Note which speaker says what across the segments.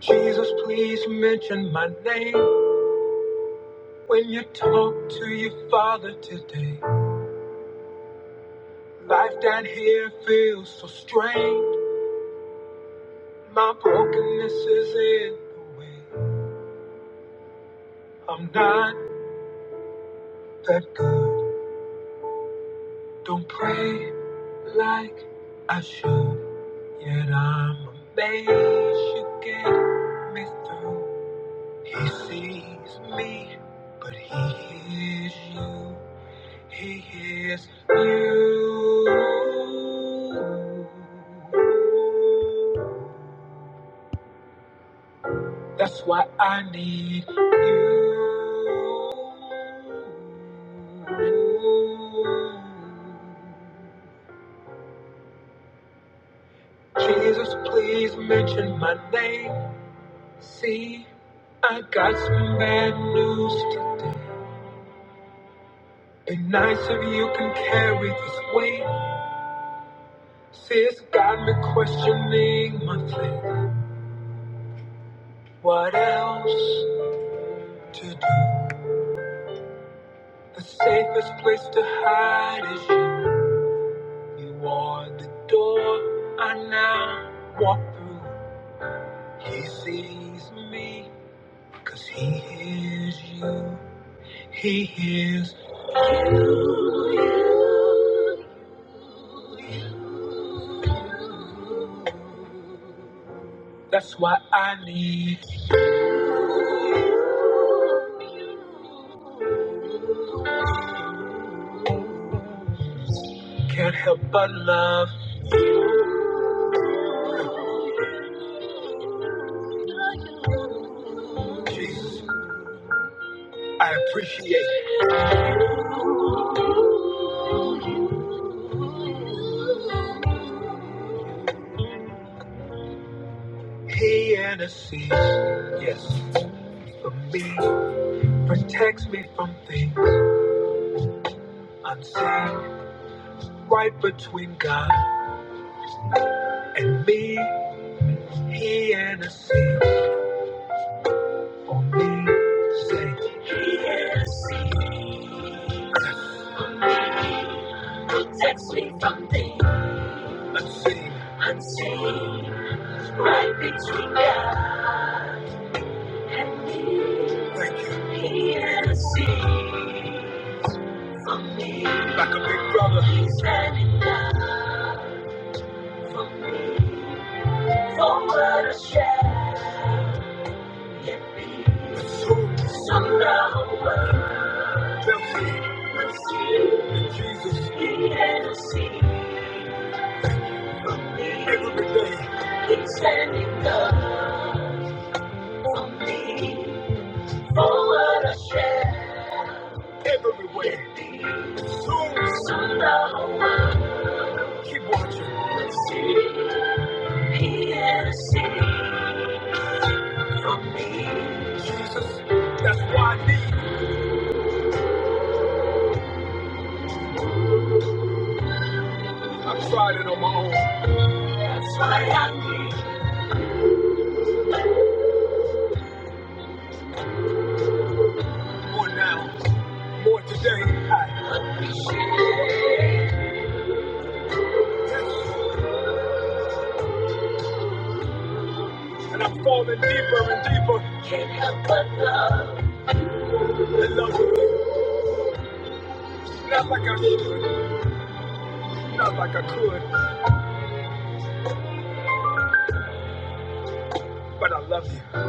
Speaker 1: Jesus, please mention my name when you talk to your father today. Life down here feels so strained. My brokenness is in the way. I'm not that good. Don't pray like I should. Yet I'm amazed you get me through. He sees me, but he hears you. He is you. That's why I need you. Jesus, please mention my name. See, I got some bad news today. Be nice if you can carry this weight. Sis got me questioning my faith. What else to do? The safest place to hide is you. You are the door I now walk through. He sees me, cause he hears you. He hears you. That's why I need, can't help but love Jesus. I appreciate he intercedes, yes, for me, protects me from things unseen. Right between God and me, he and a sea for me. Say, he and a sea, protects me from thee. Unseen, unseen. Right between God and me. Thank you. He and a sea for me. Like a big brother. He's standing down for me. For what a shadow can be. So, so now. That's why I need. i tried it on my own. That's why I need. More now, more today. I And I'm falling deeper and deeper in love you. Not like I should, not like I could, but I love you.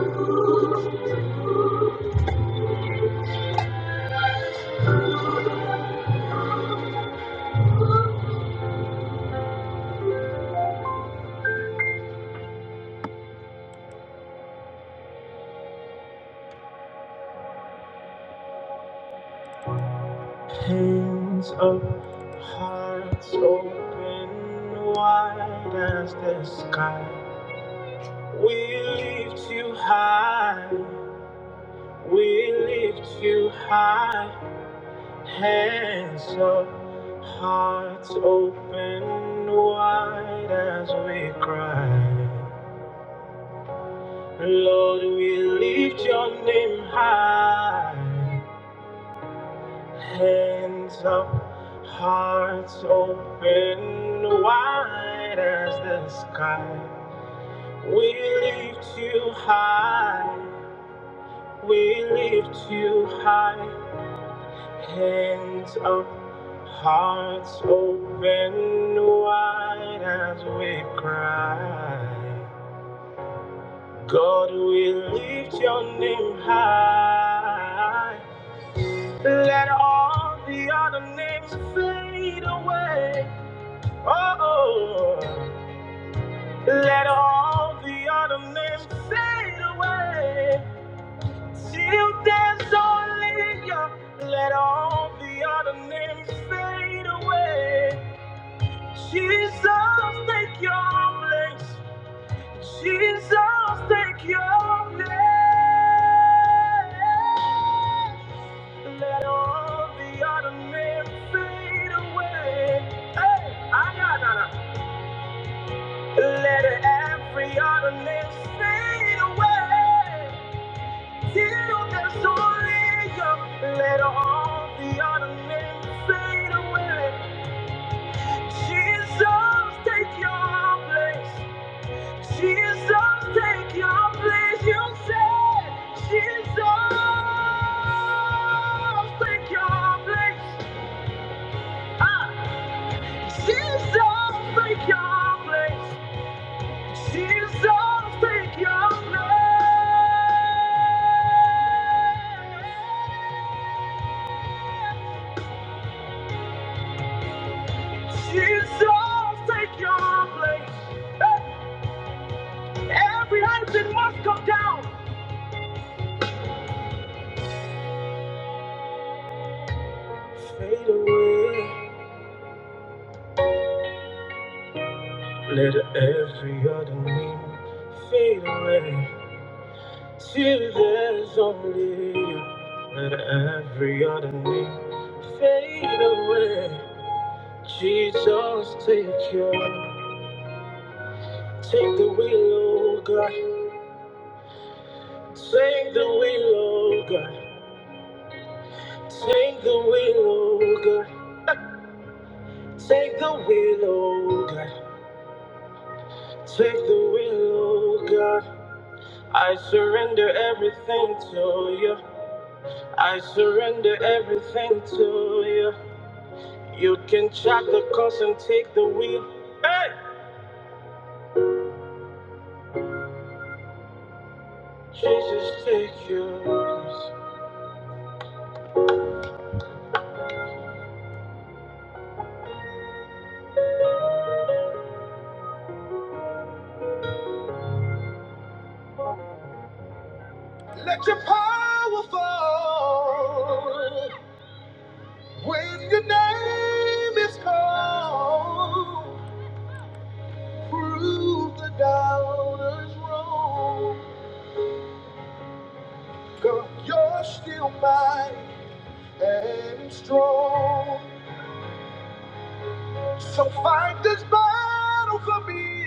Speaker 1: Hands up, hearts open wide as the sky. We lift you high, we lift you high. Hands up, hearts open wide as we cry. Lord, we lift your name high. Hands up, hearts open, wide as the sky. We lift you high. We lift you high. Hands up, hearts open, wide as we cry. Things fade away. Oh. oh. oh. Let all the other names fade away. Till there's only you. Let all the other names fade away. Jesus, take your place. Jesus, take your place. Let all the other names fade away. Hey, I got it. Let every other name fade away. Quiero tan solo yo let all the other men fade away. Jesus, take your place. Jesus, take your place. You said, Jesus, take your place. Ah, Jesus, take your place. Jesus, take your place. Jesus, take your place. Every husband must come down. Fade away. Let every other name fade away. Till there's only you. Let every other name fade away. Jesus, take your, take the wheel, oh God. Take the wheel, oh God. Take the wheel, oh God. Take the wheel, oh God. Take the wheel, oh God. I surrender everything to you. I surrender everything to you. You can chop the cost and take the wheel. Hey! Jesus, take yours. Let your power fall when your name is called. Prove the doubters wrong. God, you're still mighty and strong. So fight this battle for me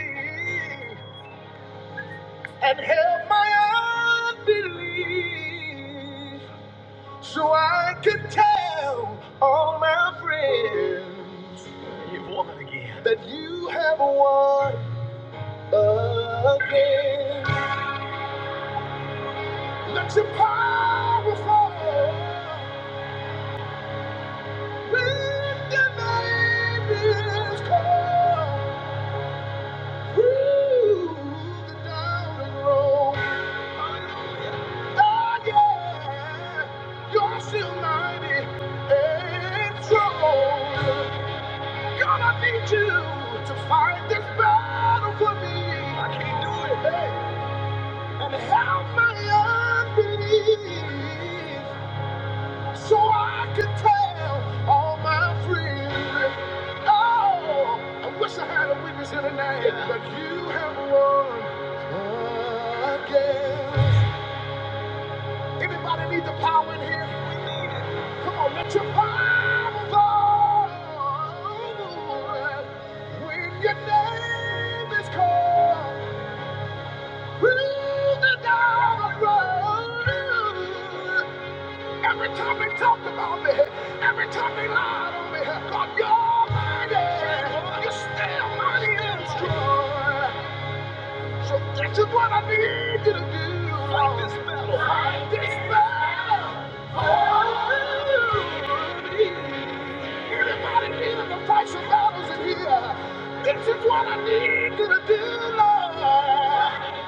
Speaker 1: and help my unbelief so I can tell all my friends that you have won again. Let your power fall when the name is called. So I could tell all my friends. Oh, I wish I had a witness here tonight, Yeah. but you have won again. Anybody need the power in here? We need it. Come on, let your power flow. When your name is called, through the dark road. Every time they talked about me, every time they lied on me, God, you're mighty. You're still mighty and strong. So this is what I need you to do. Fight this battle. Fight this battle. for me. Anybody needing to fight some battles in here? This is what I need you to do, Lord.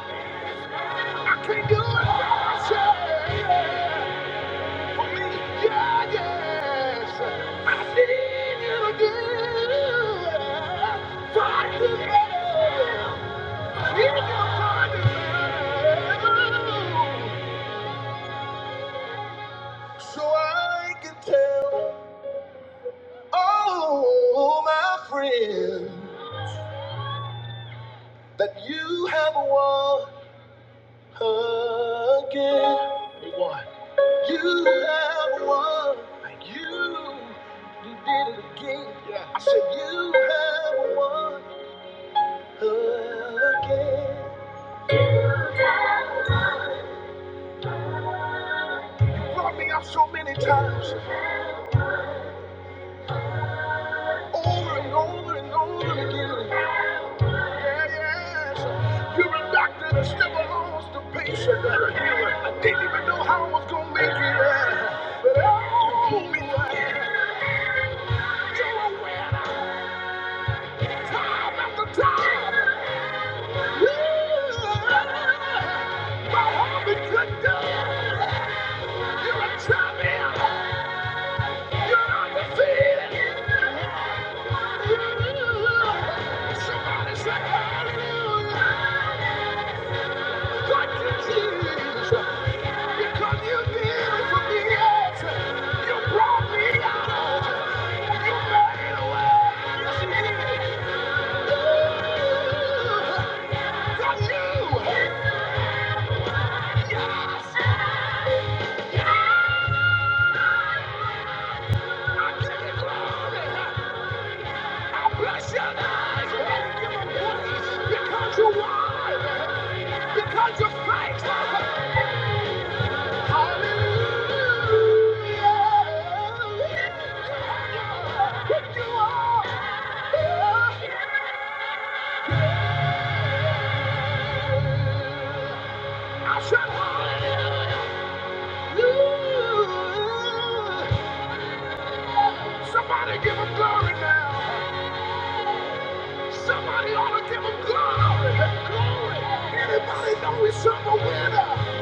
Speaker 1: I can't do it by myself. Yeah, yes. I see you do. Fight to live. If you're fighting, Oh, my friend, that you have won again. We won. You have won. you. You did it again. Yeah. I said you have won again. brought me out so many times, over and over and over again. Yeah, yes. You're a doctor that still belongs a patient. I didn't even know how I was gonna make it. yeah. But oh, pull me right. You're a winner, time after time. Yeah. My heart been cut down. You're a You're undefeated. Hallelujah. Somebody say hallelujah. Thank you, Jesus. Because you did it for me. Yes. You brought me out. You made a way. Yes, you did. Ooh, you. Yes. Yes. I give you glory. I bless your name. I give you praise because you're because you're faithful. Hallelujah. You are. I said hallelujah. Somebody give him glory now. Somebody ought to give him glory. Glory. Anybody know he's some a winner?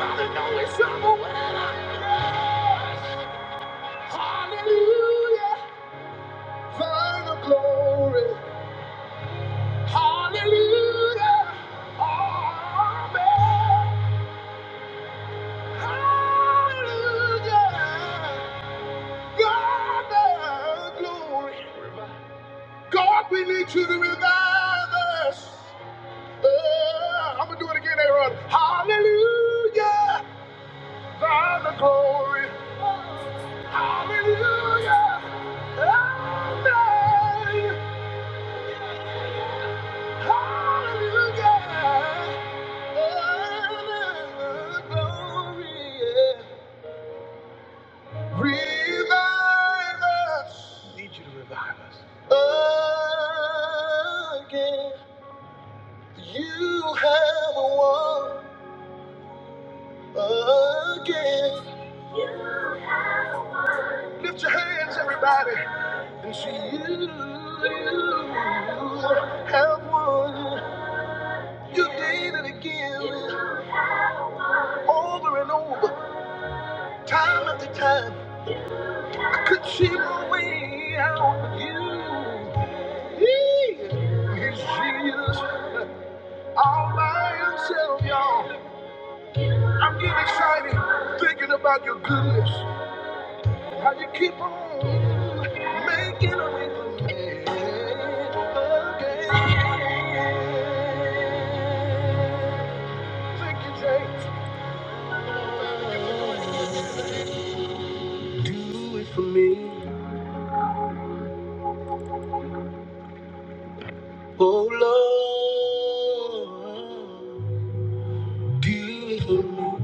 Speaker 1: Anybody know he's some a winner? Yes. Hallelujah. Final glory. Hallelujah. Amen. Hallelujah. God, the glory. God, we need you to revive us. I'm gonna do it again, Aaron. Hallelujah, thine the glory. Hallelujah, amen. Thine the glory. Yeah. Need you to revive us. Uh, you again. Lift your hands, everybody, and see you. You Have won. You did it again, over and over. Time after time, I could see my way out. of You, he is Jesus. All by himself, y'all. I'm getting excited thinking about your goodness. How you keep on making a way for me again. Thank you, James. Do it for me, oh Lord. Do it for me.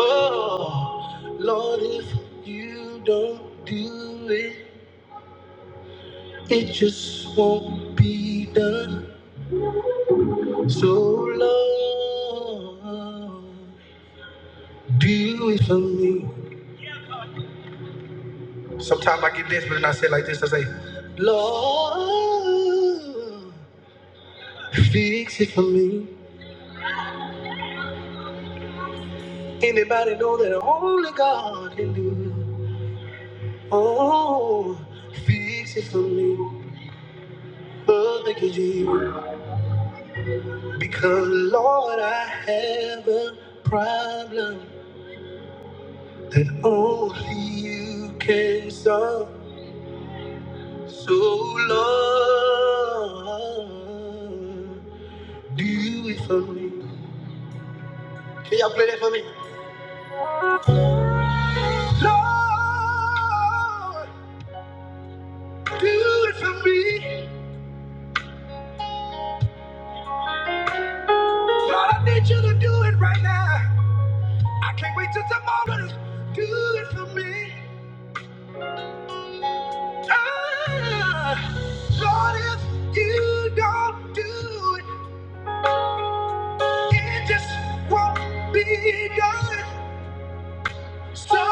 Speaker 1: Oh, Lord, if you don't do it, it just won't be done. So, Lord, do it for me. Sometimes I get this, but then I say it like this I say, Lord, fix it for me. Anybody know that only God can do it? Oh, fix it for me. But thank you, Jesus. Because, Lord, I have a problem that only you can solve. So, Lord, do it for me. Can y'all play that for me? Lord, do it for me. Lord, I need you to do it right now. I can't wait till tomorrow. Do it for me. Ah, Lord, if you don't do it, it just won't be done. So,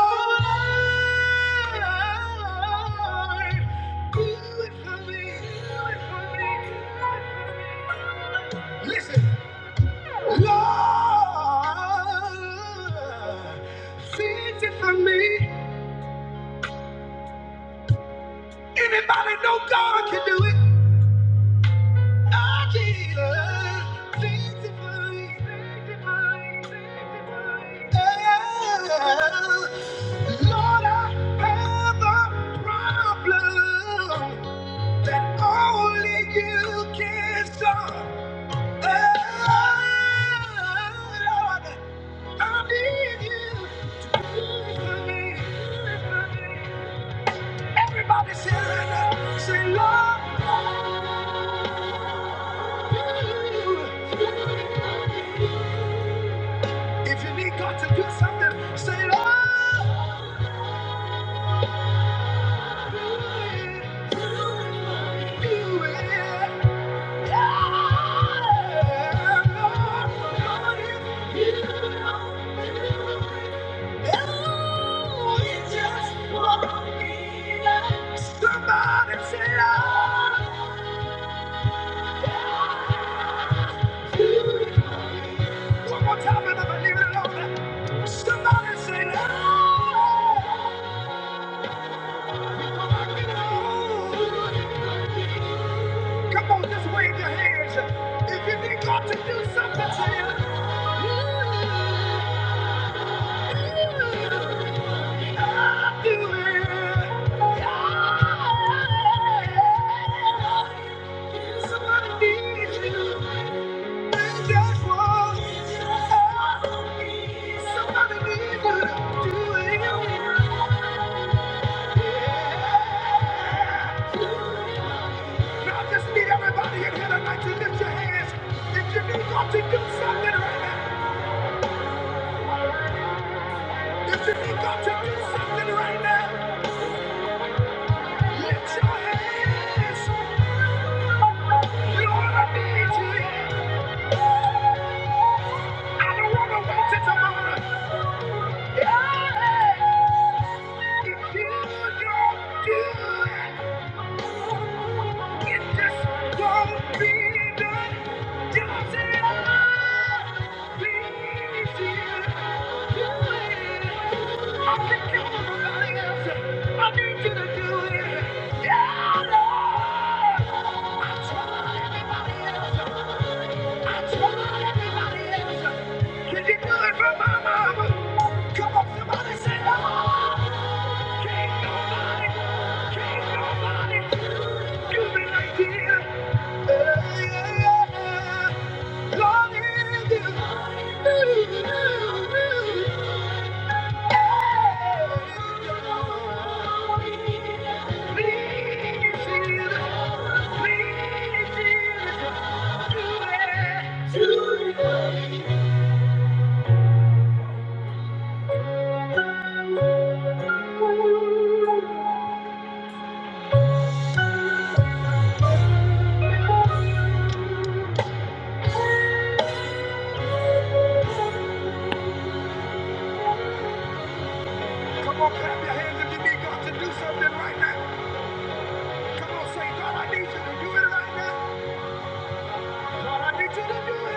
Speaker 1: Lord, fix it for me. Anybody know God can do it? Ah, Jesus, sanctify, sanctify, sanctify. Oh, Lord, I have a problem that only you can solve. Oh, Lord, I need you to do it for me, Everybody say, Lord, say, Lord, if you need God to do something, say, Lord. Somebody say, "Love, One more time, and I'm leaving it alone. Somebody say, "Love, Come on, just wave your hands. If you need God to do something to you, God do it. God, Somebody needs you. And that's what somebody needs you. If, if you need God, let me lead you. don't Yeah. Lord, you Yeah. Come on, clap your hands if you need God to do something right now. He should do it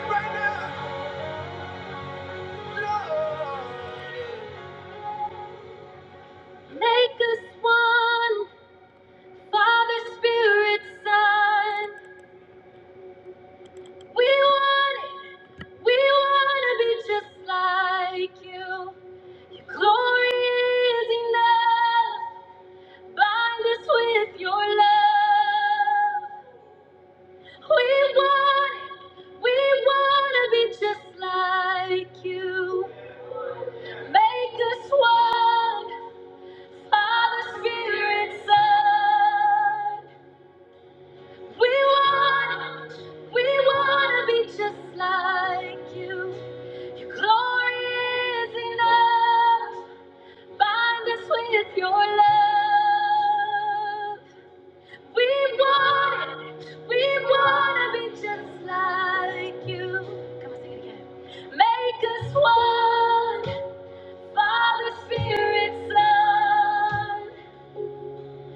Speaker 1: right now. Make us one, Father, Spirit, Son. We want it. We want to be just like you. Your glory is enough. Bind us with your love. We want it. We want to be just like you. Make us one, Father, Spirit, Son. We want it. We want to be just like you. Your glory is enough. Bind us with your love. We want it. We want to be just like you. Come on, sing it again. Make us one, Father, Spirit, Son.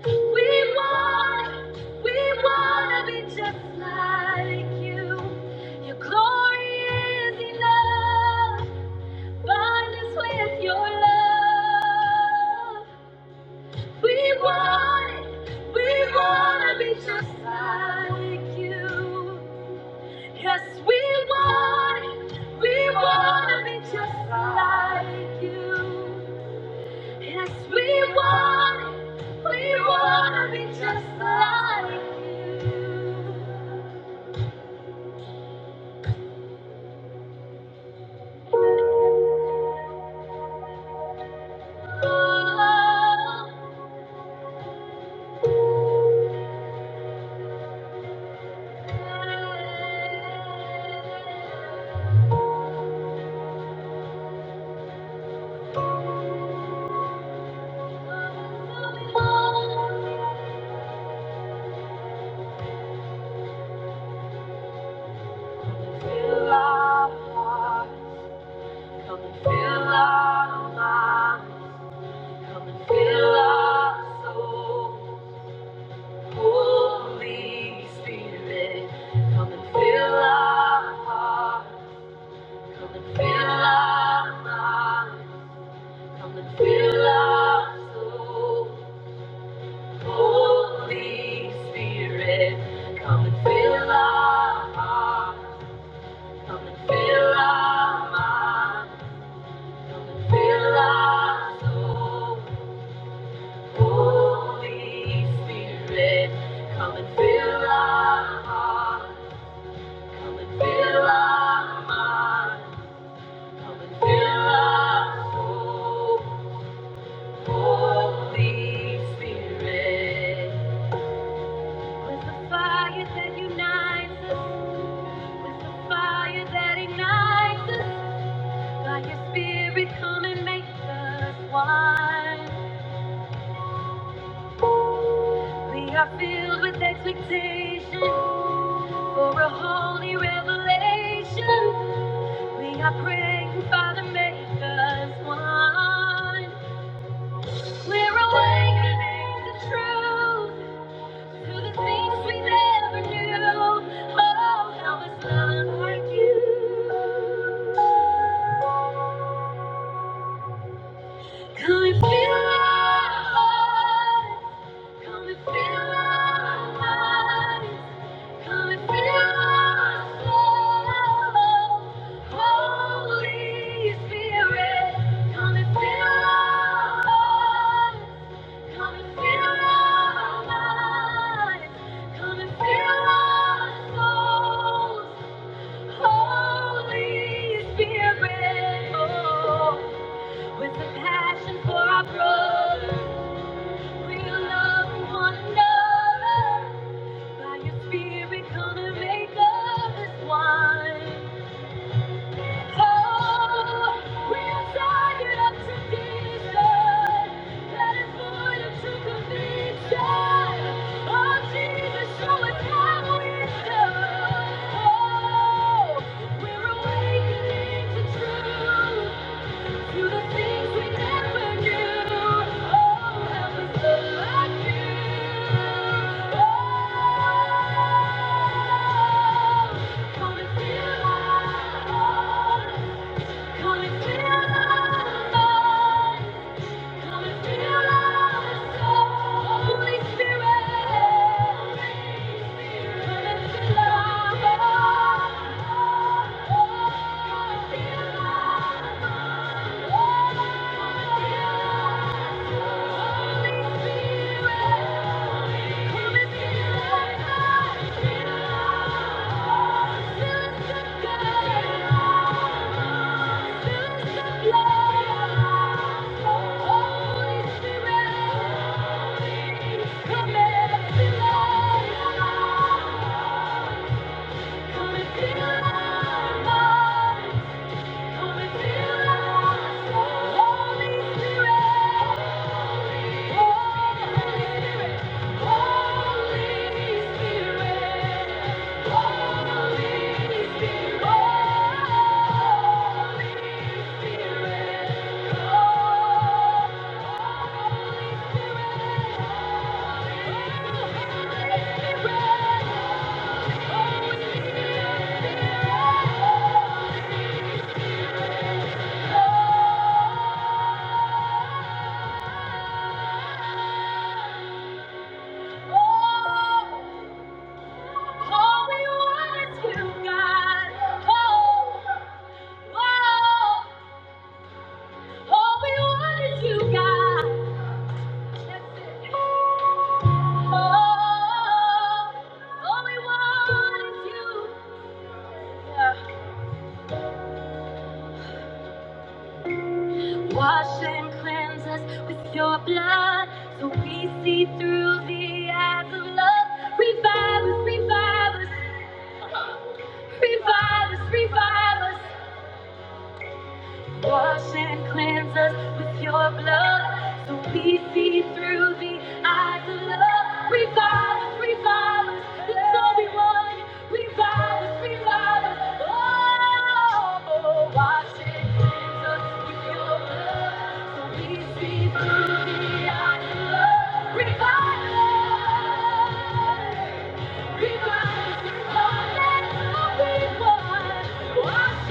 Speaker 1: We want it. We want to be just like you. Your glory is enough. Bind us with your love. We want it. We want to be just like you. Yes, we want it. We want to be just like you. Yes, we want it. We want to be just like you. Fill our hearts. Come and fill our minds. Come and fill our souls. Holy Spirit, come and fill our hearts. Come and fill our minds. Fill our soul, Holy Spirit. Come and fill our hearts. Come and fill our minds. Come and fill our soul, Holy Spirit. Come and fill our hearts. Come and fill our minds. Come and fill our soul, Holy Spirit. With the fire that unites us, with the fire that ignites us, by your spirit come and make us one. We are filled with expectation for a holy revelation. We are praying, Father, make us one. We're awakening to truth. To the things we never knew. Oh, help us love like you. Come and fill our hearts. Come and feel our minds. Come and feel our souls. Holy Spirit, come and feel our hearts. Come and feel our minds. Come and feel our souls. Holy Spirit, oh, with a passion for our brothers, we love one another. By your Spirit, come and make of us one. Oh, we're tired of tradition that is void of true conviction. Oh, Jesus, show us how it's done. Oh, we're awakening to truth. Do the things we never do. Oh, help us like Oh, come and fill our hearts. Come and fill our minds. Come and Holy Spirit, come and fill our hearts. Come and fill Holy Spirit. Holy Spirit. Oh, we want is you, God. Oh, oh. All we want you, got. Oh, all we want is you. Wash and cleanse us with your blood so we see through the eyes of love. Revive us, revive us, revive us, revive us. Wash and cleanse us with your blood so we see through the eyes of love. Revive us, revive us, that's all we want. Revive us, revive us, oh, wash and cleanse us with your blood so we see through the eyes of love. Revive us. Revive us, revive us, revive us,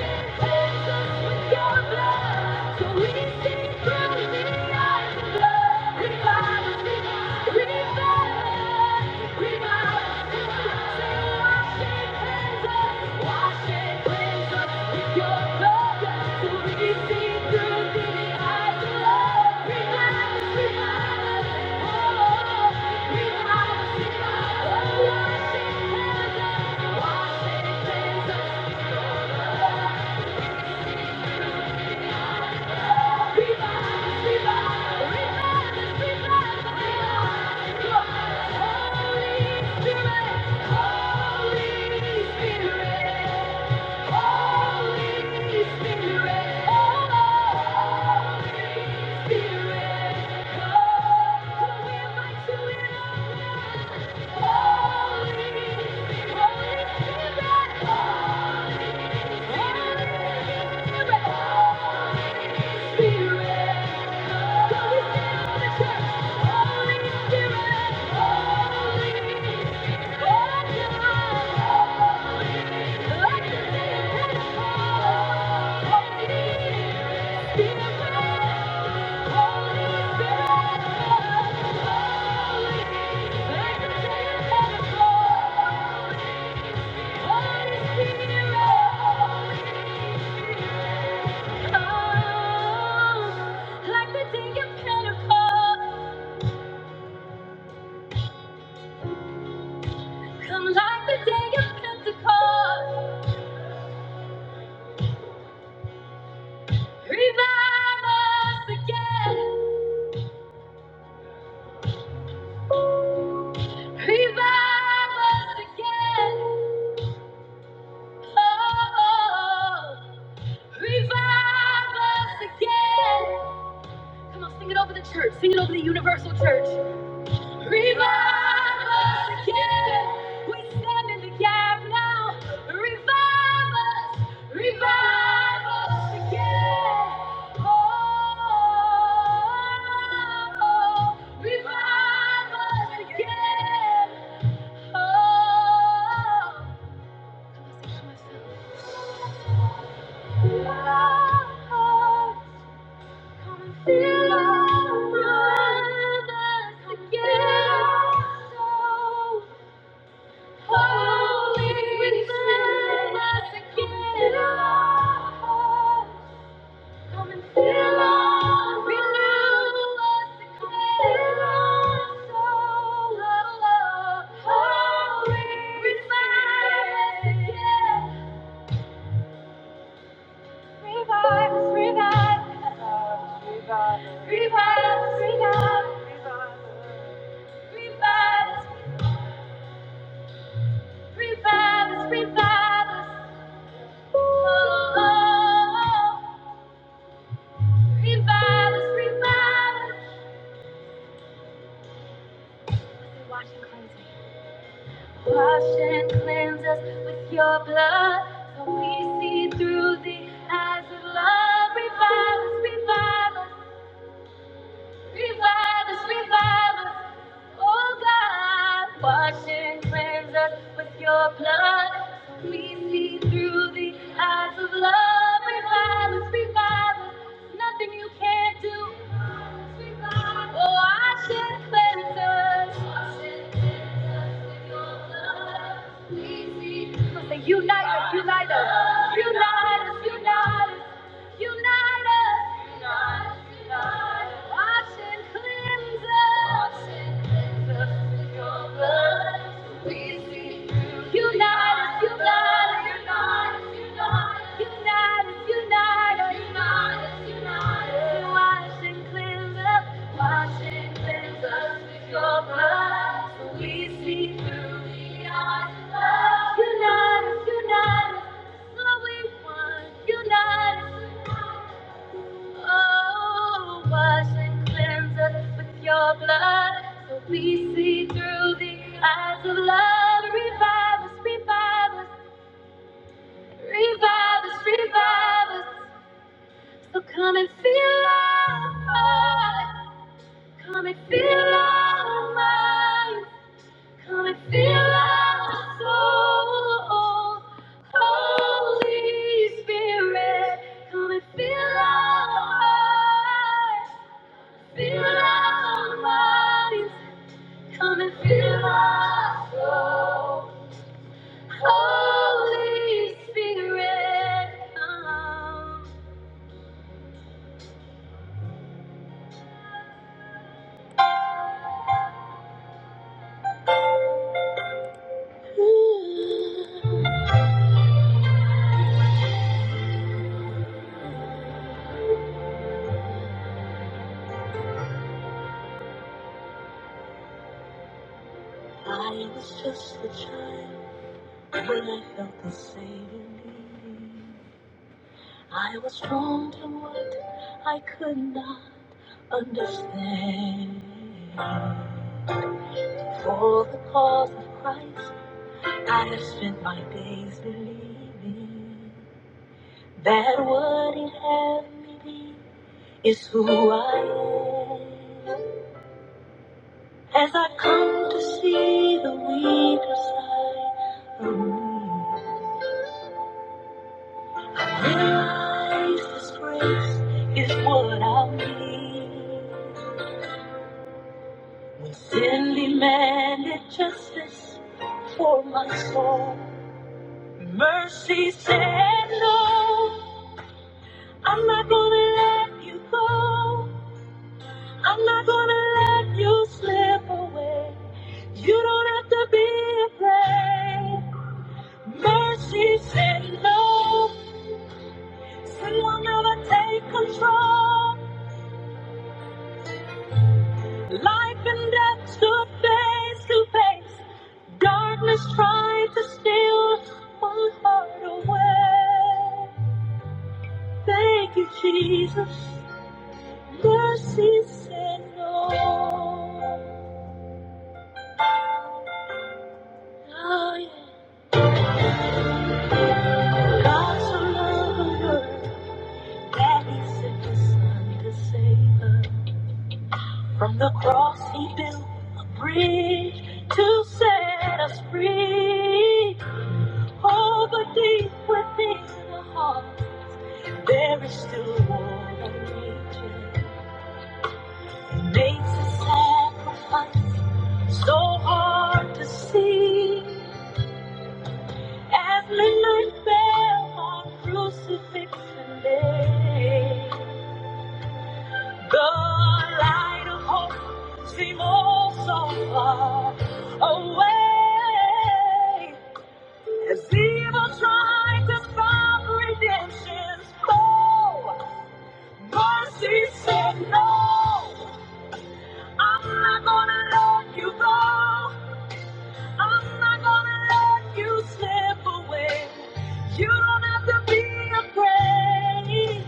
Speaker 1: say, washing hands Holy Spirit, Holy Spirit. Holy Spirit, Holy Spirit, come. We invite you Holy Spirit, Holy Spirit, come. We the church. Holy Spirit, Holy, Holy, Holy. Like the day of Pentecost, come like the day of Pentecost, revive us again, revive us again. Oh, Revive us again. Come on, sing it over the church. Sing it over the universal church. Revive us again. We stand in the gap now. Revive us. Revive us again. Oh, revive us again. Oh, I'm singing to myself. Oh, Revive us, revive us, revive us, revive us, revive us. Revive us, revive us, revive us. Oh, oh, oh. revive us, revive us. Wash and cleanse us. Wash and cleanse us with your blood, so we see through the eyes of love. Revive us, revive us. Revive us, revive us, oh God. Wash and cleanse us with your blood. We see through the eyes of love. Revive us, revive us, nothing you can't do. Revive us. Oh, wash and cleanse us. Wash and cleanse us with your blood. We see. Come on, say, Unite us, unite us, unite us, unite us. Unite us. Unite us. Unite Wash and cleanse us. Wash and cleanse us with your blood. We see through. Unite us. Unite us. Unite us. Unite us. Wash and cleanse us. Wash and cleanse us with your blood. So we see through the eyes of love. Unite us. Unite Oh, wash and cleanse us with your blood so we see through the eyes of love. Revive us, revive us, revive us, revive us. So come and feel our hearts, come and feel our minds, come and feel our souls. Holy Spirit, come and fill our hearts. Feel our bodies, come and feel our soul. Holy Spirit, come. I was just a child when I felt the Savior lead. I was drawn to what I could not understand. For the cause of Christ, I have spent my days believing. That what it had me be is who I am. As I come to see the weaker side of me, realize this grace is what I need. When sin demanded justice for my soul, mercy said no. I'm not gonna let you go. I'm not gonna let you slip away. You don't have to be afraid. Mercy said no. Sin will never take control. Life and death stood face to face. Darkness tried to steal my heart away. Thank you, Jesus. Mercy said no. Oh, yeah. God so loved the world. That he sent his son to save us. From the cross he built a bridge to set us free. Oh, but deep within the heart, there is still war raging. He makes a sacrifice so hard to see. As midnight fell on crucifixion day. The light of hope seemed all so far away as evil tried to stop redemption's flow. Mercy said, No, I'm not gonna let you go. I'm not gonna let you slip away. You don't have to be afraid.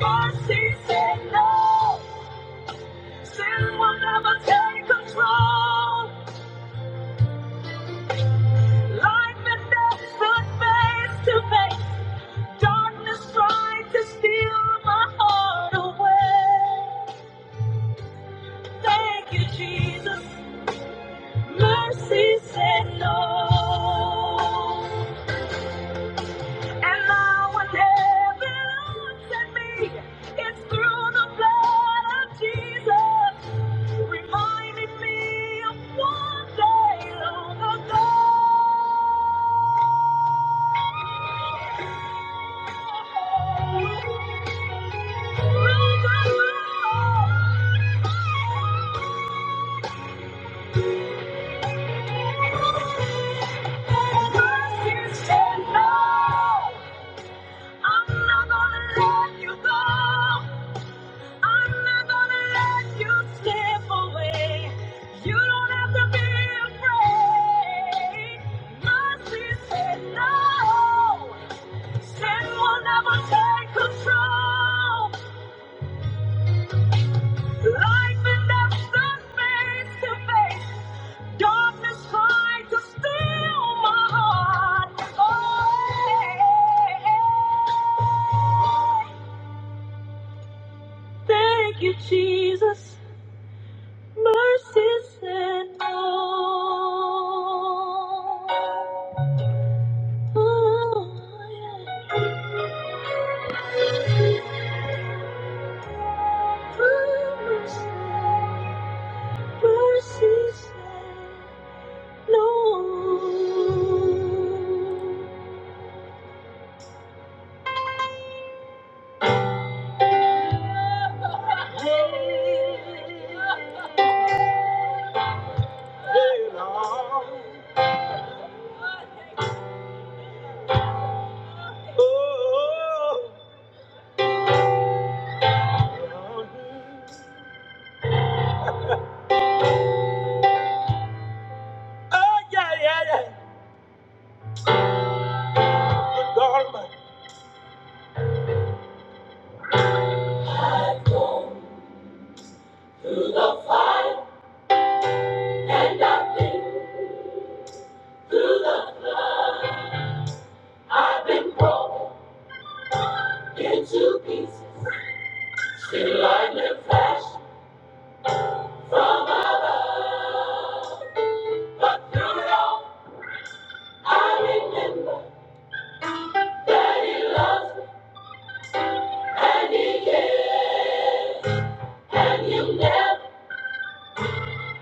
Speaker 1: Mercy said, No. Sin will never take control. Life and death stood face to face. Darkness tried to steal my heart away. Thank you, Jesus. Mercy said no. And now when heaven looks at me, it's through the blood of Jesus, reminding me of one day long ago. Take control. Life and death, space to face. Darkness tried to steal my heart. Oh, thank you, Jesus. Mercy said no. Oh, yeah. Mercy said no. Oh, yeah, yeah, yeah. The government. I don't. Through the fire and I've been through the flood. I've been broken into pieces. Still lightning flash from above. But through it all, I remember that He loves me and He cares. And He'll never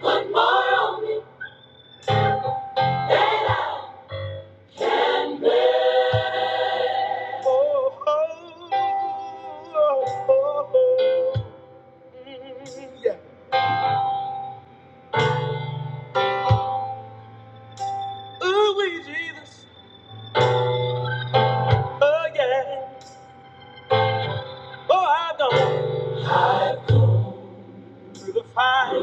Speaker 1: put more on me than I. have. Oh, oh, oh, oh. oh. Ooh, wee Jesus, oh yeah. Oh, I've gone through the fire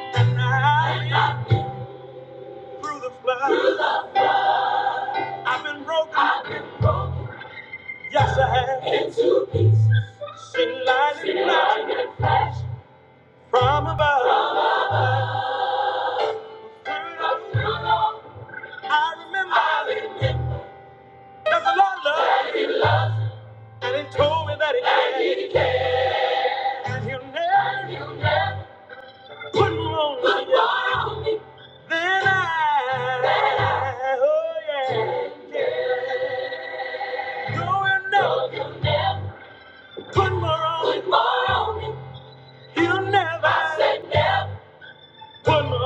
Speaker 1: and out the flood. It's a hashing light from above. I remember the Lord and he told me that he had, and he'll never put more on me. And I, yeah, no, he'll never put more on me. He'll never, I said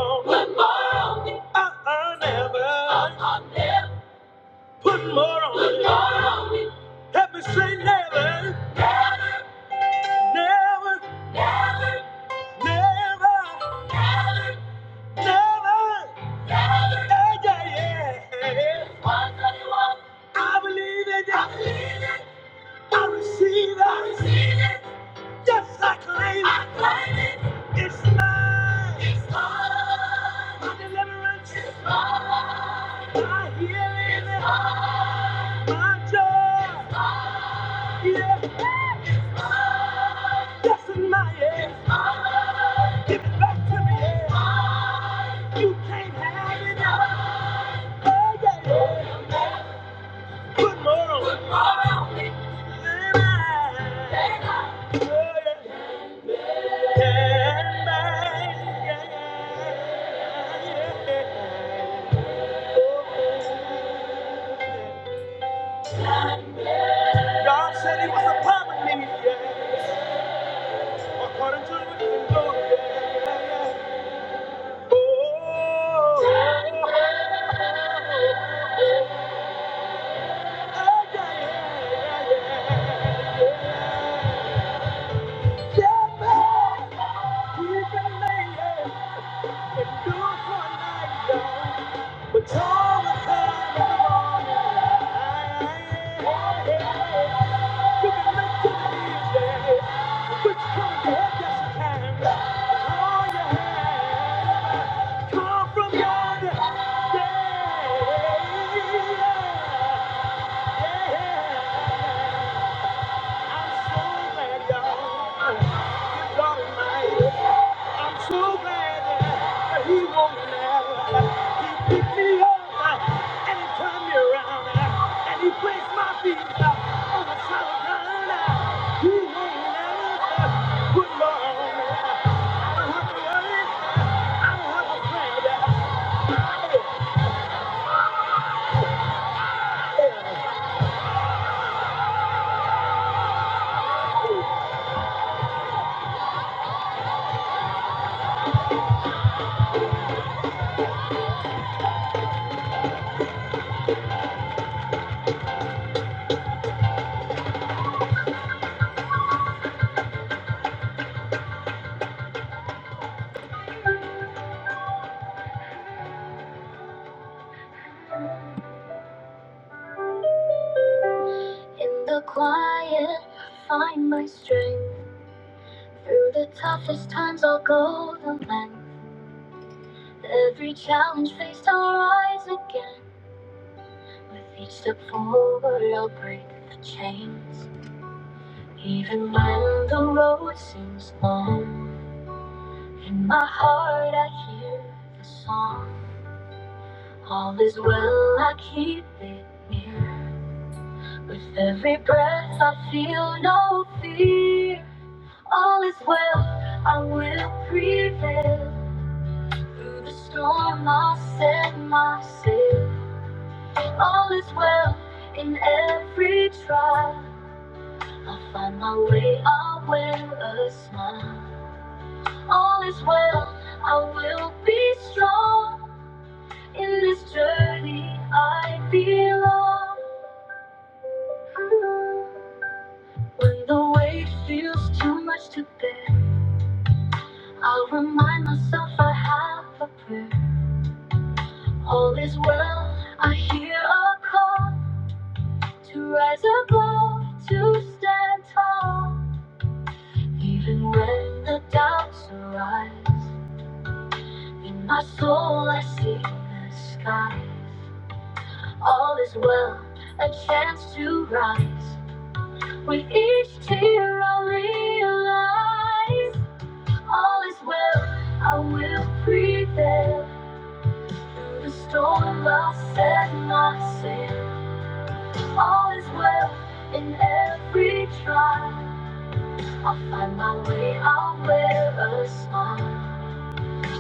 Speaker 1: put more on me. Never, put more on me. Help me say never, never, never, never. Yeah. Say God said he was a upon me, yeah. According to the written word, yeah. Oh, yeah, yeah, yeah, yeah. Yeah, man. He can lay it and do it for you. Take which path yes, you can. Oh, yeah. Come from yonder. Yeah, yeah, yeah. I'm so glad, y'all. So In the quiet, I find my strength. Through the toughest times, I'll go the length. Every challenge faced, I'll rise again. With each step forward, I'll break the chains. Even when the road seems long, in my heart, I hear the song. All is well, I keep it near. With every breath, I feel no fear. All is well, I will prevail. Through the storm, I'll set my sail. All is well in every trial. I'll find my way, I'll wear a smile. All is well, I will be strong. In this journey, I belong. When the weight feels too much to bear. I'll remind myself I have a prayer. All is well, I hear a call to rise above, to stand tall. Even when the doubts arise, in my soul I see the sky. All is well, a chance to rise. With each tear I realize all is well, I will prevail. Through the storm, I'll set my sail. All is well in every trial. I'll find my way, I'll wear a smile.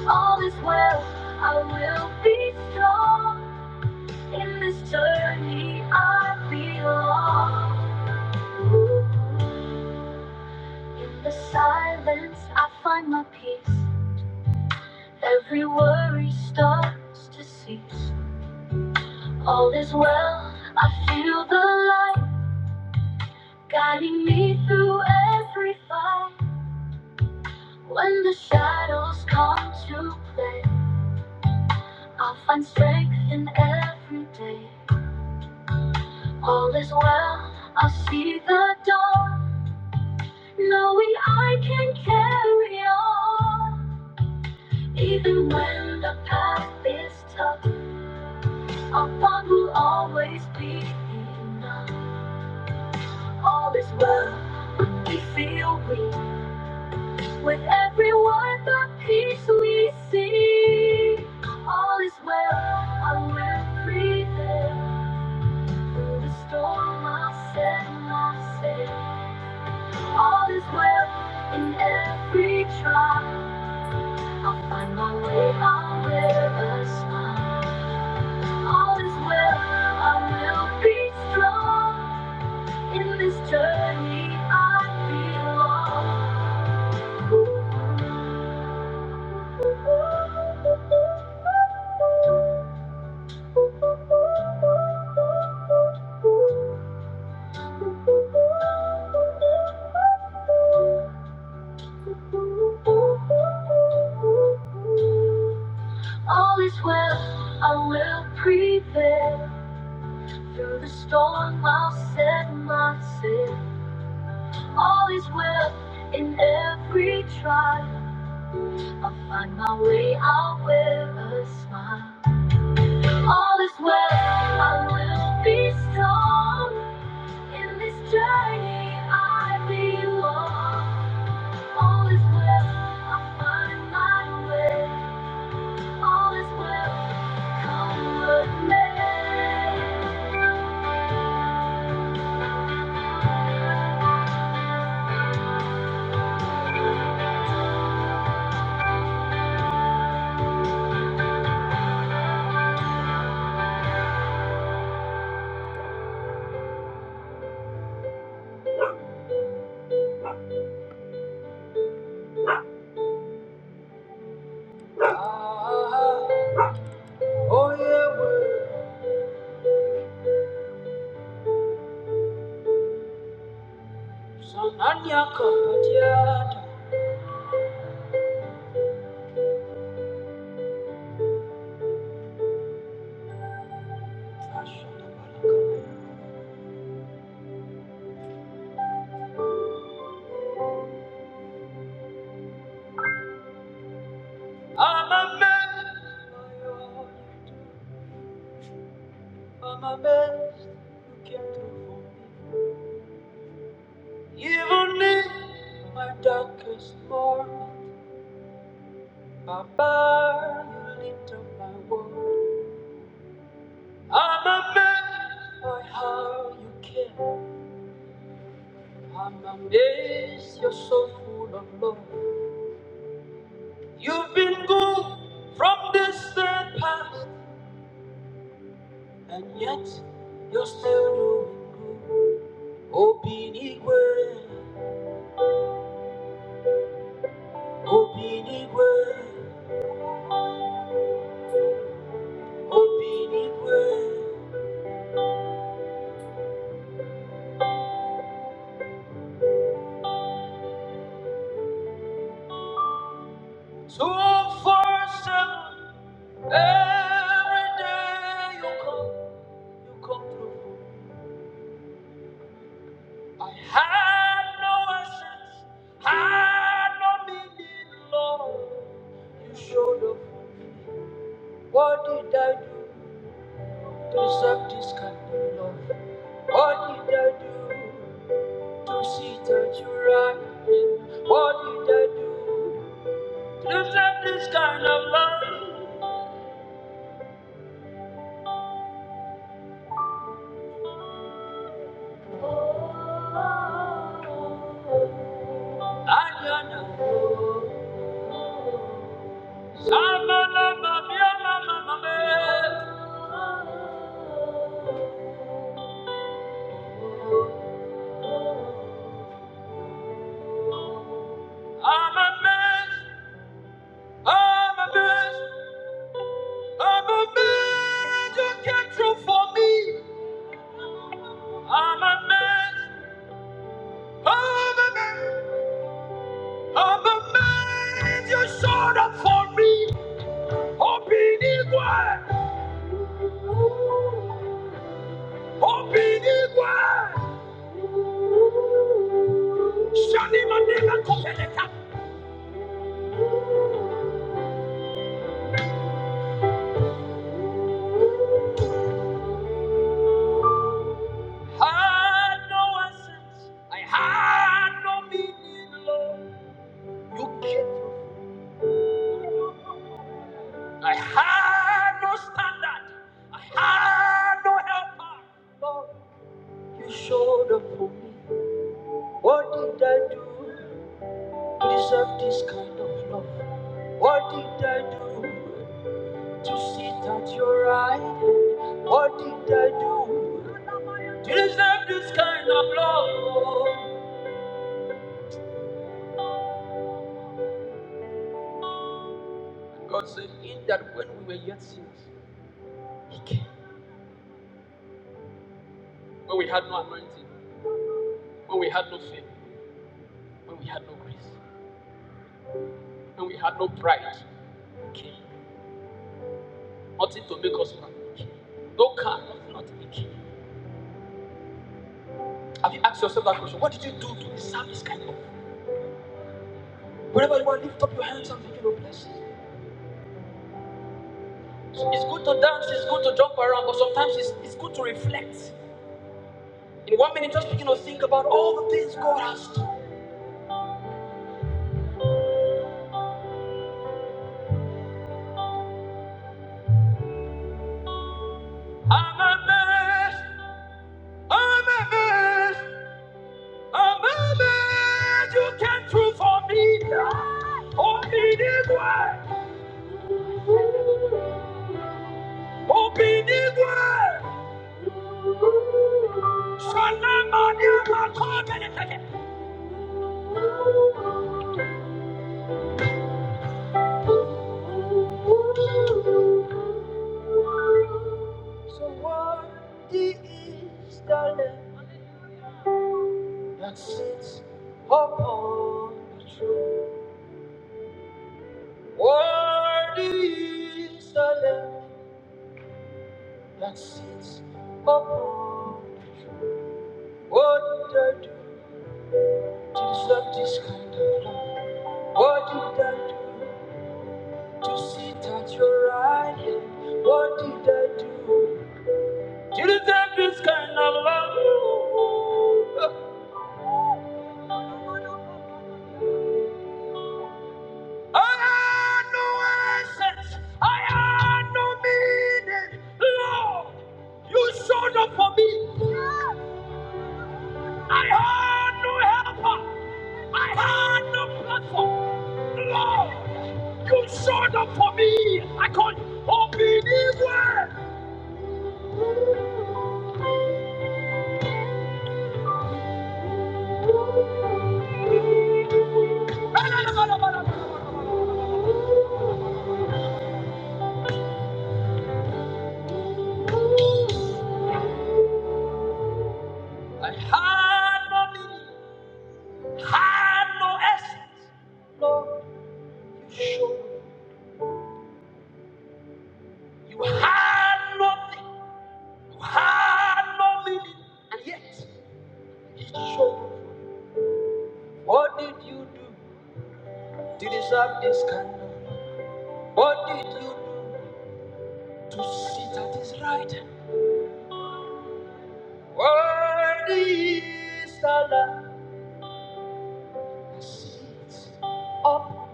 Speaker 1: All is well, I will be strong. In this journey, I belong. In the silence, I find my peace. Every worry starts to cease. All is well, I feel the light. guiding me through every fight. When the shadows come to play, I'll find strength in every day. All is well, I'll see the dawn, knowing I can carry on. Even when the path is tough, our bond will always be enough. All is well, we feel weak. With every word the peace we see, all is well. I will prevail through the storm. I'll set my sail. All is well in every trial. I'll find my way. I'll wear a smile. All is well. I will be strong in this journey. I belong. All is well. I will prevail. Through the storm, I'll set my sail. All is well in every trial. I'll find my way, I'll wear a smile. All is well, I will be strong. In this journey, I belong. All is well, I'll find my way. All is well, come with me. I'm a man. All my best you can do for me. Even in my darkest moment, my power you lit up my world. I'm amazed by how you care. I'm amazed you're so full of love. You've been good from distant past, and yet you're still doing good. Open Obinigwe, Obinigwe. You come, you come through. Had no assets, had no meaning, Lord. You showed up. What did I do to deserve this kind of love? What did I do to see that you right? hand? What did I do to deserve this kind of love? I do for I'm a man, I'm a man. You showed up for me, open equal. I Had no essence. I had no meaning, Lord. You keep. I had no standard. I had no helper. Lord, you showed up for me. What did I do to deserve this kind of love? What did I do to sit at your right? Nothing to make us proud. No car, nothing. Have you asked yourself that question? What did you do to deserve this kind of love? Whenever you want, lift up your hands and begin to bless. It's good to dance, it's good to jump around, but sometimes it's, it's good to reflect. In one minute, just begin to think about all the things God has done. A man you came through for me. Oh, oh, be this way. Shalom, my dear, my God, and it's again. So worthy is the Lamb that sits upon the throne. Worthy the Lamb. that sits upon the lofty sky. What did I do to sit at your right hand? What did I do to deserve this kind of love? I had no essence. I had no meaning. Lord, you showed up for me. I had no helper. I had no platform. Lord, you showed up for me. I call you. Obedience. I had no meaning, had no essence, no show. You had nothing, you had no meaning, and yet it showed. What did you do to deserve this kind of? What did you do to sit at his right hand? Worthy the Lamb that sits up.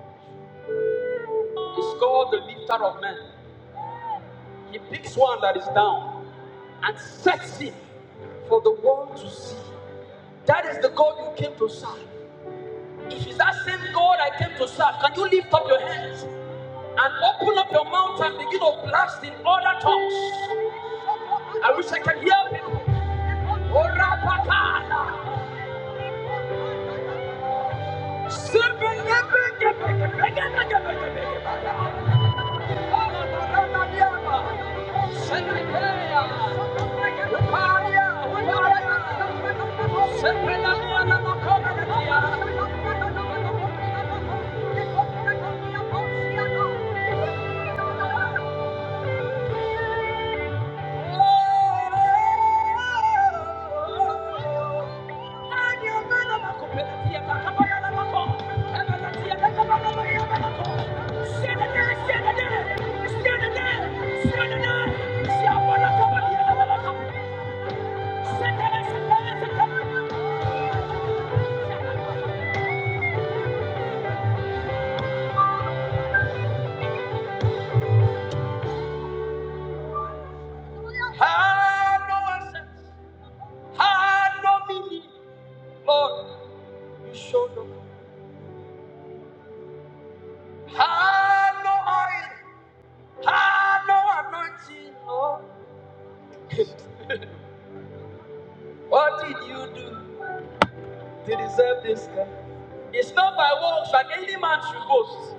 Speaker 1: He's called the lifter of men. He picks one that is down. and sets it for the world to see. That is the God you came to serve. If it's that same God I came to serve, can you lift up your hands and open up your mouth and begin to blast in other tongues? I wish I could hear you. Orapakana. Sibigebegebe- Hello, anointing. Lord. What did you do? They deserve this. It's not by works that any man should boast.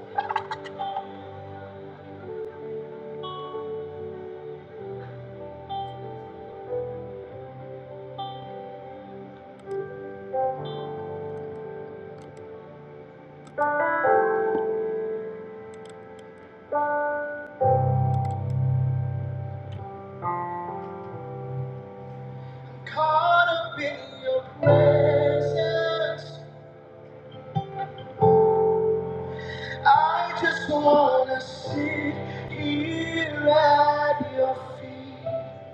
Speaker 1: Caught up in your presence, I just wanna sit here at your feet.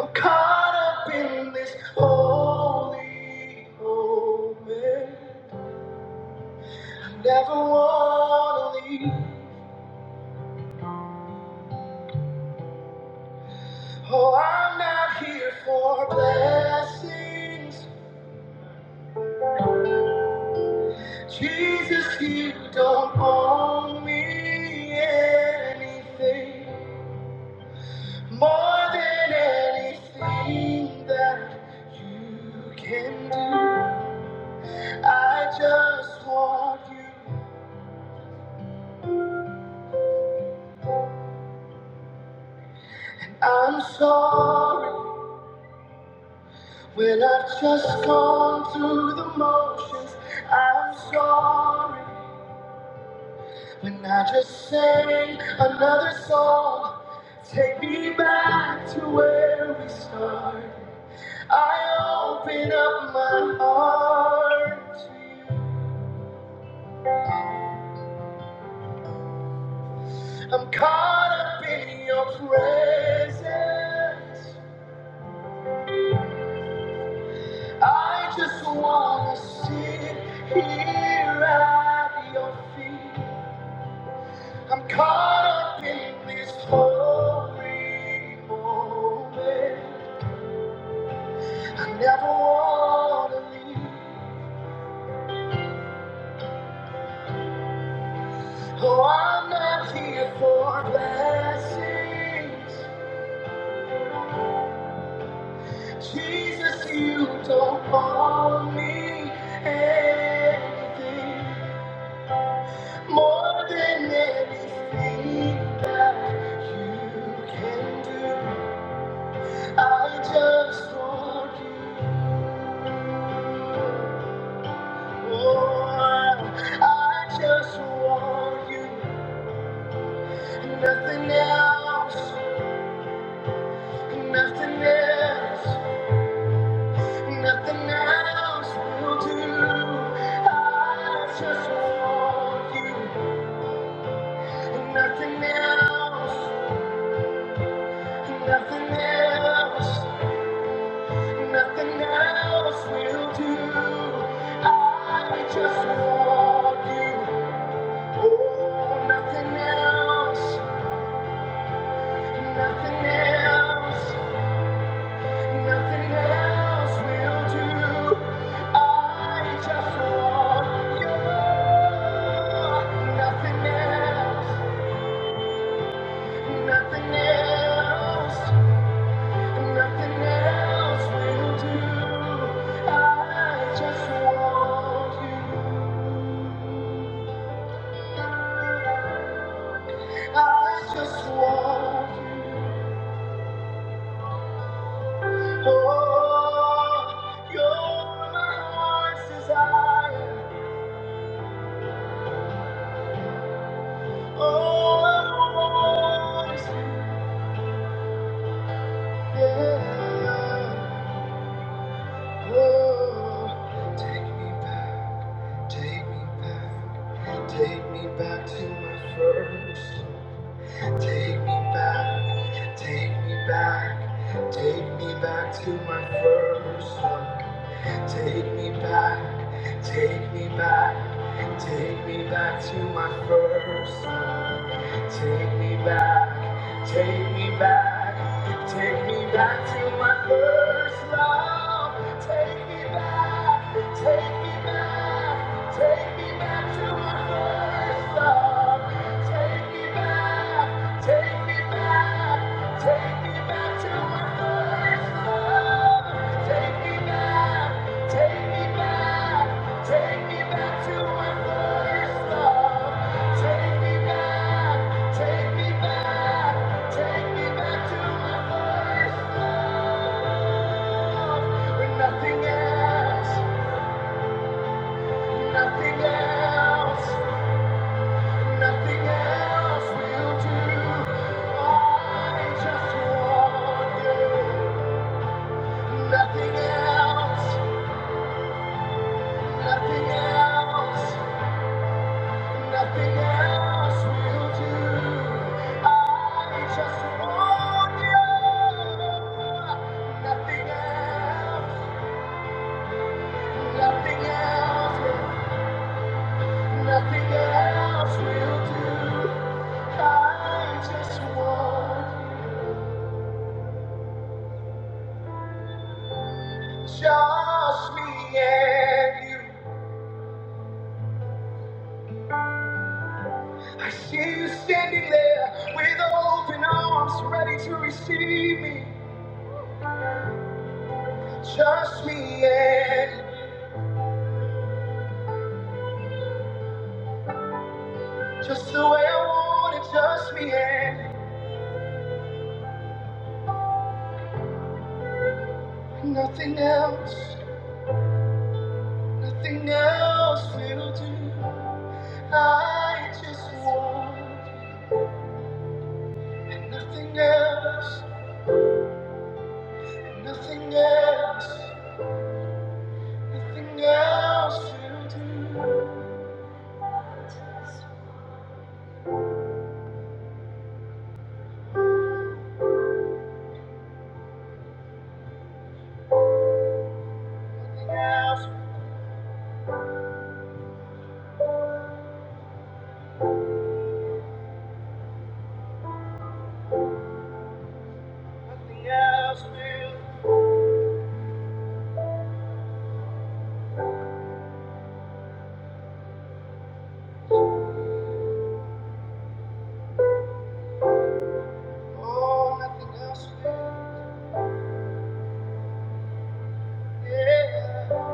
Speaker 1: I'm caught up in this holy moment. I Never wanna leave. Oh, I'm not here for blessings. Jesus, you don't owe me anything more than anything that you can do. I'm sorry when I've just gone through the motions. I'm sorry when I just sang another song. Take me back to where we started. I open up my heart to you. I'm caught up in your presence. I just wanna sit here at your feet. I'm caught up in this holy moment. I never wanna leave. Oh, I'm not here for blessings. Jesus, you don't call me anything more than anything. Nothing else I do, nothing else, nothing else, nothing else will do. I just love you. Oh, nothing else, nothing else, nothing else will do. I just want you, nothing else, nothing else, nothing else will do. I just want you, I just want you. Oh, you're my heart, oh, I want Oh, take me back, take me back, take me back to my first love. Take me back, take me back, take me back to my first love. Take me back, take me back, take me back to my first love. Take me back, take me back, take me back to my first love. Take me back, take me back, take me back to my first love. Take me back, take me back, take me back to my first love. Take me back, take me back, take me back to my first love. Take me back. Take me back, take me back to my first love. When nothing else, nothing else, nothing, nothing else, nothing else, nothing else will do. I just want just me and you. I see you standing there with open arms, ready to receive me. Just me and you. Just the way I want it, just me and you. nothing else, nothing else will do. I just want you, and nothing else, and nothing else, else, nothing else will. Oh, nothing else will. Yeah.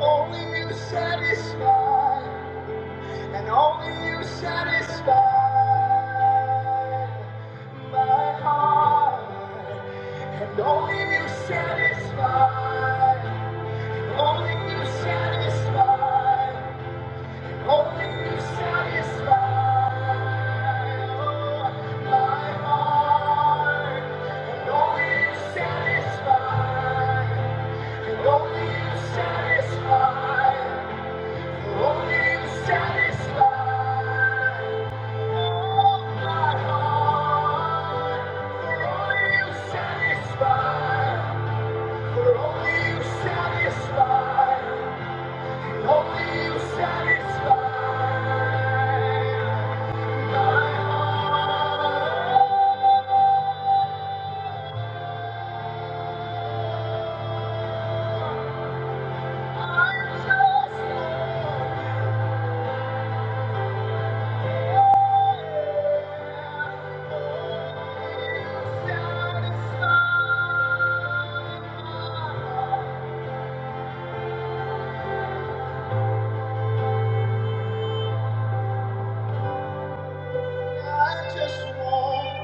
Speaker 1: Only you, only satisfy, only you satisfy oh, my heart, and only you satisfy.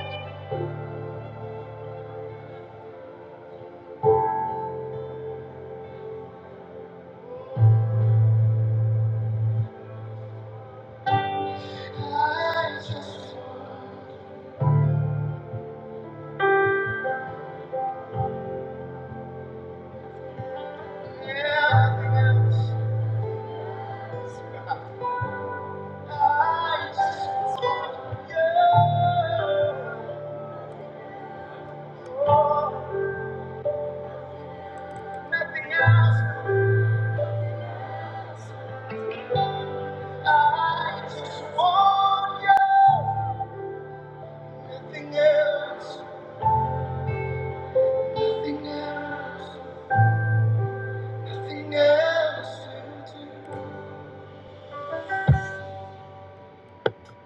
Speaker 1: Nothing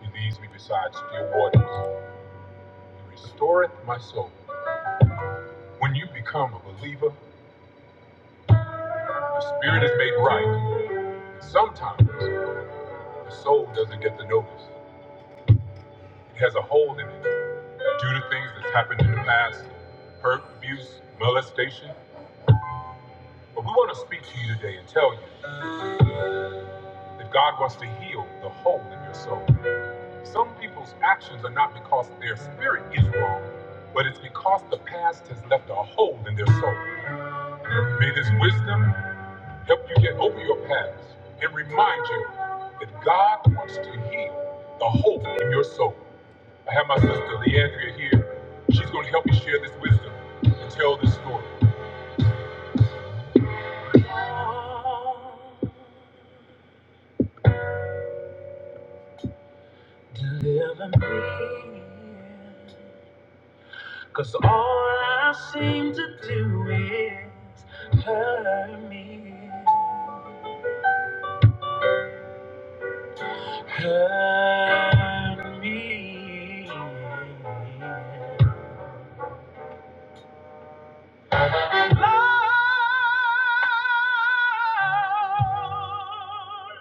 Speaker 1: He leads me beside still waters. He restoreth my soul. When you become a believer, the spirit is made right. And Sometimes the soul doesn't get the notice. It has a hole in it due to things that's happened in the past, hurt, abuse, molestation. But we want to speak to you today and tell you. that God wants to heal the hole in your soul. Some people's actions are not because their spirit is wrong, but it's because the past has left a hole in their soul. May this wisdom help you get over your past and remind you that God wants to heal the hole in your soul. I have my sister Leandria here. She's going to help me share this wisdom and tell this story. deliver me. Cause all I seem to do is hurt me, hurt me. Lord,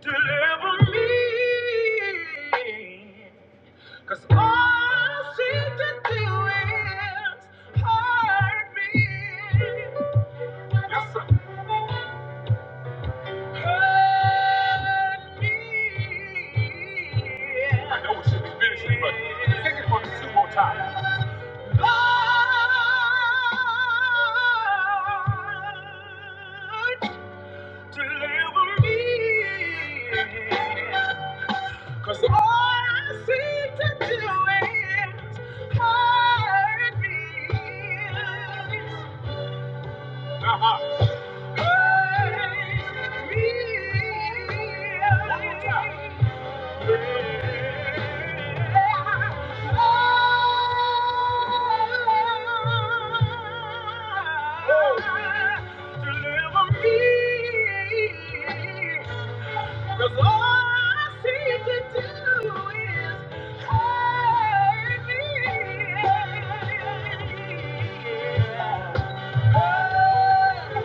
Speaker 1: deliver me. 'Cause all I seem to do is hurt me. Yes, I know it should be finishing, but sing it for me two more times. Lord, keep on seeking to do it. Hurt me. Hurt me. Cause all I seem to do is hurt me. Hurt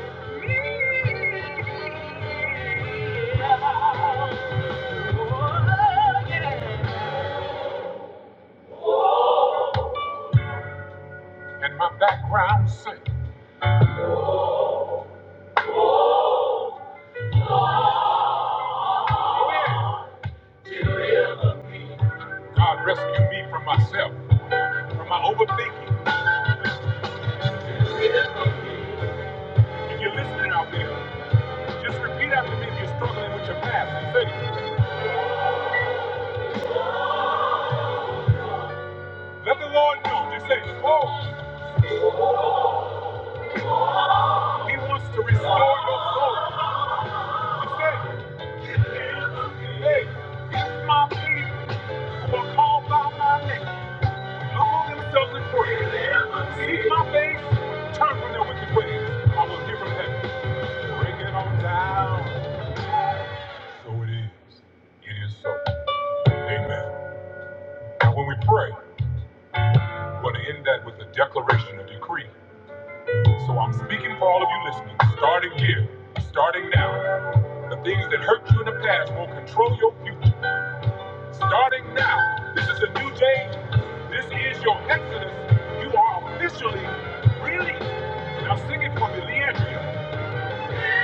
Speaker 1: And my background sing, God rescue me from myself. Am I overthinking? If you're listening out there, just repeat after me if you're struggling with your past. Say, let the Lord know. Just say, oh, he wants to restore your soul. Just say, hey, it's my people who are called by my name. Humble themselves in prayer. Seek my face. Turn from their wicked ways. I will hear them heaven. Bring it on down. So it is. It is so. Amen. Now when we pray, but to end that with a declaration, a decree. So I'm speaking for all of you listening, starting here, starting now. The things that hurt you in the past will control your future. Starting now, this is a new day. This is your exodus. You are officially released. Now sing it for me, Leandria. Thank you.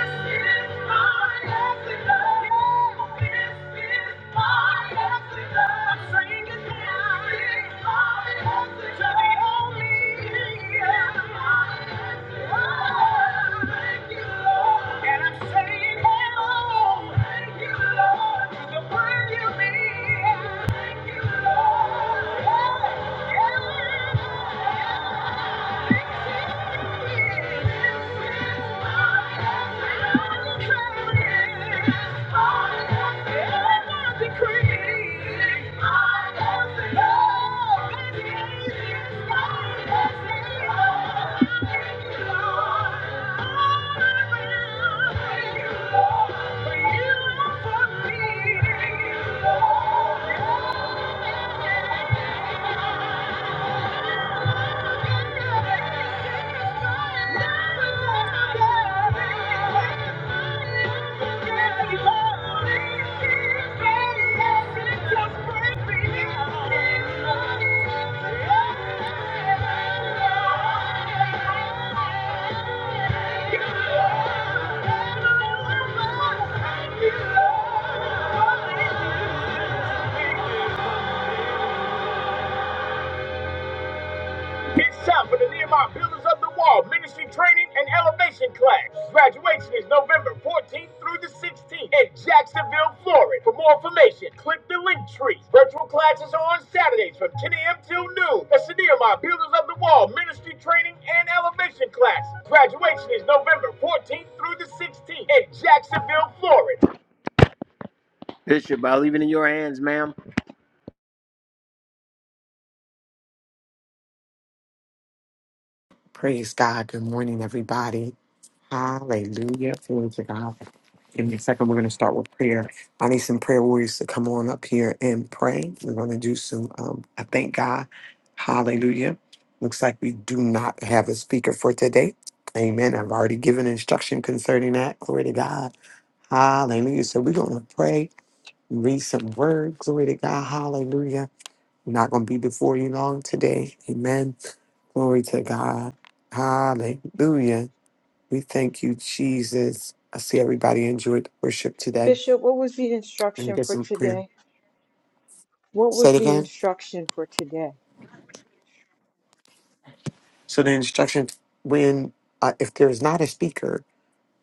Speaker 1: Thank you.
Speaker 2: Praise God. Good morning, everybody. Hallelujah. Glory to God. In a second, we're going to start with prayer. I need some prayer warriors to come on up here and pray. We're going to do some, um, I thank God. Hallelujah. Looks like we do not have a speaker for today. Amen. I've already given instruction concerning that. Glory to God. Hallelujah. So we're going to pray, read some words. Glory to God. Hallelujah. I'm not going to be before you long today. Amen. Glory to God. Hallelujah. We thank you, Jesus. I see everybody enjoyed worship today.
Speaker 3: Bishop, what was the
Speaker 2: Let me
Speaker 3: instruction
Speaker 2: get
Speaker 3: for
Speaker 2: some prayer.
Speaker 3: today? What
Speaker 2: Say
Speaker 3: was
Speaker 2: it
Speaker 3: the
Speaker 2: again.
Speaker 3: instruction for today?
Speaker 2: So the instruction when uh, if there's not a speaker,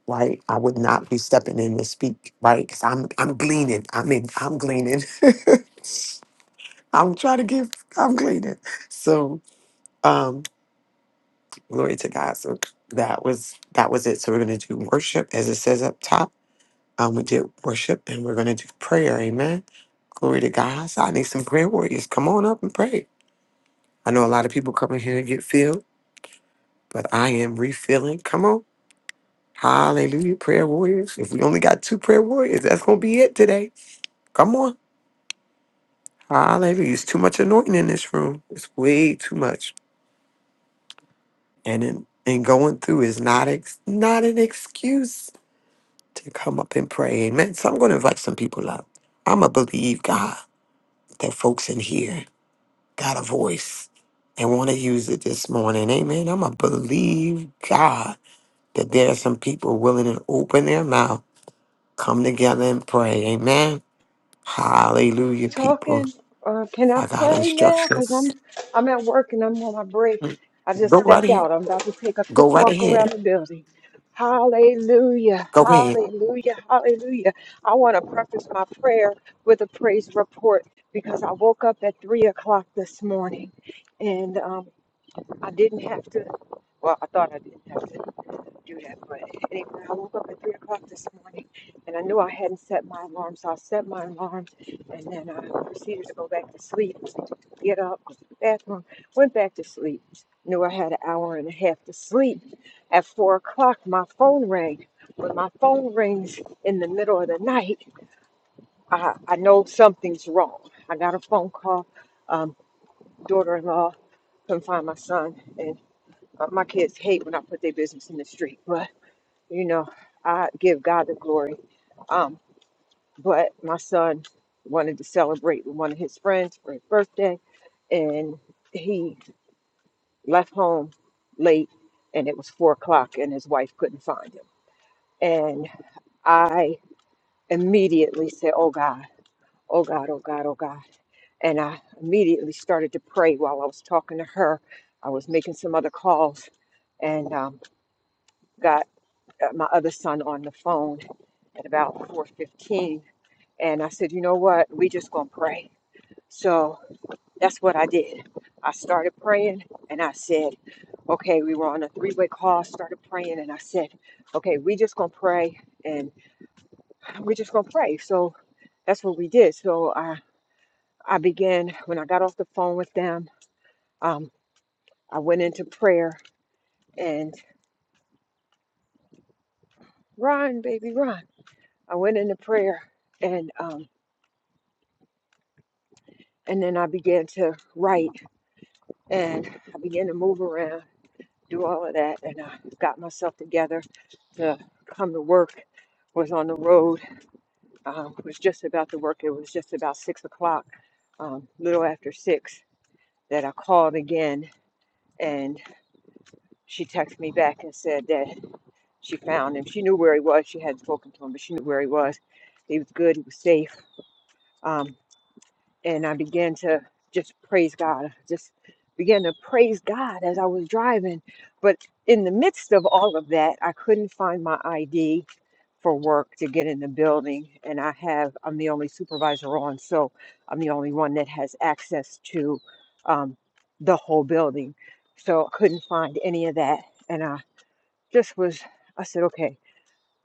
Speaker 2: right, I would not be stepping in to speak, right? Because I'm I'm gleaning. I mean, I'm gleaning. I'm trying to give. I'm gleaning. So um, glory to God. So that was that was it. So we're gonna do worship as it says up top Um, we did worship and we're going to do prayer. Amen. Glory to God. So I need some prayer warriors. Come on up and pray. I know a lot of people come in here to get filled, but I am refilling. Come on. Hallelujah. Prayer warriors. If we only got two prayer warriors, that's going to be it today. Come on. Hallelujah. It's too much anointing in this room. It's way too much. And in, and going through is not ex, not an excuse to come up and pray. Amen. So I'm going to invite some people up. I'm going to believe God that folks in here. got a voice and want to use it this morning. Amen. I'm going to believe God that there are some people willing to open their mouth, come together and pray. Amen. Hallelujah,
Speaker 3: Talking.
Speaker 2: people.
Speaker 3: Uh, can I
Speaker 2: I got
Speaker 3: pray now? Cause I'm
Speaker 2: instructions.
Speaker 3: I'm at work and I'm on my break. I just
Speaker 2: Go right
Speaker 3: stepped
Speaker 2: ahead.
Speaker 3: out. I'm about to take a
Speaker 2: Go
Speaker 3: quick
Speaker 2: right
Speaker 3: walk around
Speaker 2: ahead.
Speaker 3: the building. Hallelujah,
Speaker 2: Go ahead.
Speaker 3: hallelujah, hallelujah. I want to preface my prayer with a praise report because I woke up at three o'clock this morning, and um, I didn't have to. Well, I thought I didn't have to do that, but anyway, I woke up at three o'clock this morning, and I knew I hadn't set my alarm, so I set my alarm, and then I proceeded to go back to sleep. Get up, go to the bathroom, went back to sleep. Knew I had an hour and a half to sleep. At four o'clock, my phone rang. When my phone rings in the middle of the night, I, I know something's wrong. I got a phone call. Um, daughter-in-law couldn't find my son, and uh, my kids hate when I put their business in the street, but you know, I give God the glory. Um, but my son wanted to celebrate with one of his friends for his birthday, and he left home late, and it was four o'clock, and his wife couldn't find him. And I immediately said, "Oh God, oh God, oh God, oh God." and I immediately started to pray while I was talking to her. I was making some other calls, and um, God uh, my other son on the phone at about 4:15 and I said, "You know what? We just going to pray." So that's what I did. I started praying and I said, "Okay, we were on a three-way call, started praying and I said, "Okay, we just going to pray and we just going to pray." So that's what we did. So I I began when I got off the phone with them, um I went into prayer and run, baby, run. I went into prayer and um and then I began to write And I began to move around, do all of that, and I got myself together to come to work. Was on the road. Um, was just about to work. It was just about six o'clock, um, little after six, that I called again, and she texted me back and said that she found him. She knew where he was. She hadn't spoken to him, but she knew where he was. He was good. He was safe. Um, and I began to just praise God, just began to praise God as I was driving. But in the midst of all of that, I couldn't find my ID for work to get in the building, and I have I'm the only supervisor on, so I'm the only one that has access to um, the whole building. So I couldn't find any of that, and I just was I said, okay,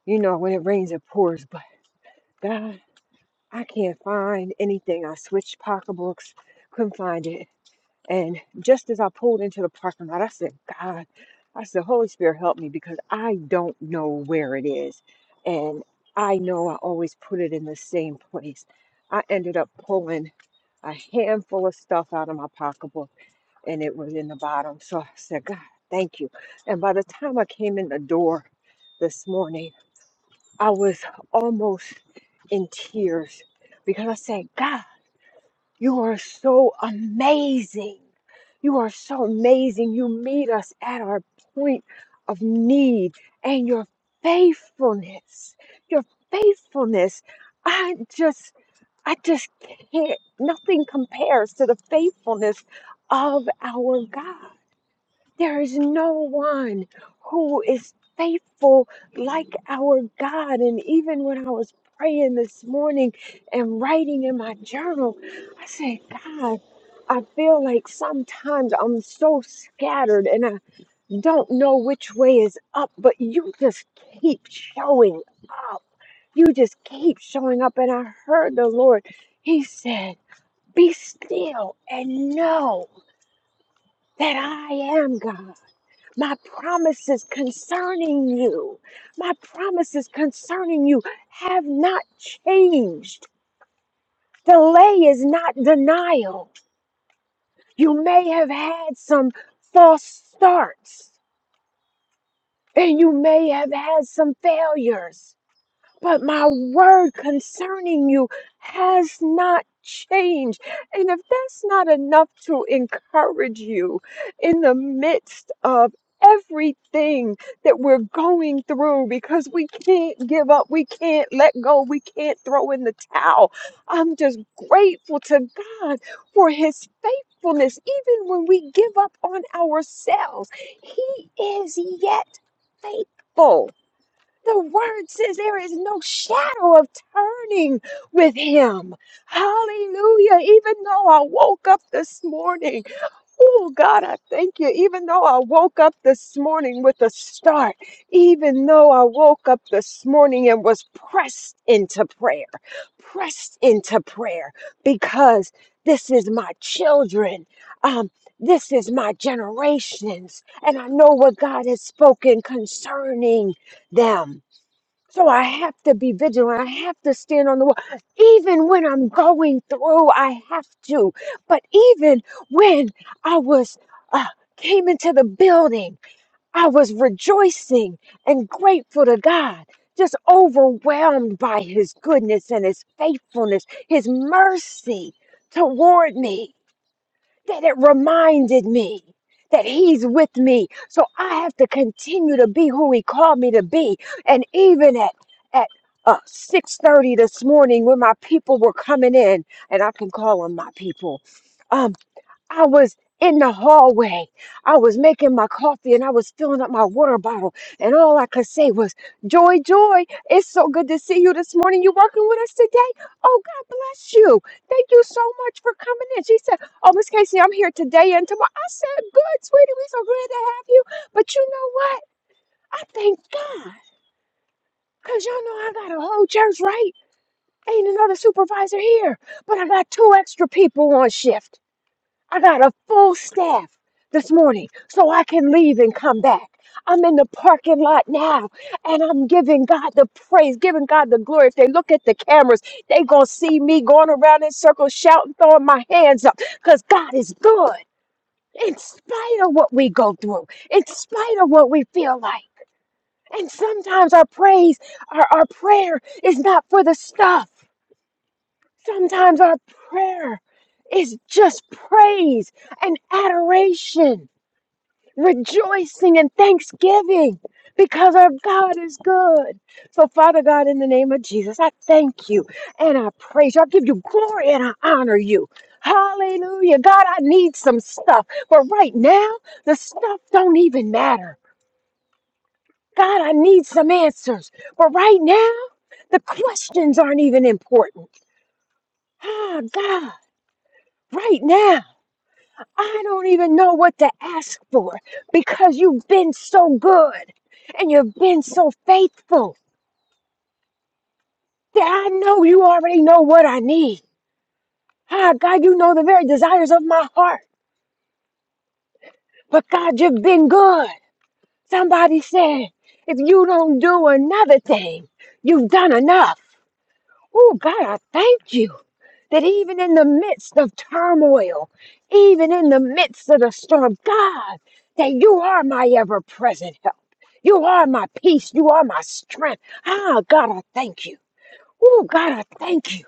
Speaker 3: you know, when it rains, it pours, but. God. I can't find anything. I switched pocketbooks, couldn't find it. And just as I pulled into the parking lot, I said, God, I said, Holy Spirit, help me because I don't know where it is. And I know I always put it in the same place. I ended up pulling a handful of stuff out of my pocketbook and it was in the bottom. So I said, God, thank you. And by the time I came in the door this morning, I was almost in tears because I said, God, you are so amazing. You are so amazing. You meet us at our point of need and your faithfulness, your faithfulness. I just, I just can't, nothing compares to the faithfulness of our God. There is no one who is faithful like our God. And even when I was praying this morning and writing in my journal, I said, God, I feel like sometimes I'm so scattered and I don't know which way is up, but you just keep showing up. You just keep showing up. And I heard the Lord, He said, Be still and know that I am God my promises concerning you, my promises concerning you have not changed. Delay is not denial. You may have had some false starts and you may have had some failures, but my word concerning you has not changed. And if that's not enough to encourage you in the midst of everything that we're going through because we can't give up, we can't let go, we can't throw in the towel. I'm just grateful to God for his faithfulness even when we give up on ourselves. He is yet faithful the word says there is no shadow of turning with him. Hallelujah. Even though I woke up this morning, oh God, I thank you. Even though I woke up this morning with a start, even though I woke up this morning and was pressed into prayer, pressed into prayer because this is my children. Um, this is my generations, and I know what God has spoken concerning them. So I have to be vigilant. I have to stand on the wall. Even when I'm going through, I have to. But even when I was uh, came into the building, I was rejoicing and grateful to God. Just overwhelmed by his goodness and his faithfulness, his mercy toward me that it reminded me that he's with me. So I have to continue to be who he called me to be. And even at at uh, 6:30 this morning when my people were coming in, and I can call them my people. um, I was in the hallway. I was making my coffee and I was filling up my water bottle. And all I could say was, Joy, Joy, it's so good to see you this morning. You working with us today? Oh, God bless you. Thank you so much for coming in. She said, Oh, Miss Casey, I'm here today and tomorrow. I said, Good, sweetie. we so glad to have you. But you know what? I thank God. Because y'all know I got a whole church, right? Ain't another supervisor here. But I got two extra people on shift. I got a full staff this morning so I can leave and come back. I'm in the parking lot now and I'm giving God the praise, giving God the glory. If they look at the cameras, they going to see me going around in circles, shouting, throwing my hands up because God is good in spite of what we go through, in spite of what we feel like. And sometimes our praise, our, our prayer is not for the stuff. Sometimes our prayer is just praise and adoration, rejoicing and thanksgiving because our God is good. So, Father God, in the name of Jesus, I thank you and I praise you. I give you glory and I honor you. Hallelujah. God, I need some stuff. But right now, the stuff don't even matter. God, I need some answers. But right now, the questions aren't even important. Ah, God, right now. I don't even know what to ask for because you've been so good and you've been so faithful that I know you already know what I need. Ah, God, you know the very desires of my heart. But God, you've been good. Somebody said, if you don't do another thing, you've done enough. Oh, God, I thank you. that even in the midst of turmoil, even in the midst of the storm, God, that you are my ever present help. You are my peace. You are my strength. Ah, God, I thank you. Oh, God, I thank you.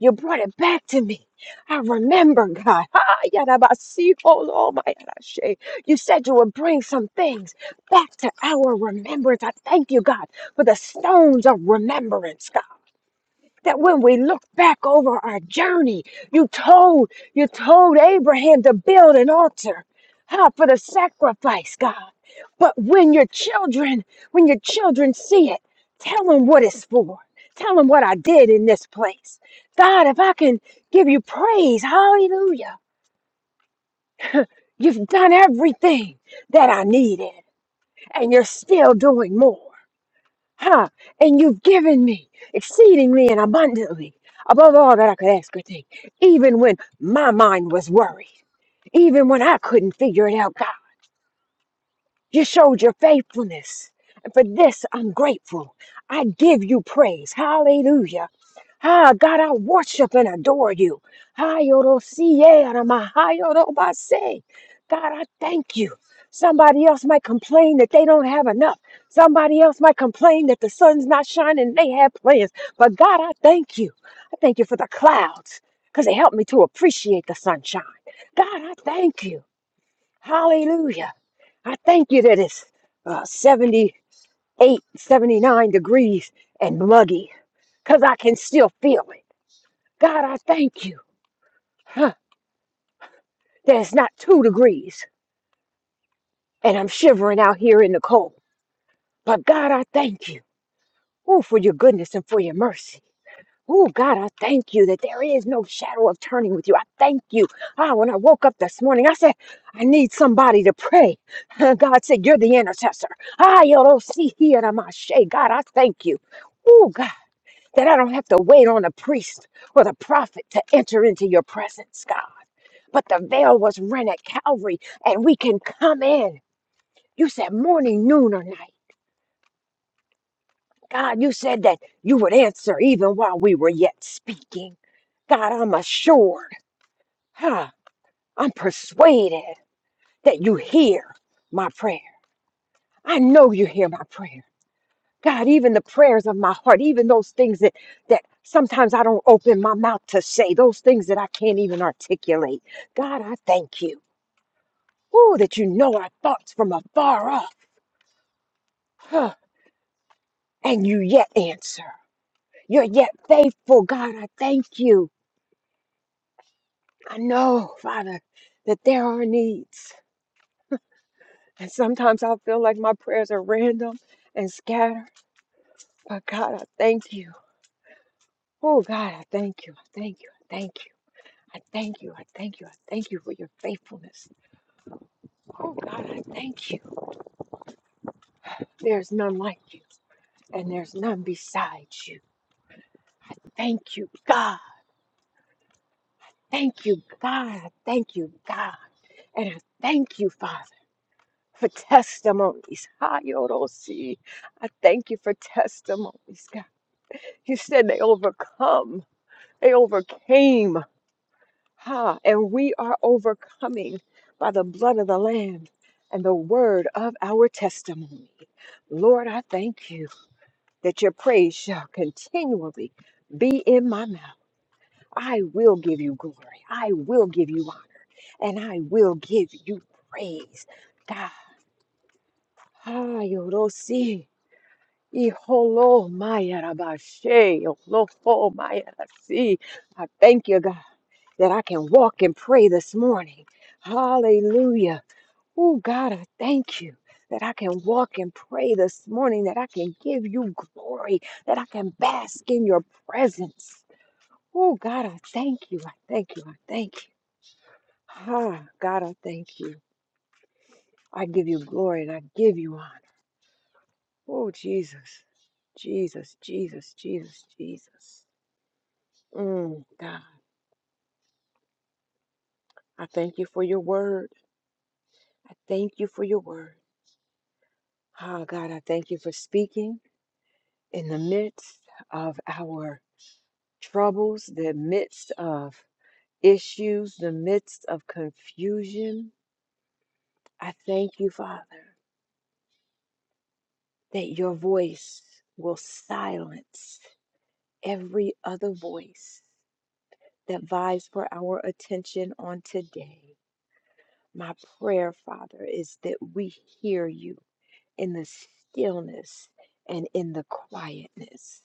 Speaker 3: You brought it back to me. I remember, God. Ah, yadabasi, oh, Lord, my yadashe. You said you would bring some things back to our remembrance. I thank you, God, for the stones of remembrance, God that when we look back over our journey, you told you told Abraham to build an altar huh, for the sacrifice, God. But when your children, when your children see it, tell them what it's for. Tell them what I did in this place. God, if I can give you praise, hallelujah. You've done everything that I needed, and you're still doing more. Huh? And you've given me exceedingly and abundantly above all that I could ask or think, even when my mind was worried, even when I couldn't figure it out. God, you showed your faithfulness. And for this, I'm grateful. I give you praise. Hallelujah. Ah, God, I worship and adore you. Ah, Hayorosieramahayorobasen. God, I thank you. Somebody else might complain that they don't have enough. Somebody else might complain that the sun's not shining and they have plans. But God, I thank you. I thank you for the clouds because they help me to appreciate the sunshine. God, I thank you. Hallelujah. I thank you that it's uh, 78, 79 degrees and muggy because I can still feel it. God, I thank you huh, that it's not two degrees and I'm shivering out here in the cold. But God, I thank you ooh, for your goodness and for your mercy. Oh, God, I thank you that there is no shadow of turning with you. I thank you. Ah, when I woke up this morning, I said, I need somebody to pray. God said, You're the intercessor. Ah, you don't see here, I'm a shade. God, I thank you. Oh, God. that I don't have to wait on a priest or the prophet to enter into your presence, God. But the veil was rent at Calvary and we can come in. You said morning, noon, or night. God, you said that you would answer even while we were yet speaking. God, I'm assured, huh? I'm persuaded that you hear my prayer. I know you hear my prayer. God, even the prayers of my heart, even those things that that sometimes I don't open my mouth to say, those things that I can't even articulate. God, I thank you. Oh, that you know our thoughts from afar off. Huh. And you yet answer. You're yet faithful. God, I thank you. I know, Father, that there are needs. And sometimes I feel like my prayers are random and scattered. But God, I thank you. Oh God, I thank you. I thank you. I thank you. I thank you. I thank you. I thank you for your faithfulness. Oh God, I thank you. There's none like you, and there's none beside you. Thank you, God. Thank you, God. I Thank you, God. And I thank you, Father, for testimonies. Hayorosi. I thank you for testimonies, God. You said they overcome. They overcame. Ha, and we are overcoming by the blood of the Lamb and the word of our testimony. Lord, I thank you that your praise shall continually be in my mouth. I will give you glory. I will give you honor. And I will give you praise. God, ha, I holo maya rabashe, olofo maya rasi. I thank you, God, that I can walk and pray this morning. Hallelujah. Oh, God, I thank you that I can walk and pray this morning, that I can give you glory, that I can bask in your presence. Oh, God, I thank you. I thank you. I thank you. Ah, God, I thank you. I give you glory and I give you honor. Oh, Jesus, Jesus, Jesus, Jesus, Jesus. Mm, God, I thank you for your word. I thank you for your word. Ah, God, I thank you for speaking in the midst of our troubles, the midst of issues, the midst of confusion. I thank you, Father, that your voice will silence every other voice that vies for our attention on today. My prayer, Father, is that we hear you in the stillness and in the quietness.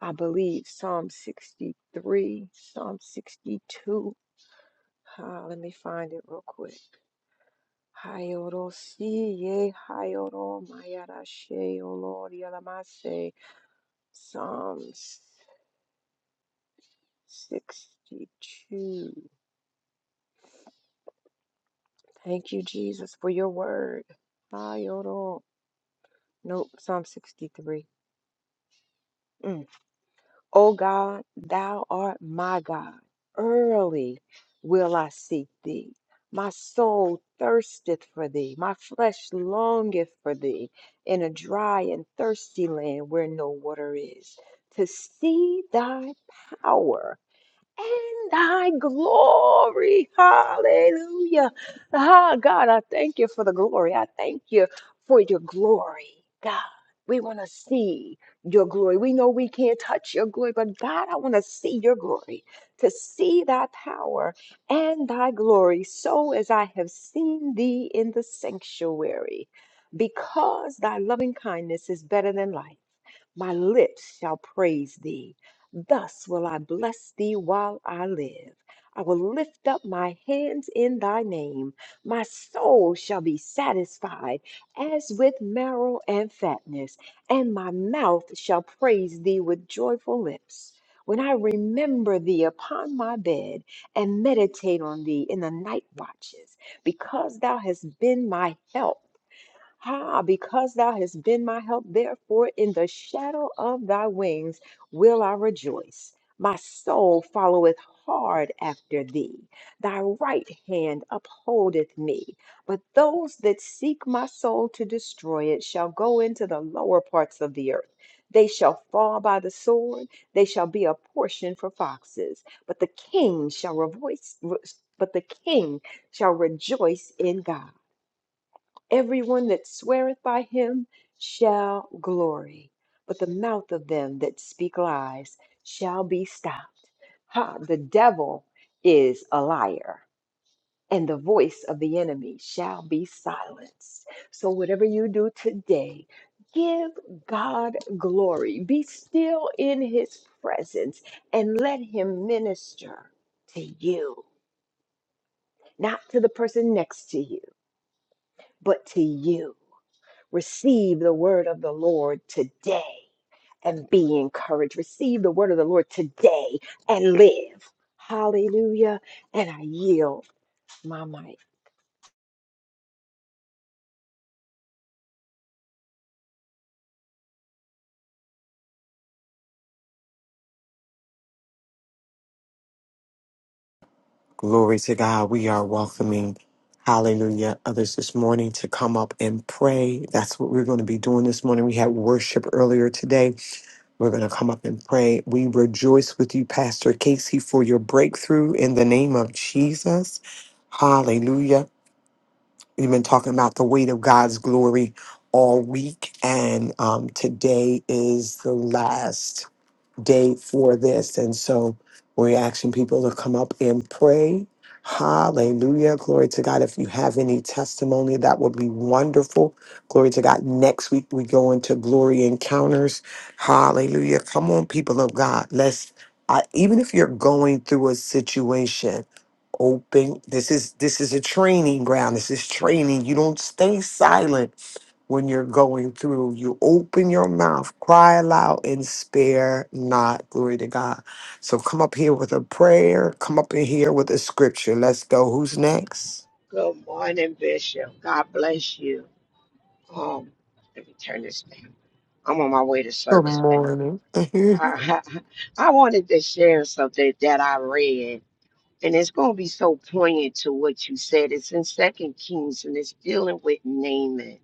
Speaker 3: I believe Psalm 63, Psalm 62. Ah, let me find it real quick. Hayorosie, hayoro, mayarashe, O Lord, yalamase. Psalms 62. Thank you, Jesus, for your word. Hayoro. Nope, Psalm 63. Mm. O God, thou art my God. Early will I seek thee. My soul thirsteth for thee. My flesh longeth for thee in a dry and thirsty land where no water is, to see thy power and thy glory. Hallelujah. Ah, God, I thank you for the glory. I thank you for your glory, God. We want to see your glory. We know we can't touch your glory, but God, I want to see your glory, to see thy power and thy glory, so as I have seen thee in the sanctuary, because thy loving kindness is better than life. My lips shall praise thee. Thus will I bless thee while I live. I will lift up my hands in thy name. My soul shall be satisfied as with marrow and fatness, and my mouth shall praise thee with joyful lips. When I remember thee upon my bed and meditate on thee in the night watches, because thou hast been my help how? Because thou hast been my help, therefore in the shadow of thy wings will I rejoice. My soul followeth hard after thee. Thy right hand upholdeth me. But those that seek my soul to destroy it shall go into the lower parts of the earth. They shall fall by the sword. They shall be a portion for foxes. But the king shall rejoice. But the king shall rejoice in God. Everyone that sweareth by him shall glory, but the mouth of them that speak lies shall be stopped. Ha, the devil is a liar, and the voice of the enemy shall be silenced. So, whatever you do today, give God glory. Be still in his presence and let him minister to you, not to the person next to you, but to you. Receive the word of the Lord today and be encouraged. Receive the word of the Lord today and live. Hallelujah. And I yield my mic.
Speaker 2: Glory to God. We are welcoming, hallelujah, others this morning to come up and pray. That's what we're going to be doing this morning. We had worship earlier today We're going to come up and pray. We rejoice with you, Pastor Casey, for your breakthrough in the name of Jesus. Hallelujah. We've been talking about the weight of God's glory all week, and um, today is the last day for this. And so we're asking people to come up and pray. Hallelujah. Glory to God. If you have any testimony, that would be wonderful. Glory to God. Next week, we go into glory encounters. Hallelujah. Come on, people of God. Let's, I, even if you're going through a situation, open this is this is a training ground this is training you don't stay silent when you're going through. You open your mouth, cry aloud, and spare not. Glory to God. So come up here with a prayer. Come up in here with a scripture. Let's go. Who's next?
Speaker 4: Good morning, Bishop. God bless you. Um, let me turn this down. I'm on my way to
Speaker 2: Good
Speaker 4: service, but
Speaker 2: morning. amen.
Speaker 4: I wanted to share something that I read, and it's going to be so poignant to what you said. It's in Second Kings, and it's dealing with Naaman.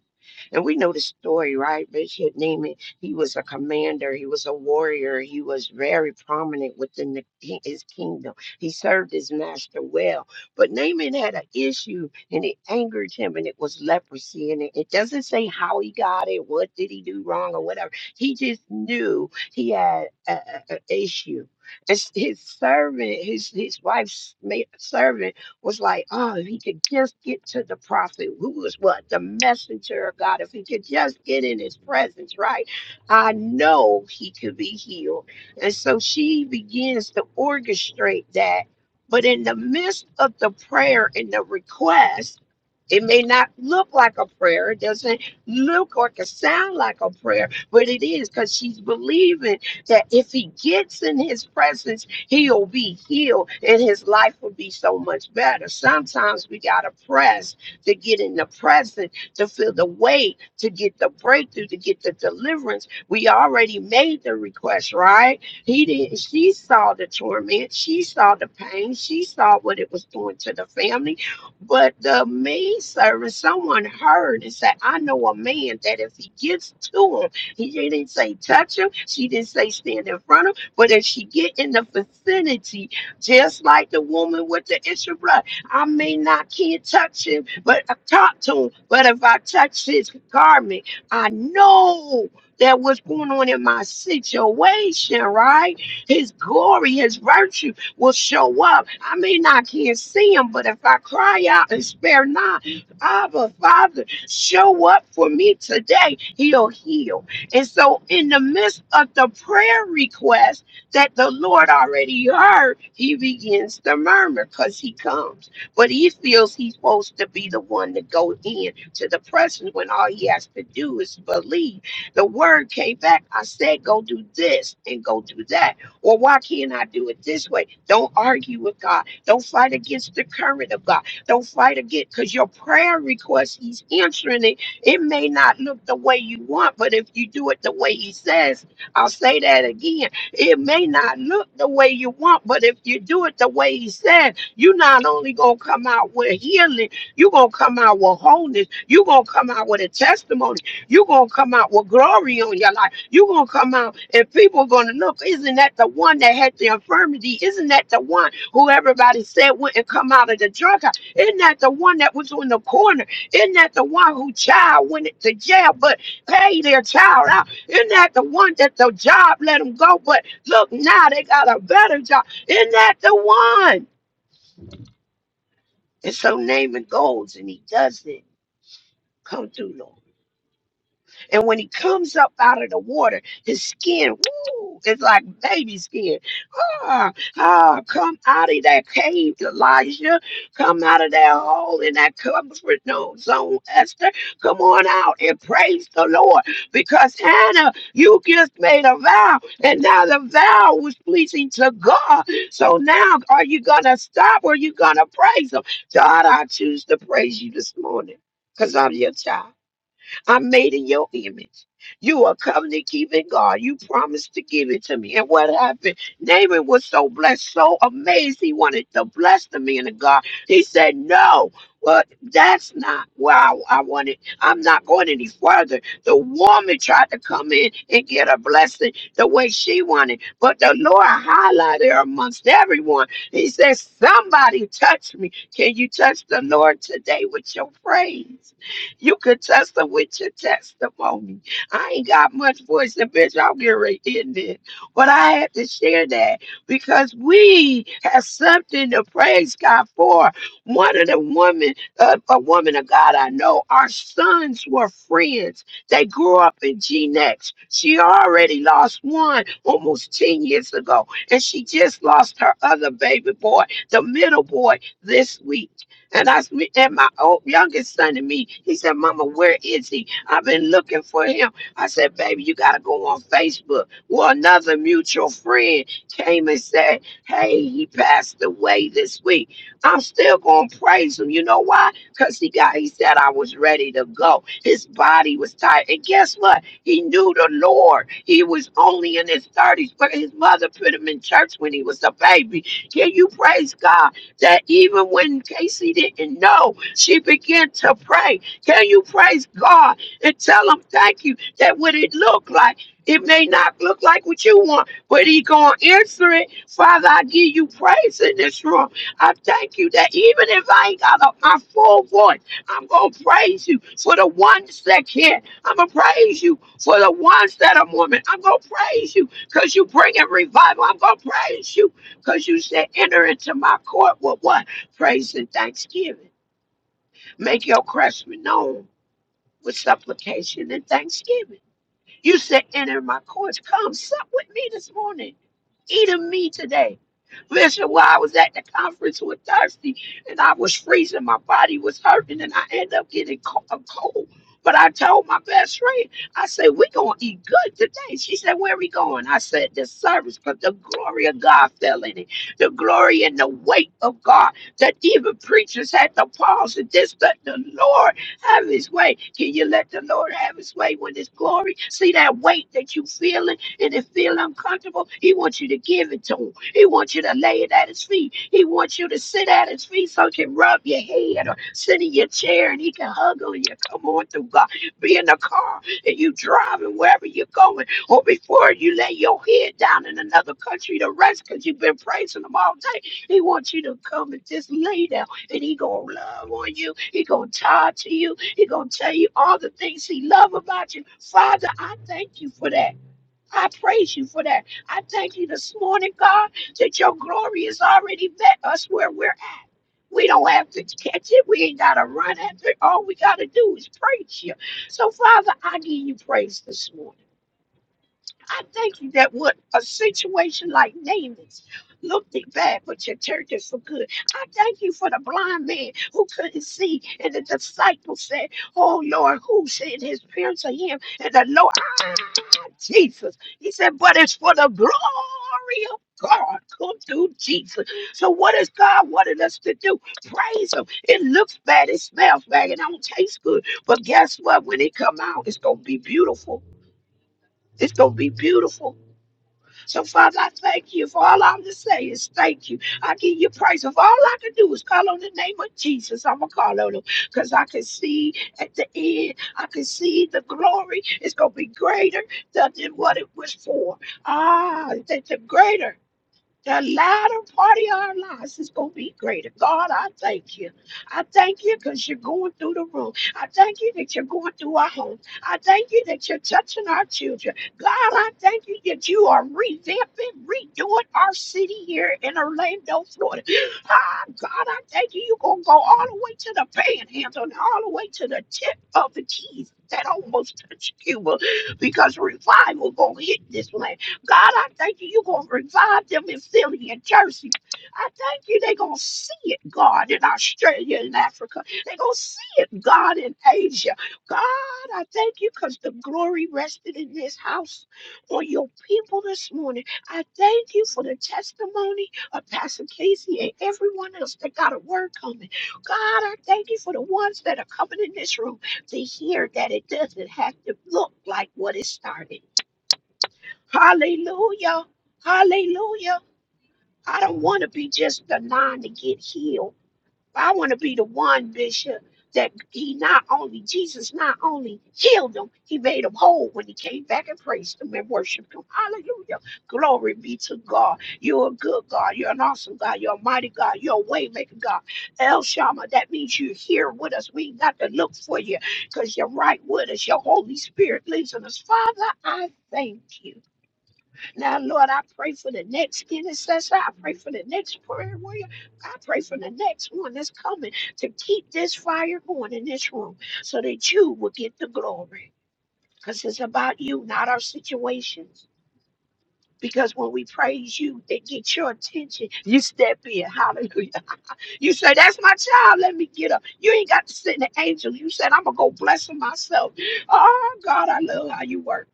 Speaker 4: And we know the story, right? Bishop Neiman, he was a commander, he was a warrior, he was very prominent within the, ki- his kingdom. He served his master well. But Naaman had an issue and it angered him, and it was leprosy. And it, it doesn't say how he got it, what did he do wrong, or whatever. He just knew he had an issue. It's his servant, his, his wife's ma- servant was like, oh, if he could just get to the prophet, who was what? The messenger of God. If he could just get in his presence, right? I know he could be healed. And so she begins to orchestrate that. But in the midst of the prayer and the request, it may not look like a prayer. It doesn't look or can sound like a prayer, but it is because she's believing that if he gets in his presence, he'll be healed and his life will be so much better. Sometimes we got to press to get in the present, to feel the weight, to get the breakthrough, to get the deliverance. We already made the request, right? He didn't, she saw the torment, she saw the pain, she saw what it was doing to the family. But the main servant, someone heard and said, I know a man that if he gets to him, he didn't say touch him. She didn't say stand in front of him. But if she get in the vicinity, just like the woman with the issue of blood, I may not can't touch him, but I talk to him. But if I touch his garment, I know that what's going on in my situation, right? His glory, his virtue will show up. I may not can't see him, but if I cry out and spare not, Abba, Father, show up for me today. He'll heal. And so, in the midst of the prayer request that the Lord already heard, he begins to murmur because he comes. But he feels he's supposed to be the one to go in to the presence when all he has to do is believe. The word came back. I said, go do this and go do that. Or why can't I do it this way? Don't argue with God. Don't fight against the current of God. Don't fight against because your prayer request, he's answering it. It may not look the way you want, but if you do it the way he says, I'll say that again it may not look the way you want, but if you do it the way he said, you're not only gonna come out with healing, you're gonna come out with wholeness, you're gonna come out with a testimony, you're gonna come out with glory on your life, you're gonna come out and people are gonna look, isn't that the one that had the infirmity? Isn't that the one who everybody said wouldn't come out of the drug house? Isn't that the one that was on the corner? Isn't that the one who child went to jail but paid their child out? Isn't that the one that the job let him go but Look, now they got a better job. Isn't that the one? And so Naaman goes and he does it. Come through, Lord. And when he comes up out of the water, his skin, woo, it's like baby skin. Ah, ah, come out of that cave, Elijah. Come out of that hole in that comfort no- zone, Esther. Come on out and praise the Lord. Because Hannah, you just made a vow, and now the vow was pleasing to God. So now are you gonna stop or are you gonna praise him? God, I choose to praise you this morning because I'm your child. I'm made in your image. You are covenant keeping God. You promised to give it to me. And what happened? Naaman was so blessed, so amazed. He wanted to bless the man of God. He said, No, well, that's not where I, I wanted. I'm not going any further. The woman tried to come in and get a blessing the way she wanted. But the Lord highlighted her amongst everyone. He said, Somebody touch me. Can you touch the Lord today with your praise? You could test them with your testimony. I ain't got much voice, and bitch, I'm getting right in there. But I had to share that because we have something to praise God for. One of the women, uh, a woman of God I know, our sons were friends. They grew up in G-Nex. She already lost one almost 10 years ago, and she just lost her other baby boy, the middle boy, this week. And I swe- and my old youngest son to me, he said, Mama, where is he? I've been looking for him. I said, Baby, you gotta go on Facebook. Well, another mutual friend came and said, Hey, he passed away this week. I'm still gonna praise him. You know why? Because he got he said I was ready to go. His body was tired. And guess what? He knew the Lord. He was only in his 30s, but his mother put him in church when he was a baby. Can you praise God? that even when Casey didn't know, she began to pray. Can you praise God and tell him thank you? That what it looked like, it may not look like what you want, but he gonna answer it. Father, I give you praise in this room. I thank you that even if I ain't got up my full voice, I'm gonna praise you for the ones that can. I'm gonna praise you for the ones that are women. I'm gonna praise you because you bring in revival. I'm gonna praise you because you said, enter into my court with what? Praise and thanksgiving. Make your craftsmen known with supplication and thanksgiving. You said, enter my courts. Come sup with me this morning. Eat of me today. Listen, while I was at the conference with Thirsty and I was freezing, my body was hurting, and I ended up getting co- a cold. But I told my best friend, I said, We're going to eat good today. She said, Where are we going? I said, The service, but the glory of God fell in it. The glory and the weight of God that even preachers had to pause and this, that the Lord. Have his way. Can you let the Lord have his way with his glory? See that weight that you feeling and it feel uncomfortable? He wants you to give it to him. He wants you to lay it at his feet. He wants you to sit at his feet so he can rub your head or sit in your chair and he can hug on you. Come on through God. Be in the car and you driving wherever you're going. Or before you lay your head down in another country to rest because you've been praising him all day. He wants you to come and just lay down that he gonna love on you. He gonna talk to you. He gonna tell you all the things he love about you. Father, I thank you for that. I praise you for that. I thank you this morning, God, that your glory has already met us where we're at. We don't have to catch it. We ain't gotta run after it. All we gotta do is praise you. So, Father, I give you praise this morning. I thank you that what a situation like Naaman's looked it bad, but you turned it for good. I thank you for the blind man who couldn't see, and the disciples said, "Oh Lord, who said his parents are him?" And the Lord, "Ah, Jesus, He said, "But it's for the glory of." God come through Jesus. So what is God wanting us to do? Praise Him. It looks bad, it smells bad, it don't taste good. But guess what? When it come out, it's gonna be beautiful. It's gonna be beautiful. So, Father, I thank you for all I'm to say is thank you. I give you praise. If all I can do is call on the name of Jesus, I'm going to call on him because I can see at the end, I can see the glory is going to be greater than than what it was for. Ah, that the greater. The latter part of our lives is going to be greater. God, I thank you. I thank you because you're going through the room. I thank you that you're going through our homes. I thank you that you're touching our children. God, I thank you that you are revamping, redoing our city here in Orlando, Florida. Ah, God, I thank you. You're going to go all the way to the panhandle and all the way to the tip of the keys that almost touch Cuba because revival going to hit this land. God, I thank you. You're going to revive them in Philly and Jersey. I thank you. They're going to see it, God, in Australia and Africa. They're going to see it, God, in Asia. God, I thank you because the glory rested in this house on your people this morning. I thank you for the testimony of Pastor Casey and everyone else that got a word coming. God, I thank you for the ones that are coming in this room to hear that it doesn't have to look like what it started. Hallelujah. Hallelujah. I don't want to be just the nine to get healed. I want to be the one, Bishop, that he not only, Jesus not only healed them, he made them whole when he came back and praised them and worshiped them. Hallelujah. Glory be to God. You're a good God. You're an awesome God. You're a mighty God. You're a way maker God. El Shammah, that means you're here with us. We ain't got to look for you because you're right with us. Your Holy Spirit lives in us. Father, I thank you. Now, Lord, I pray for the next intercessor. I pray for the next prayer warrior. I pray for the next one that's coming to keep this fire going in this room so that you will get the glory. Because it's about you, not our situations. Because when we praise you, they get your attention. You step in. Hallelujah. You say, That's my child. Let me get up. You ain't got to sit in the angels. You said, I'm going to go bless them myself. Oh, God, I love how you work.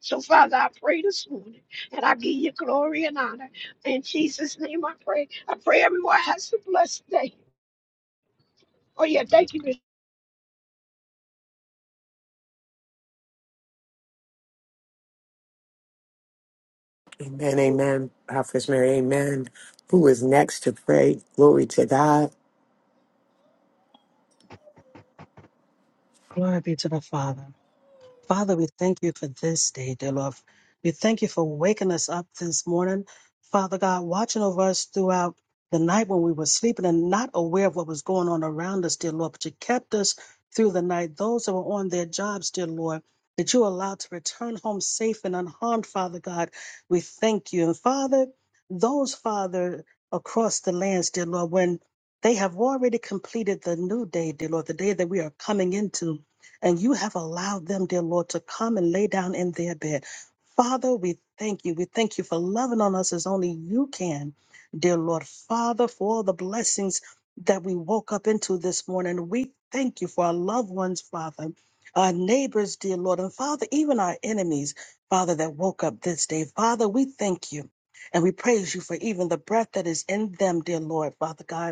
Speaker 4: So, Father, I pray this morning and I give you glory and honor. In Jesus' name I pray. I pray everyone has a blessed day. Oh, yeah. Thank you, Miss
Speaker 2: Amen. Prophet Mary. Amen. Who is next to pray? Glory to God.
Speaker 5: Glory be to the Father. Father, we thank you for this day, dear Lord. We thank you for waking us up this morning. Father God, watching over us throughout the night when we were sleeping and not aware of what was going on around us, dear Lord, but you kept us through the night. Those that were on their jobs, dear Lord, that you allowed to return home safe and unharmed, Father God, we thank you. And Father, those, Father, across the lands, dear Lord, when they have already completed the new day, dear Lord, the day that we are coming into and you have allowed them, dear Lord, to come and lay down in their bed. Father, we thank you. We thank you for loving on us as only you can, dear Lord. Father, for all the blessings that we woke up into this morning. We thank you for our loved ones, Father, our neighbors, dear Lord, and Father, even our enemies, Father, that woke up this day. Father, we thank you. And we praise you for even the breath that is in them, dear Lord, Father God.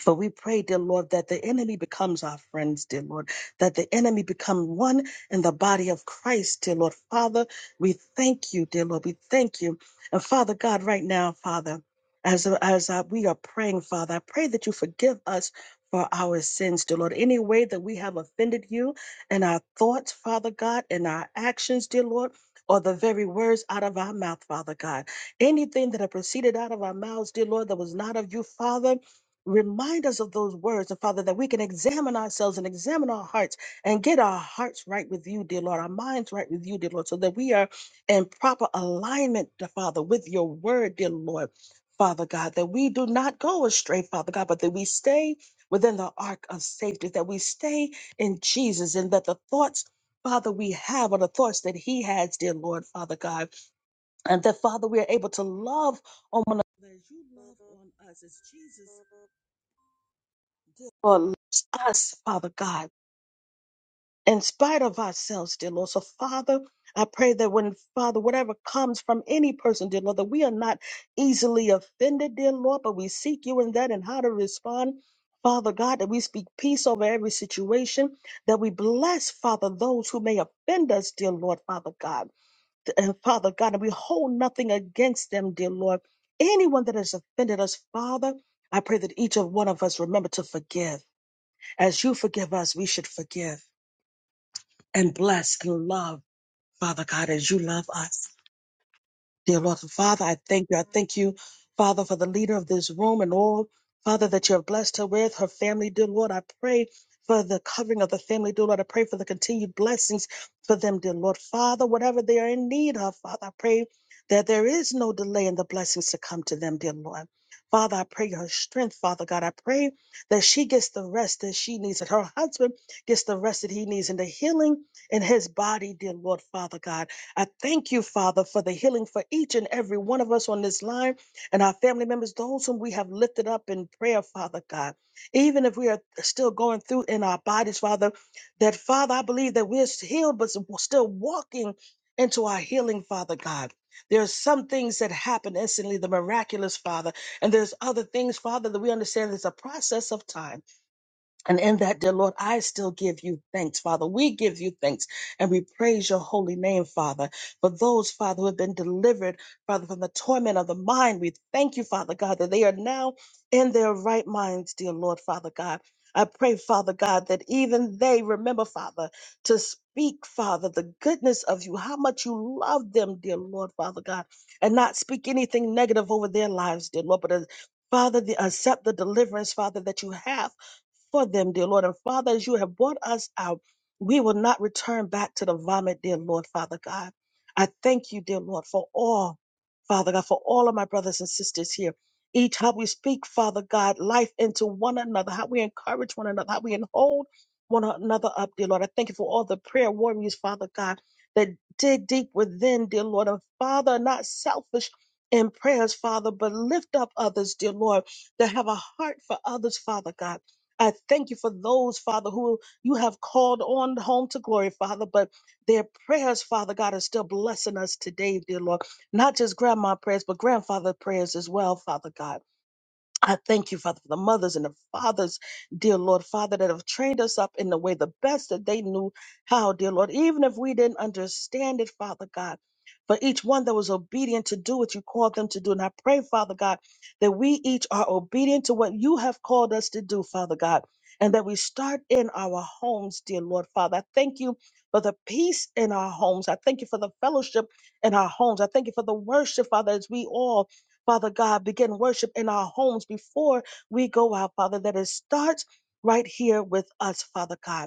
Speaker 5: For we pray, dear Lord, that the enemy becomes our friends, dear Lord, that the enemy become one in the body of Christ, dear Lord. Father, we thank you, dear Lord. We thank you. And Father God, right now, Father, as, as uh, we are praying, Father, I pray that you forgive us for our sins, dear Lord. Any way that we have offended you in our thoughts, Father God, in our actions, dear Lord. Or the very words out of our mouth, Father God. Anything that have proceeded out of our mouths, dear Lord, that was not of you, Father, Remind us of those words, and Father, that we can examine ourselves and examine our hearts and get our hearts right with you, dear Lord, our minds right with you, dear Lord, so that we are in proper alignment, dear Father, with your word, dear Lord, Father God, that we do not go astray, Father God, but that we stay within the ark of safety, that we stay in Jesus, and that the thoughts, Father, we have are the thoughts that He has, dear Lord, Father God, and that, Father, we are able to love on one another as you love on us, as Jesus dear Lord, loves us, Father God, in spite of ourselves, dear Lord. So, Father, I pray that when, Father, whatever comes from any person, dear Lord, that we are not easily offended, dear Lord, but we seek you in that and how to respond. Father God, that we speak peace over every situation, that we bless, Father, those who may offend us, dear Lord, Father God. And Father God, and we hold nothing against them, dear Lord. Anyone that has offended us, Father, I pray that each of one of us remember to forgive. As you forgive us, we should forgive and bless and love, Father God, as you love us. Dear Lord Father, I thank you. I thank you, Father, for the leader of this room and all, Father, that you have blessed her with, her family. Dear Lord, I pray for the covering of the family. Dear Lord, I pray for the continued blessings for them, dear Lord Father, whatever they are in need of, Father, I pray that there is no delay in the blessings to come to them, dear Lord. Father, I pray her strength, Father God. I pray that she gets the rest that she needs, that her husband gets the rest that he needs, and the healing in his body, dear Lord Father God. I thank you, Father, for the healing for each and every one of us on this line and our family members, those whom we have lifted up in prayer, Father God. Even if we are still going through in our bodies, Father, that Father, I believe that we're healed, but still walking into our healing, Father God. There are some things that happen instantly, the miraculous, Father, and there's other things, Father, that we understand there's a process of time. And in that, dear Lord, I still give you thanks, Father. We give you thanks and we praise your holy name, Father. For those, Father, who have been delivered, Father, from the torment of the mind, we thank you, Father God, that they are now in their right minds, dear Lord, Father God. I pray, Father God, that even they remember, Father, to speak, Father, the goodness of you, how much you love them, dear Lord, Father God, and not speak anything negative over their lives, dear Lord, but uh, Father, the, accept the deliverance, Father, that you have for them, dear Lord. And Father, as you have brought us out, we will not return back to the vomit, dear Lord, Father God. I thank you, dear Lord, for all, Father God, for all of my brothers and sisters here. Each how we speak, Father God, life into one another, how we encourage one another, how we hold one another up, dear Lord. I thank you for all the prayer warriors, Father God, that dig deep within, dear Lord. And Father, not selfish in prayers, Father, but lift up others, dear Lord, that have a heart for others, Father God. I thank you for those, Father, who you have called on home to glory, Father, but their prayers, Father God, are still blessing us today, dear Lord. Not just grandma prayers, but grandfather prayers as well, Father God. I thank you, Father, for the mothers and the fathers, dear Lord, Father, that have trained us up in the way the best that they knew how, dear Lord, even if we didn't understand it, Father God. For each one that was obedient to do what you called them to do. And I pray, Father God, that we each are obedient to what you have called us to do, Father God, and that we start in our homes, dear Lord, Father. I thank you for the peace in our homes. I thank you for the fellowship in our homes. I thank you for the worship, Father, as we all Father God, begin worship in our homes before we go out, Father, that it starts right here with us, Father God.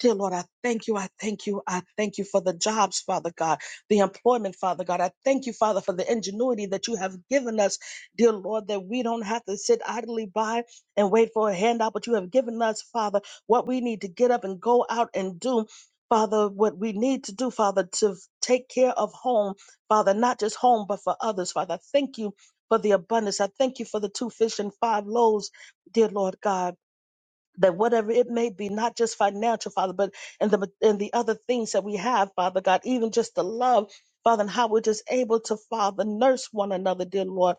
Speaker 5: Dear Lord, I thank you. I thank you. I thank you for the jobs, Father God, the employment, Father God. I thank you, Father, for the ingenuity that you have given us, dear Lord, that we don't have to sit idly by and wait for a handout, but you have given us, Father, what we need to get up and go out and do. Father, what we need to do, Father, to take care of home, Father, not just home, but for others, Father. I Thank you for the abundance. I thank you for the two fish and five loaves, dear Lord God that whatever it may be, not just financial, Father, but and the and the other things that we have, Father God, even just the love, Father, and how we're just able to, Father, nurse one another, dear Lord,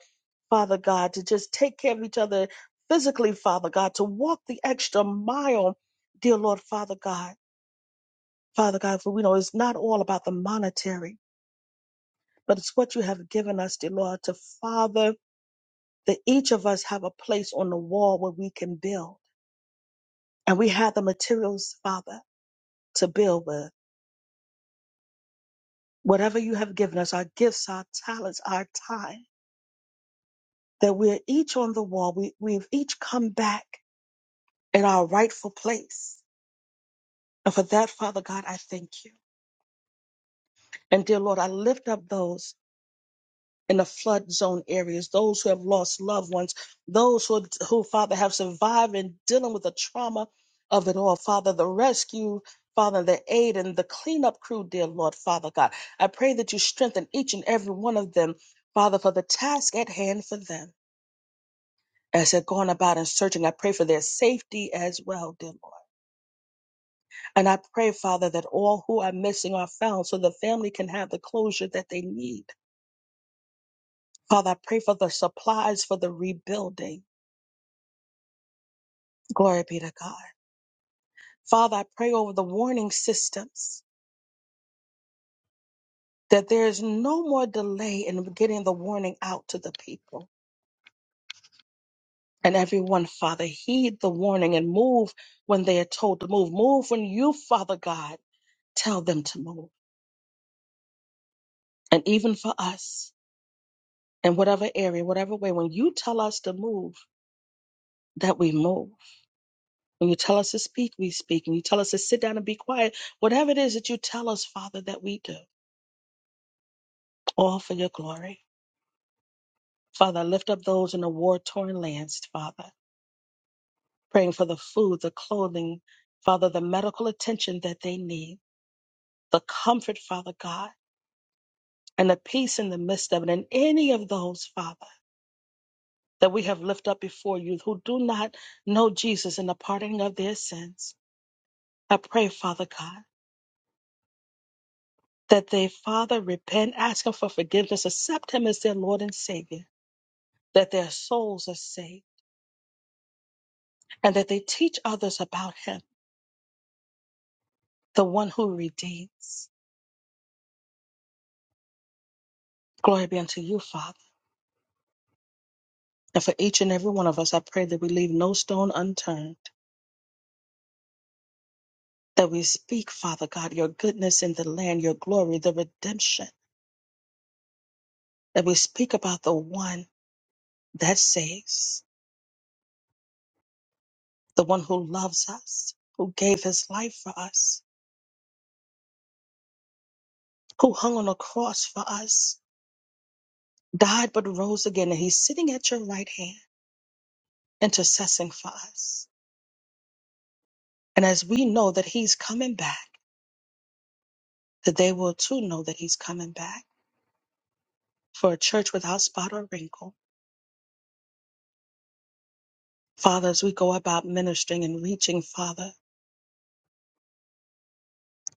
Speaker 5: Father God, to just take care of each other physically, Father God, to walk the extra mile, dear Lord, Father God, Father God, for we know it's not all about the monetary, but it's what you have given us, dear Lord, to Father, that each of us have a place on the wall where we can build. And we have the materials, Father, to build with. whatever you have given us, our gifts, our talents, our time, that we're each on the wall. We, we've each come back in our rightful place. And for that, Father God, I thank you. And dear Lord, I lift up those in the flood zone areas, those who have lost loved ones, those who, who Father, have survived and dealing with the trauma of it all. Father, the rescue, Father, the aid and the cleanup crew, dear Lord, Father God. I pray that you strengthen each and every one of them, Father, for the task at hand for them. as they're going about and searching. I pray for their safety as well, dear Lord. And I pray, Father, that all who are missing are found so the family can have the closure that they need. Father, I pray for the supplies for the rebuilding. Glory be to God. Father, I pray over the warning systems that there is no more delay in getting the warning out to the people. And everyone, Father, heed the warning and move when they are told to move. Move when you, Father God, tell them to move. And even for us, in whatever area, whatever way, when you tell us to move, that we move. When you tell us to speak, we speak. When you tell us to sit down and be quiet, whatever it is that you tell us, Father, that we do, all for your glory. Father, I lift up those in the war torn lands, Father, praying for the food, the clothing, Father, the medical attention that they need, the comfort, Father God, and the peace in the midst of it. And any of those, Father, that we have lifted up before you who do not know Jesus and the pardoning of their sins. I pray, Father God, that they, Father, repent, ask Him for forgiveness, accept Him as their Lord and Savior, that their souls are saved, and that they teach others about Him, the one who redeems. Glory be unto you, Father. And for each and every one of us, I pray that we leave no stone unturned, that we speak, Father God, your goodness in the land, your glory, the redemption, that we speak about the one that saves, the one who loves us, who gave his life for us, who hung on a cross for us, died but rose again, and he's sitting at your right hand, intercessing for us. And as we know that he's coming back, that they will too know that he's coming back for a church without spot or wrinkle. Father, as we go about ministering and reaching, Father,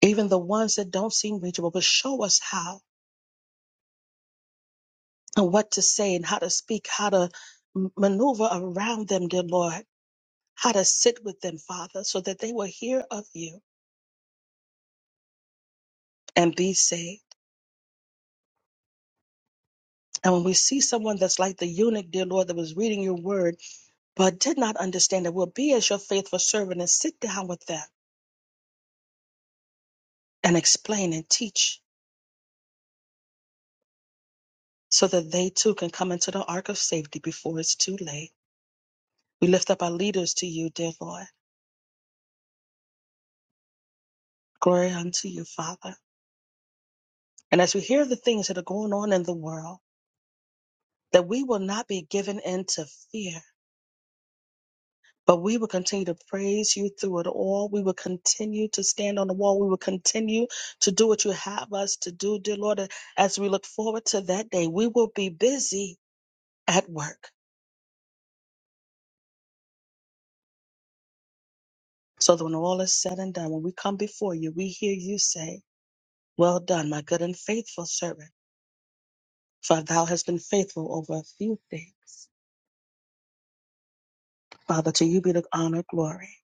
Speaker 5: even the ones that don't seem reachable, but show us how and what to say and how to speak, how to m- maneuver around them, dear Lord, how to sit with them, Father, so that they will hear of you and be saved. And when we see someone that's like the eunuch, dear Lord, that was reading your word, but did not understand it, will be as your faithful servant and sit down with them and explain and teach so that they too can come into the ark of safety before it's too late. We lift up our leaders to you, dear Lord. Glory unto you, Father. And as we hear the things that are going on in the world, that we will not be given into fear, But we will continue to praise you through it all. We will continue to stand on the wall. We will continue to do what you have us to do, dear Lord. As we look forward to that day, we will be busy at work. So that when all is said and done, when we come before you, we hear you say, Well done, my good and faithful servant, for thou hast been faithful over a few things. Father, to you be the honor, glory,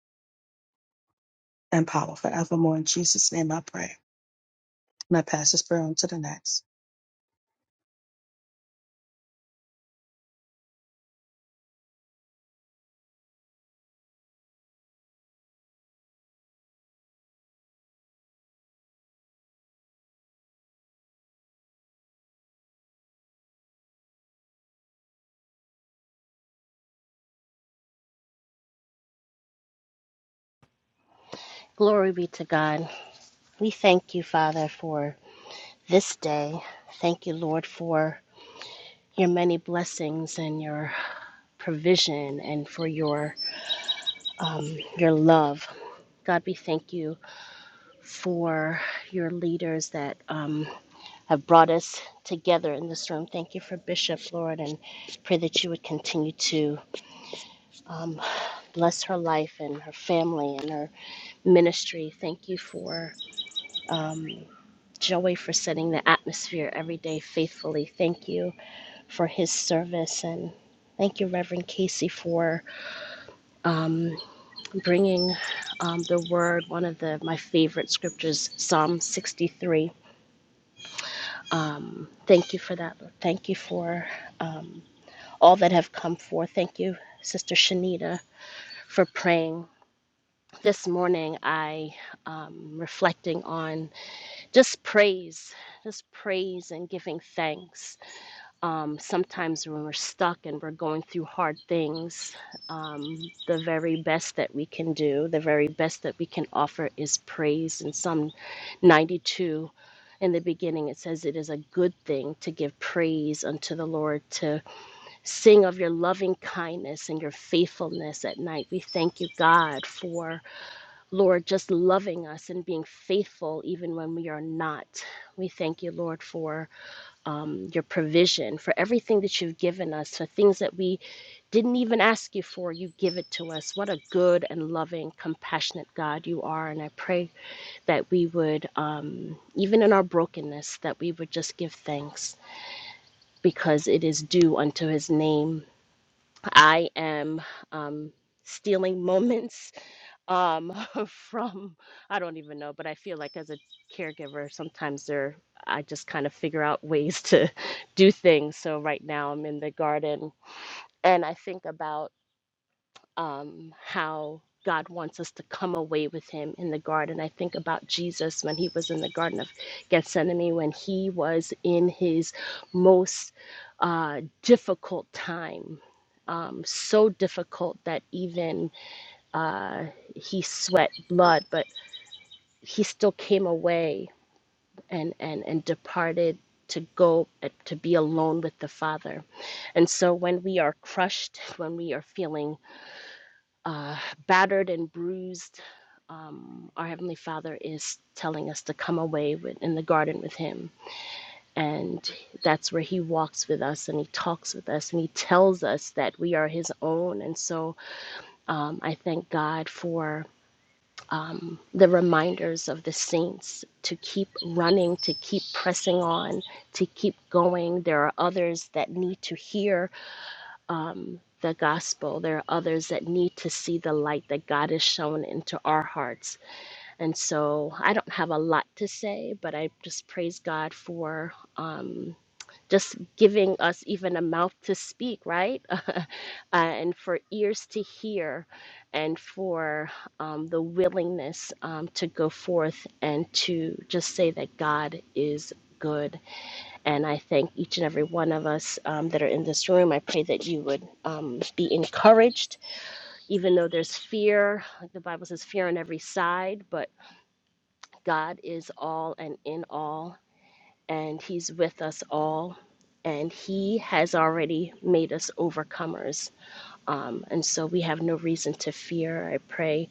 Speaker 5: and power forevermore. In Jesus' name I pray. And I pass this prayer on to the next.
Speaker 6: Glory be to God. We thank you, Father, for this day. Thank you, Lord, for your many blessings and your provision and for your um, your love. God, we thank you for your leaders that um, have brought us together in this room. Thank you for Bishop, Lord, and pray that you would continue to um, bless her life and her family and her ministry. Thank you for Joey for setting the atmosphere every day faithfully. Thank you for his service and thank you, Reverend Casey, for bringing um, the word, one of the my favorite scriptures, Psalm 63. Um, thank you for that. Thank you for um, all that have come forth. Thank you, Sister Shanita, for praying. This morning, I um, reflecting on just praise, just praise and giving thanks um, sometimes when we're stuck and we're going through hard things, um, the very best that we can do, the very best that we can offer is praise. In Psalm 92, in the beginning, it says, It is a good thing to give praise unto the Lord, to sing of your loving kindness and your faithfulness at night. We thank you, God, for, Lord, just loving us and being faithful even when we are not. We thank you, Lord, for um, your provision, for everything that you've given us, for things that we didn't even ask you for. You give it to us. What a good and loving, compassionate God you are. And I pray that we would, um, even in our brokenness, that we would just give thanks because it is due unto his name. I am um, stealing moments um from i don't even know but i feel like as a caregiver sometimes there i just kind of figure out ways to do things so right now i'm in the garden and i think about um how god wants us to come away with him in the garden i think about jesus when he was in the garden of gethsemane when he was in his most uh difficult time um so difficult that even uh he sweat blood, but he still came away and and and departed to go uh, to be alone with the father and so when we are crushed when we are feeling uh, battered and bruised our heavenly father is telling us to come away with, in the garden with him and that's where he walks with us and he talks with us and he tells us that we are his own and so um, i thank god for the reminders of the saints to keep running, to keep pressing on, to keep going. There are others that need to hear the gospel. There are others that need to see the light that God has shown into our hearts. And so I don't have a lot to say, but I just praise God for um, just giving us even a mouth to speak, right? uh, and for ears to hear and for um, the willingness um, to go forth and to just say that God is good. And I thank each and every one of us um, that are in this room. I pray that you would um, be encouraged, even though there's fear. Like the Bible says, fear on every side, but God is all and in all, and He's with us all. And he has already made us overcomers um, and so we have no reason to fear. I pray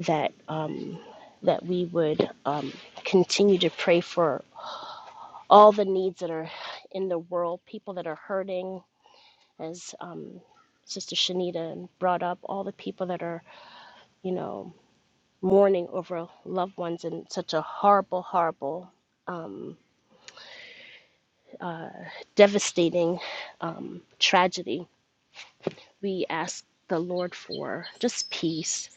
Speaker 6: that um, that we would um, continue to pray for all the needs that are in the world, people that are hurting, as um, Sister Shanita brought up, all the people that are, you know, mourning over loved ones in such a horrible, horrible, devastating um, tragedy. We ask the Lord for just peace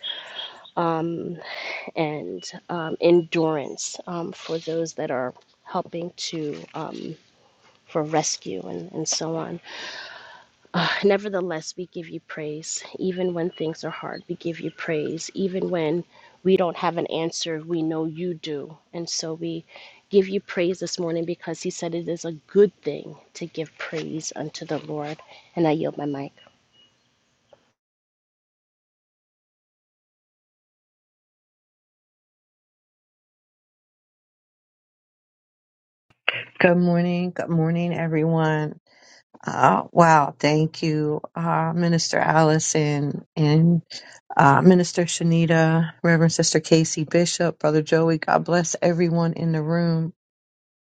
Speaker 6: and um, endurance um, for those that are helping to um, for rescue and, and so on. Uh, nevertheless, we give you praise. Even when things are hard, we give you praise. Even when we don't have an answer, we know you do. And so we give you praise this morning because he said it is a good thing to give praise unto the Lord. And I yield my mic.
Speaker 7: Good morning. Good morning, everyone. Uh, wow. Thank you, uh, Minister Allison and uh, Minister Shanita, Reverend Sister Casey Bishop, Brother Joey. God bless everyone in the room.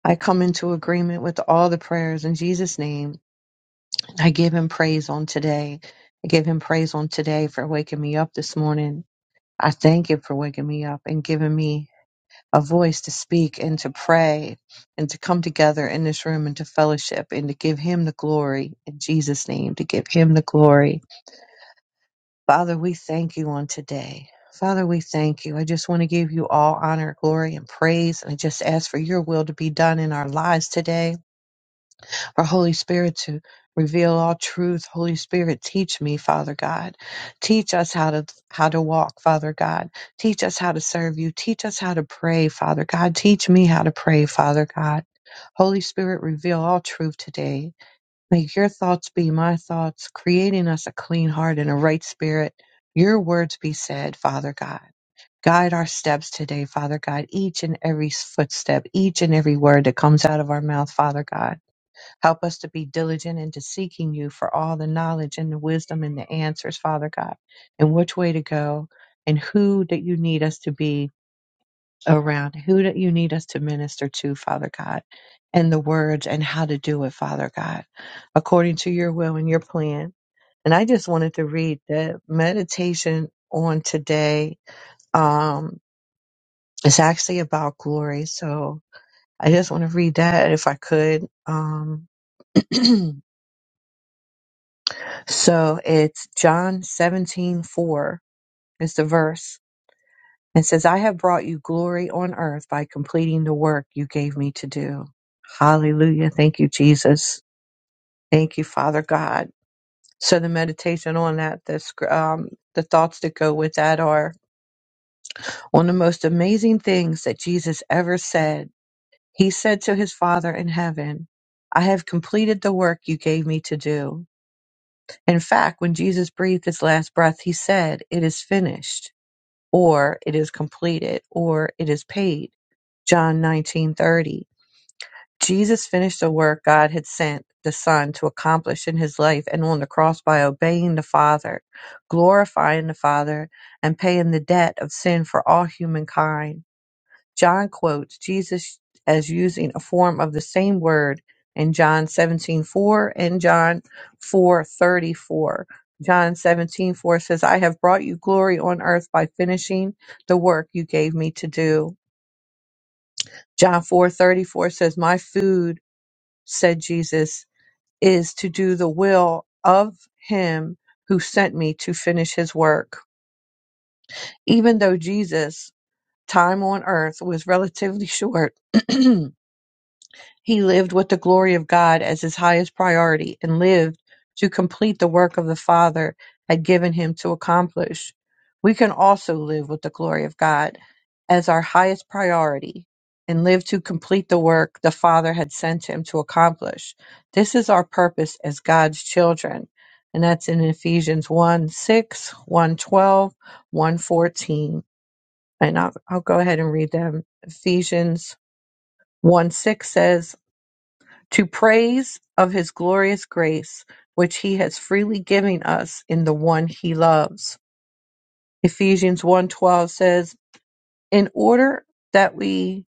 Speaker 7: I come into agreement with all the prayers in Jesus' name. I give him praise on today. I give him praise on today for waking me up this morning. I thank him for waking me up and giving me a voice to speak and to pray and to come together in this room and to fellowship and to give him the glory in Jesus' name, to give him the glory. Father, we thank you on today. Father, we thank you. I just want to give you all honor, glory, and praise. And I just ask for your will to be done in our lives today for Holy Spirit to reveal all truth. Holy Spirit, teach me, Father God. Teach us how to how to walk, Father God. Teach us how to serve you. Teach us how to pray, Father God. Teach me how to pray, Father God. Holy Spirit, reveal all truth today. Make your thoughts be my thoughts, creating us a clean heart and a right spirit. Your words be said, Father God. Guide our steps today, Father God, each and every footstep, each and every word that comes out of our mouth, Father God. Help us to be diligent into seeking you for all the knowledge and the wisdom and the answers, Father God, and which way to go and who that you need us to be around, who that you need us to minister to, Father God, and the words and how to do it, Father God, according to your will and your plan. And I just wanted to read the meditation on today. Um, it's actually about glory. So I just want to read that if I could. Um, So it's John seventeen four is the verse. It says, I have brought you glory on earth by completing the work you gave me to do. Hallelujah. Thank you, Jesus. Thank you, Father God. So the meditation on that, the, scr- um, the thoughts that go with that are one of the most amazing things that Jesus ever said. He said to his Father in heaven, I have completed the work you gave me to do. In fact, when Jesus breathed his last breath, he said, It is finished. or it is completed, or it is paid. John 19:30. Jesus finished the work God had sent the Son to accomplish in his life and on the cross by obeying the Father, glorifying the Father, and paying the debt of sin for all humankind. John quotes Jesus as using a form of the same word in John 17:4 and John 4:34. John 17:4 says, "I have brought you glory on earth by finishing the work you gave me to do." John 4:34 says, "My food," said Jesus, "is to do the will of him who sent me to finish his work." Even though Jesus' time on earth was relatively short, He lived with the glory of God as his highest priority and lived to complete the work of the Father had given him to accomplish. We can also live with the glory of God as our highest priority and live to complete the work the Father had sent him to accomplish. This is our purpose as God's children. And that's in Ephesians one six, one twelve, one fourteen. And I'll, I'll go ahead and read them. Ephesians 1 6 says, to praise of his glorious grace, which he has freely given us in the one he loves. Ephesians one twelve says, "In order that we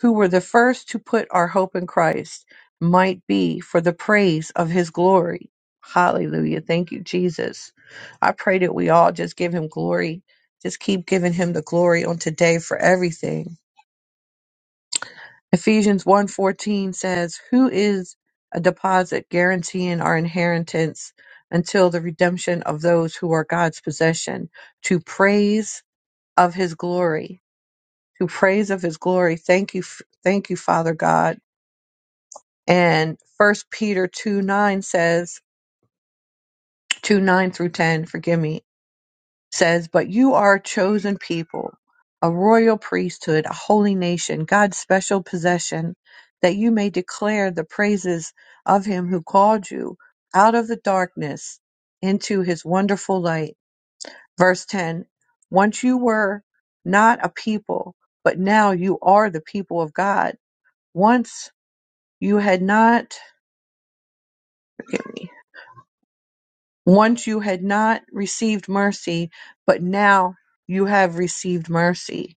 Speaker 7: who were the first to put our hope in Christ might be for the praise of his glory." Hallelujah. Thank you, Jesus. I pray that we all just give him glory. Just keep giving him the glory on today for everything Ephesians one fourteen says, "Who is a deposit guaranteeing our inheritance until the redemption of those who are God's possession to praise of his glory." To praise of his glory. Thank you f- thank you Father God. And First Peter two nine says, two nine through 10, forgive me. says, But you are a chosen people, a royal priesthood, a holy nation, God's special possession, that you may declare the praises of him who called you out of the darkness into his wonderful light. Verse 10 Once you were not a people, but now you are the people of God. Once you had not, forgive me, once you had not received mercy, but now you have received mercy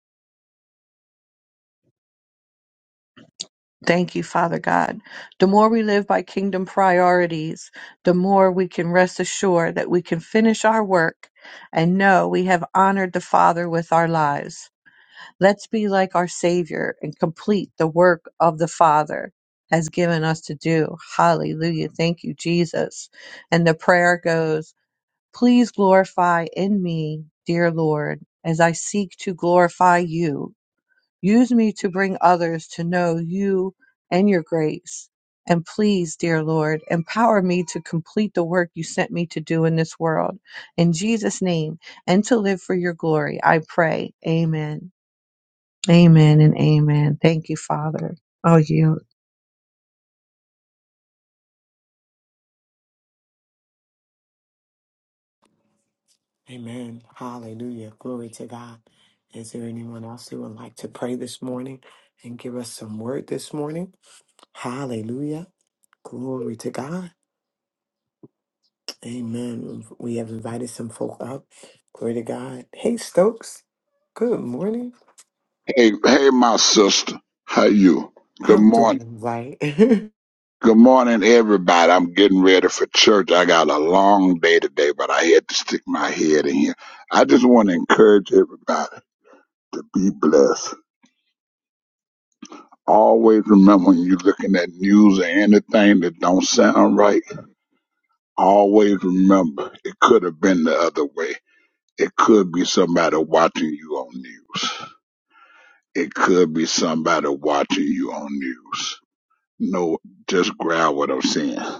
Speaker 7: Thank you, Father God. The more we live by kingdom priorities, the more we can rest assured that we can finish our work and know we have honored the Father with our lives. Let's be like our Savior and complete the work of the Father has given us to do. Hallelujah. Thank you, Jesus. And the prayer goes, Please glorify in me, dear Lord, as I seek to glorify you Use me to bring others to know you and your grace. And please, dear Lord, empower me to complete the work you sent me to do in this world. In Jesus' name, and to live for your glory, I pray. Amen. Amen and amen. Thank you, Father. I'll yield.
Speaker 2: Amen. Hallelujah. Glory to God. Is there anyone else who would like to pray this morning and give us some word this morning? Hallelujah. Glory to God. Amen. We have invited some folk up. Glory to God. Hey, Stokes. Good morning.
Speaker 8: Hey, hey, my sister. How you? Good
Speaker 2: I'm
Speaker 8: morning.
Speaker 2: doing right.
Speaker 8: Good morning, everybody. I'm getting ready for church. I got a long day today, but I had to stick my head in here. I just want to encourage everybody to be blessed. Always remember when you're looking at news or anything that don't sound right, always remember it could have been the other way. It could be somebody watching you on news. It could be somebody watching you on news. No, just grab what I'm saying.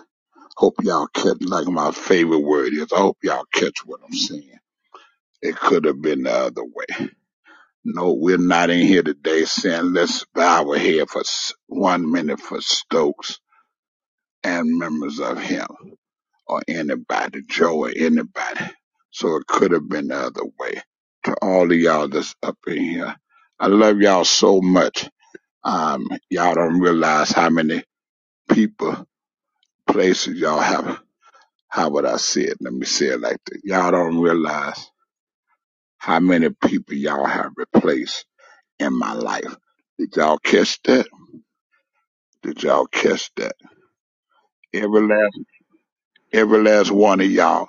Speaker 8: Hope y'all catch, like my favorite word is, I hope y'all catch what I'm saying. It could have been the other way. No, we're not in here today saying let's bow our head for s- one minute for Stokes and members of him or anybody, Joe or anybody. So it could have been the other way. To all of y'all that's up in here, I love y'all so much. Um, y'all don't realize how many people, places y'all have. how would I say it? Let me say it like this. Y'all don't realize how many people y'all have replaced in my life. Did y'all catch that? Did y'all catch that? Every last, every last one of y'all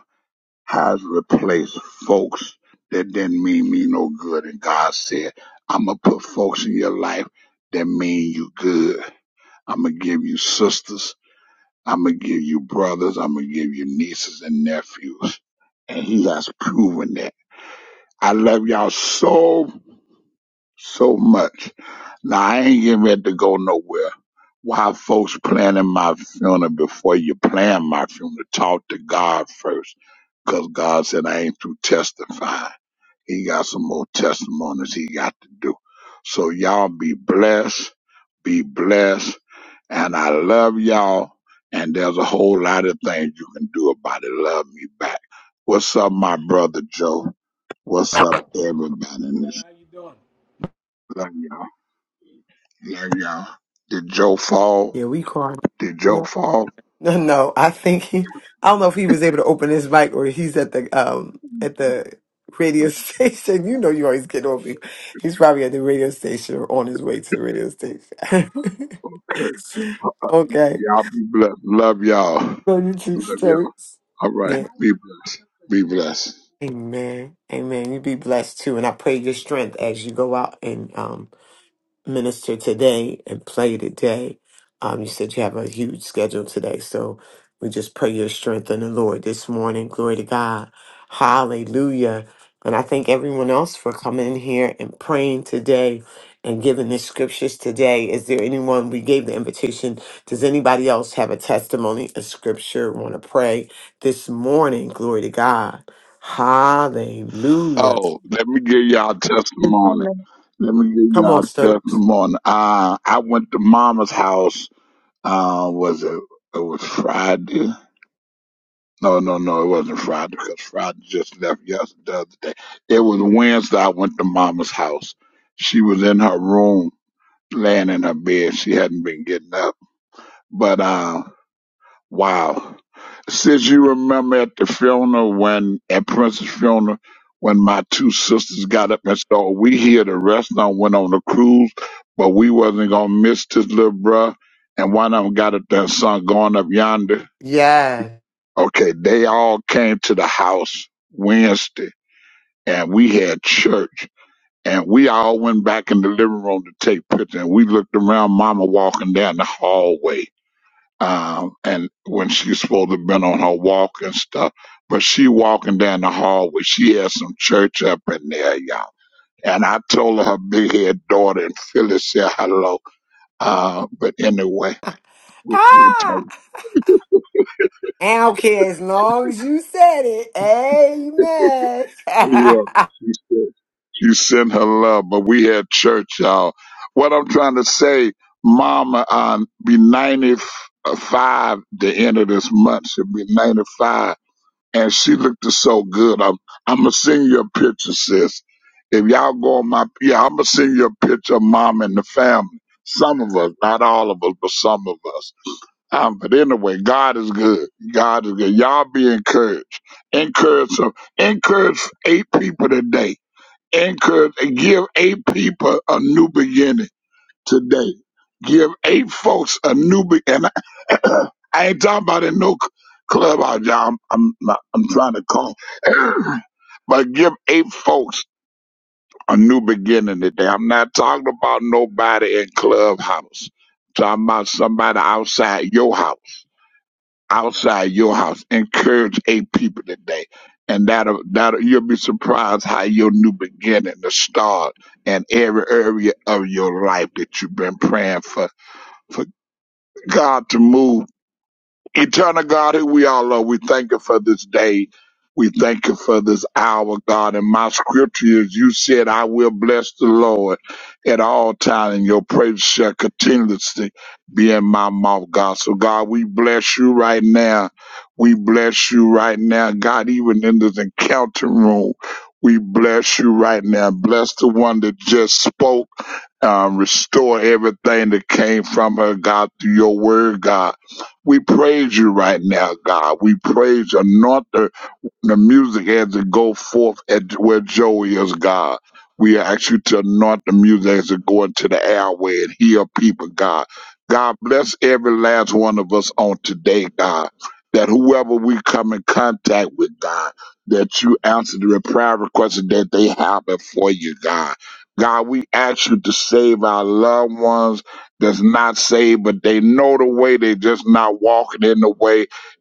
Speaker 8: has replaced folks that didn't mean me no good. And God said, I'm going to put folks in your life that mean you good. I'm going to give you sisters. I'm going to give you brothers. I'm going to give you nieces and nephews. And he has proven that. I love y'all so, so much. Now, I ain't getting ready to go nowhere. Why folks planning my funeral before you plan my funeral? Talk to God first. Because God said I ain't through testifying. He got some more testimonies he got to do. So y'all be blessed, be blessed, and I love y'all. And there's a whole lot of things you can do about it. Love me back. What's up, my brother Joe? What's up, everybody in this? Love y'all. Love y'all. Did Joe fall?
Speaker 2: yeah, we called.
Speaker 8: Did Joe
Speaker 2: No,
Speaker 8: fall?
Speaker 2: no, no. I think he. I don't know if he was able to open his mic or he's at the um at the radio station. You know, you always get on me. He's probably at the radio station or on his way to the radio station. okay.
Speaker 8: Y'all be blessed. Love y'all.
Speaker 2: Love you too,
Speaker 8: Love y'all.
Speaker 2: Stokes.
Speaker 8: All right.
Speaker 2: Yeah.
Speaker 8: Be blessed. Be blessed.
Speaker 2: Amen. Amen. You be blessed too, and I pray your strength as you go out and um minister today and play today. Um, you said you have a huge schedule today, so we just pray your strength in the Lord this morning. Glory to God. Hallelujah. And I thank everyone else for coming in here and praying today and giving the scriptures today. Is there anyone we gave the invitation? Does anybody else have a testimony, a scripture, want to pray this morning? Glory to God. Hallelujah.
Speaker 8: Oh, let me give y'all a testimony. Let me give
Speaker 2: Come
Speaker 8: y'all
Speaker 2: on,
Speaker 8: a
Speaker 2: Stokes.
Speaker 8: testimony. Uh, I went to mama's house. Uh, was it? It was Friday. No, no, no, it wasn't Friday because Friday just left yesterday. the other day. It was Wednesday. I went to mama's house. She was in her room laying in her bed. She hadn't been getting up. But uh, wow. Since you remember at the funeral when at Princess funeral when my two sisters got up and said, oh, we here the restaurant went on a cruise, but we wasn't gonna miss this little bruh. And one of them got up there and sung going up yonder.
Speaker 2: Yes.
Speaker 8: Okay, they all came to the house Wednesday and we had church And we all went back in the living room to take pictures. And we looked around Mama walking down the hallway. Um, and when she's supposed to have been on her walk and stuff, but she walking down the hallway, she had some church up in there, y'all. And I told her her big head daughter and Phyllis said hello. Uh, but anyway, we, we
Speaker 2: Ah!
Speaker 8: talked.
Speaker 2: I don't care as long as you said it. Amen.
Speaker 8: Yeah, she said you sent her love, but we had church, y'all. What I'm trying to say, Mama, um, be 95 the end of this month. She'll be 95, and she looked so good. I'm I'm gonna send you a picture, sis. If y'all go on my, yeah, I'm gonna send you a picture of Mom and the family. Some of us, not all of us, but some of us. Um, but anyway, God is good. God is good. Y'all be encouraged. Encourage some. Encourage eight people today. Encourage and give eight people a new beginning today. Give eight folks a new beginning. I ain't talking about in no c- clubhouse, y'all. I'm, I'm, not- I'm trying to call. but give eight folks a new beginning today. I'm not talking about nobody in clubhouse. I'm talking about somebody outside your house outside your house. Encourage eight people today. And that'll, that'll, you'll be surprised how your new beginning to start in every area of your life that you've been praying for, for God to move Eternal God, who we all are, we thank you for this day. We thank you for this hour, God. And my scripture is you said, I will bless the Lord at all times, and your praise shall continuously be in my mouth, God. So, God, we bless you right now. We bless you right now. God, even in this encounter room, we bless you right now. Bless the one that just spoke. Uh, restore everything that came from her, God, through your word, God. We praise you right now, God. We praise you. Anoint the the music had to go forth at where Joey is God. We ask you to anoint the music as it go into the airway and heal people, God. God bless every last one of us on today, God. That whoever we come in contact with, God, that you answer the prayer requests that they have before you, God. God, we ask you to save our loved ones that's not saved, but they know the way, they just not walking in the way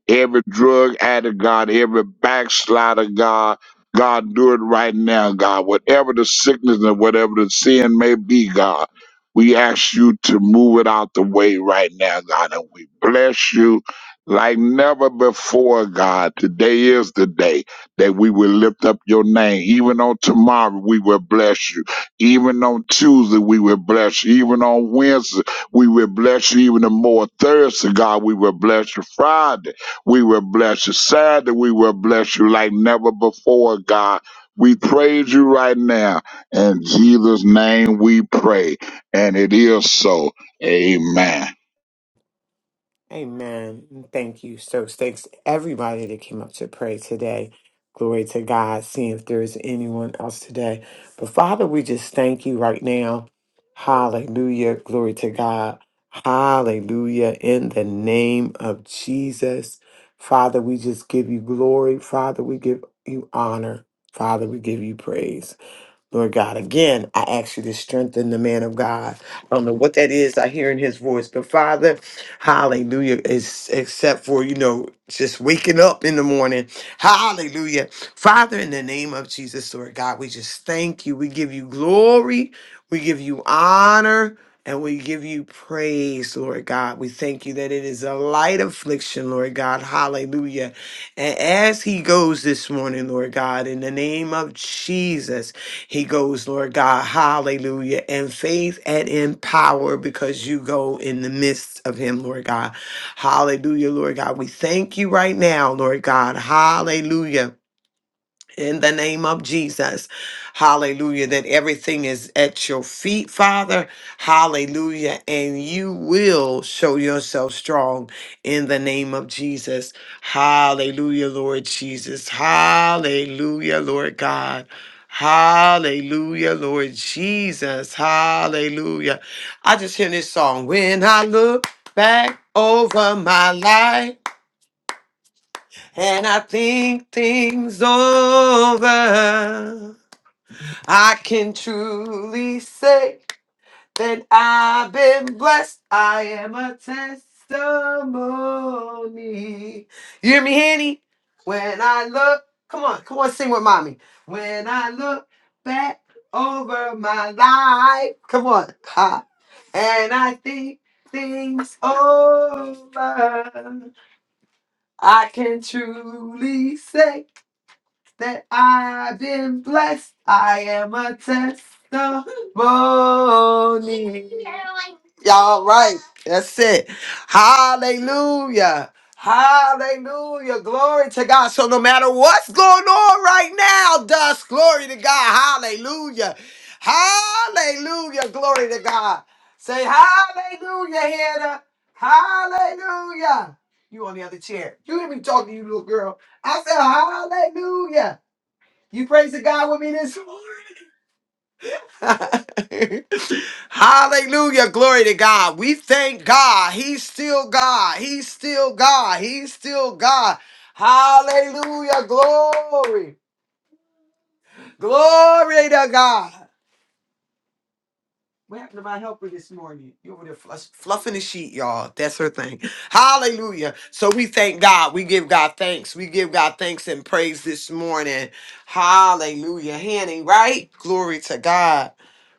Speaker 8: Every drug addict, God, every backslider, God, God, do it right now, God. Whatever the sickness and whatever the sin may be, God, we ask you to move it out the way right now, God. And we bless you like never before, God. Today is the day that we will lift up your name. Even on tomorrow, we will bless you. Even on Tuesday, we will bless you. Even on Wednesday, we will bless you. Even the more Thursday, God, we will bless you. Friday, we will bless you. Saturday, we will bless you like never before, God. We praise you right now. In Jesus' name we pray. And it is so. Amen.
Speaker 2: Amen. Thank you. So thanks to everybody that came up to pray today. Glory to God. Seeing if there is anyone else today. But Father, we just thank you right now. Hallelujah. Glory to God. Hallelujah. In the name of Jesus. Father, we just give you glory. Father, we give you honor. Father, we give you praise. Lord God, again, I ask you to strengthen the man of God. I don't know what that is. I hear in his voice, but Father, hallelujah, is except for, you know, just waking up in the morning. Hallelujah. Father, in the name of Jesus, Lord God, we just thank you. We give you glory. We give you honor. And we give you praise, Lord God. We thank you that it is a light affliction, Lord God. Hallelujah. And as he goes this morning, Lord God, in the name of Jesus. He goes, Lord God, hallelujah, in faith and in power because you go in the midst of him, Lord God. Hallelujah, Lord God. We thank you right now, Lord God. Hallelujah in the name of Jesus. Hallelujah. That everything is at your feet, Father. Hallelujah. And you will show yourself strong in the name of Jesus. Hallelujah, Lord Jesus. Hallelujah, Lord God. Hallelujah, Lord Jesus. Hallelujah. I just hear this song. When I look back over my life, and I think things over. I can truly say that I've been blessed. I am a testimony. You hear me, Henny? When I look, come on, come on, sing with mommy. When I look back over my life, come on, ha, and I think things over, I can truly say that I've been blessed. I am a testimony. Y'all right. That's it. Hallelujah. Hallelujah. Glory to God. So no matter what's going on right now, dust, glory to God. Hallelujah. Hallelujah. Glory to God. Say hallelujah, Hannah. Hallelujah. You on the other chair. You hear me talking to you, little girl. I said hallelujah. You praise the God with me this morning. Hallelujah. Glory to God. We thank God. He's still God. He's still God. He's still God. Hallelujah. Glory. Glory to God. What happened to my helper this morning? You over there fluff, fluffing the sheet, y'all. That's her thing. Hallelujah. So we thank God. We give God thanks. We give God thanks and praise this morning. Hallelujah. Hanny, right? Glory to God.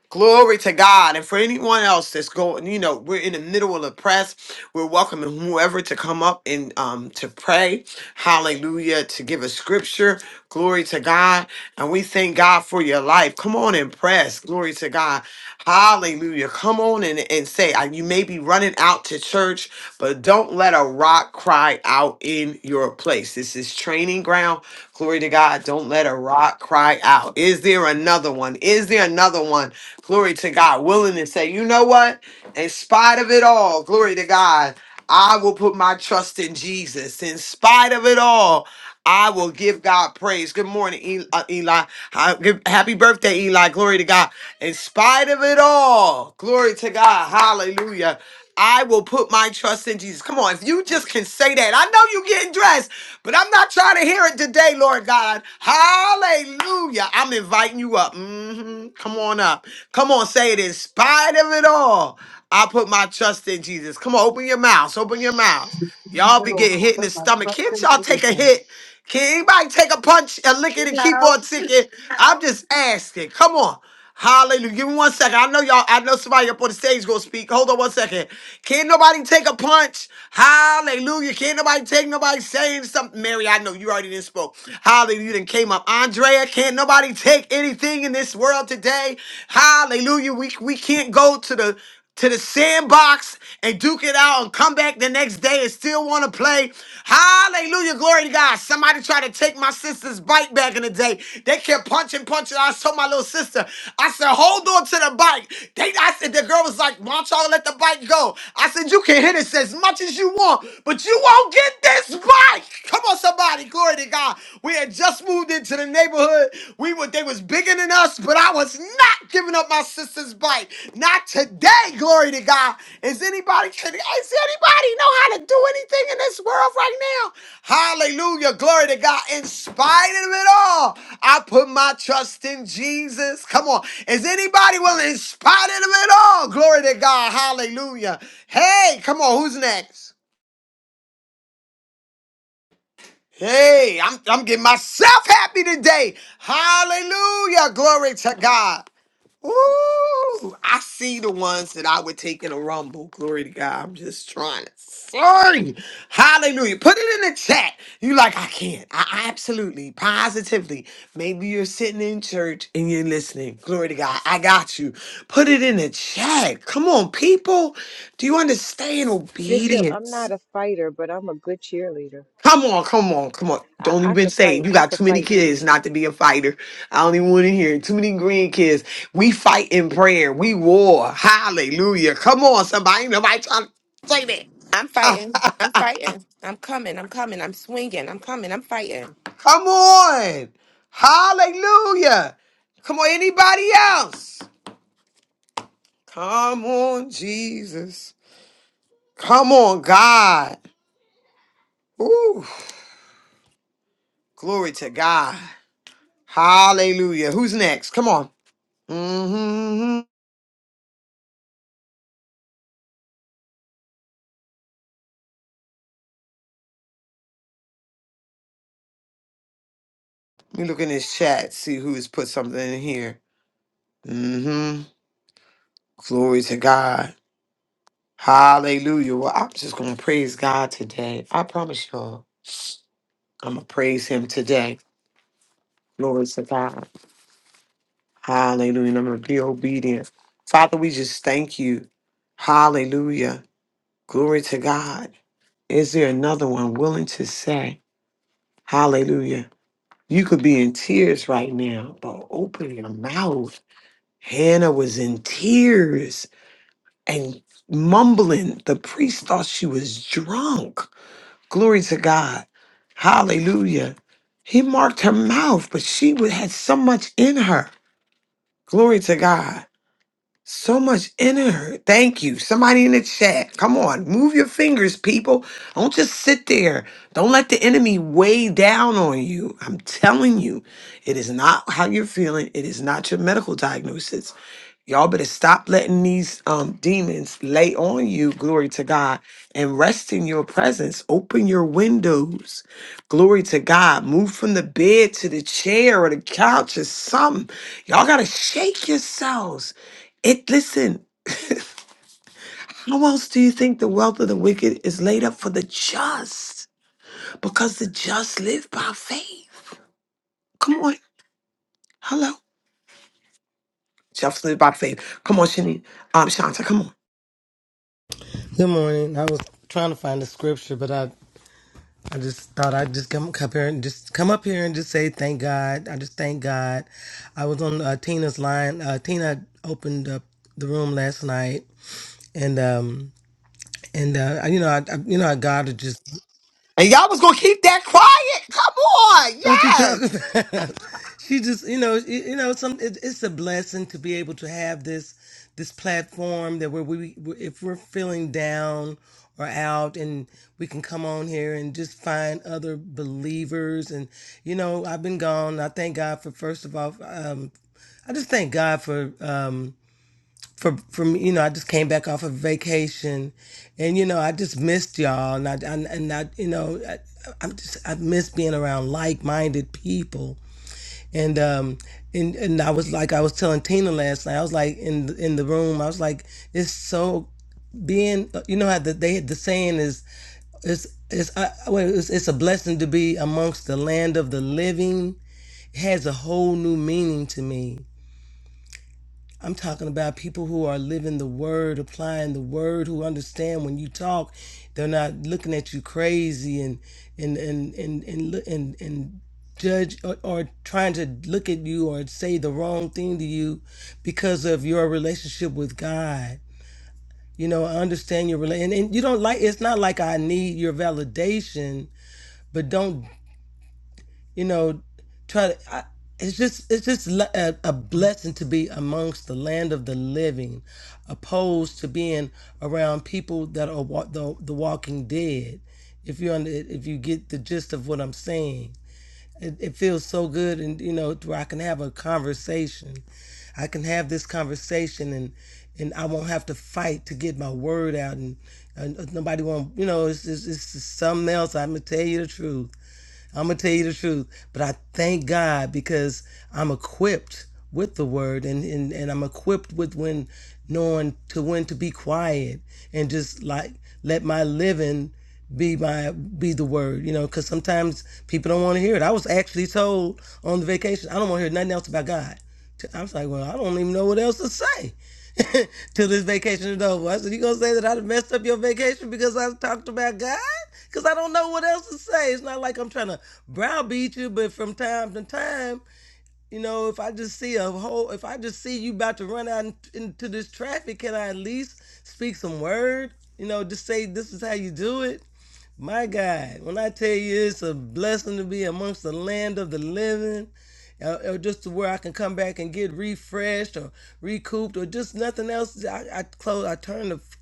Speaker 2: Glory to God. And for anyone else that's going, you know, we're in the middle of the press. We're welcoming whoever to come up and um to pray. Hallelujah. To give a scripture. Glory to God. And we thank God for your life. Come on and press. Glory to God. Hallelujah. Come on and, and say, uh, you may be running out to church, but don't let a rock cry out in your place. This is training ground. Glory to God. Don't let a rock cry out. Is there another one? Is there another one? Glory to God. Willing to say, you know what? In spite of it all, glory to God, I will put my trust in Jesus. In spite of it all, I will give God praise. Good morning, E- uh, Eli. Ha- good- Happy birthday, Eli. Glory to God. In spite of it all, glory to God. Hallelujah. I will put my trust in Jesus. Come on, if you just can say that. I know you getting dressed, but I'm not trying to hear it today, Lord God. Hallelujah. I'm inviting you up. hmm Come on up. Come on, say it in spite of it all. I put my trust in Jesus. Come on, open your mouths. Open your mouths. Y'all be
Speaker 5: Lord,
Speaker 2: getting hit in the
Speaker 5: with my
Speaker 2: stomach.
Speaker 5: trust
Speaker 2: Can't
Speaker 5: in
Speaker 2: y'all take a
Speaker 5: Jesus.
Speaker 2: hit? Can anybody take a punch, a lick it, and keep
Speaker 5: No.
Speaker 2: on ticking? I'm just asking. Come on. Hallelujah. Give me one second. I know y'all, I know somebody up on the stage gonna speak. Hold on one second. Can't nobody take a punch? Hallelujah. Can't nobody take nobody saying something? Mary, I know you already didn't spoke. Hallelujah. You didn't came up. Andrea, can't nobody take anything in this world today? Hallelujah. We we can't go to the to the sandbox and duke it out and come back the next day and still want to play. Hallelujah. Glory to God. Somebody tried to take my sister's bike back in the day. They kept punching, punching. I told my little sister, I said, hold on to the bike. They, I said, the girl was like, why don't y'all let the bike go? I said, you can hit it as much as you want, but you won't get this bike. Come on, somebody. Glory to God. We had just moved into the neighborhood neighborhood. We were they was bigger than us, but I was not giving up my sister's bike. Not today, glory to God. Is anybody is anybody know how to do anything in this world right now? Hallelujah, glory to God. In spite of it all, I put my trust in Jesus. Come on. Is anybody willing in spite of it all? Glory to God. Hallelujah. Hey, come on, who's next? Hey, I'm, I'm getting myself happy today. Hallelujah. Glory to God. Ooh, I see the ones that I would take in a rumble. Glory to God. I'm just trying to sorry. Hallelujah. Put it in the chat. You like, I can't. I I absolutely, positively. Maybe you're sitting in church and you're listening. Glory to God. I got you. Put it in the chat. Come on, people. Do you understand
Speaker 3: Bishop, I'm
Speaker 2: obedience?
Speaker 3: not a fighter, but I'm a good cheerleader.
Speaker 2: Come on, come on, come on.
Speaker 3: I,
Speaker 2: Don't
Speaker 3: I
Speaker 2: even
Speaker 3: could
Speaker 2: say it.
Speaker 3: fight.
Speaker 2: you
Speaker 3: I
Speaker 2: got
Speaker 3: could
Speaker 2: too many
Speaker 3: fight
Speaker 2: kids
Speaker 3: too.
Speaker 2: not to be a fighter. I don't even want to hear it. Too many grandkids. We fight in prayer. We war. Hallelujah. Come on, somebody. Ain't Nobody trying to say that.
Speaker 9: I'm
Speaker 2: Ah,
Speaker 9: fighting. I'm fighting. I'm coming. I'm coming. I'm swinging. I'm coming. I'm fighting.
Speaker 2: Come on. Hallelujah. Come on, anybody else? Come on, Jesus. Come on, God. Ooh, glory to God. Hallelujah. Who's next? Come on. Mm-hmm, mm-hmm. Let me look in this chat, see who's put something in here. Mm-hmm. Glory to God. Hallelujah. Well, I'm just gonna praise God today. I promise y'all, I'm gonna praise him today. Glory to God. Hallelujah. And I'm gonna be obedient. Father, we just thank you. Hallelujah. Glory to God. Is there another one willing to say, Hallelujah? You could be in tears right now, but open your mouth. Hannah was in tears. and mumbling. The priest thought she was drunk. Glory to God. Hallelujah. He marked her mouth, but she would had so much in her. Glory to God. So much in her. Thank you. Somebody in the chat. Come on. Move your fingers, people. Don't just sit there. Don't let the enemy weigh down on you. I'm telling you, it is not how you're feeling. It is not your medical diagnosis. Y'all better stop letting these um, demons lay on you, glory to God, and rest in your presence. Open your windows, glory to God. Move from the bed to the chair or the couch or something. Y'all got to shake yourselves. It, listen, how else do you think the wealth of the wicked is laid up for the just? Because the just live by faith. Come on. Hello. Just live by faith. Come on, Shani. Um, Shanta, come on.
Speaker 10: Good morning. I was trying to find the scripture, but I, I just thought I'd just come, up here and just come up here and just say thank God. I just thank God. I was on uh, Tina's line. Uh, Tina opened up the room last night, and um and uh, you know I, I you know I God is just
Speaker 2: And y'all was gonna keep that quiet. Come on,
Speaker 10: What you talking
Speaker 2: yes.
Speaker 10: about? She just, you know, you, you know, some. It, it's a blessing to be able to have this this platform that where we, if we're feeling down or out, and we can come on here and just find other believers. And you know, I've been gone. I thank God for first of all. Um, I just thank God for. Um, for from you know I just came back off of vacation, and you know I just missed y'all, and I, and and I you know I, I'm just I miss being around like-minded people, and um and and I was like I was telling Tina last night I was like in the- in the room I was like it's so being you know how the, they had the saying is it's it's I, well, it's it's a blessing to be amongst the land of the living It has a whole new meaning to me I'm talking about people who are living the word, applying the word, who understand when you talk, they're not looking at you crazy and and and and and and, and, judge or, or trying to look at you or say the wrong thing to you because of your relationship with God. You know, I understand your relation, and, and you don't like. It's not like I need your validation, but don't you know, try to. I, it's just it's just le- a, a blessing to be amongst the land of the living, opposed to being around people that are wa- the the walking dead. If you under, if you get the gist of what I'm saying, it, it feels so good, and you know to where I can have a conversation. I can have this conversation, and and I won't have to fight to get my word out, and, and uh, nobody won't. You know, it's it's, it's something else. I'm gonna tell you the truth I'm gonna tell you the truth, but I thank God because I'm equipped with the word, and and, and I'm equipped with when knowing to when to be quiet and just like let my living be my be the word you know because sometimes people don't want to hear it i was actually told on the vacation i don't want to hear nothing else about god i was like well i don't even know what else to say till this vacation is over i said you gonna say that i messed up your vacation because i talked about god Cause I don't know what else to say. It's not like I'm trying to browbeat you, but from time to time, you know, if I just see a whole, if I just see you about to run out in- into this traffic, can I at least speak some word? You know, just say this is how you do it. My God, when I tell you it's a blessing to be amongst the land of the living, uh, or just to where I can come back and get refreshed or recouped or just nothing else. I, I close, I turn the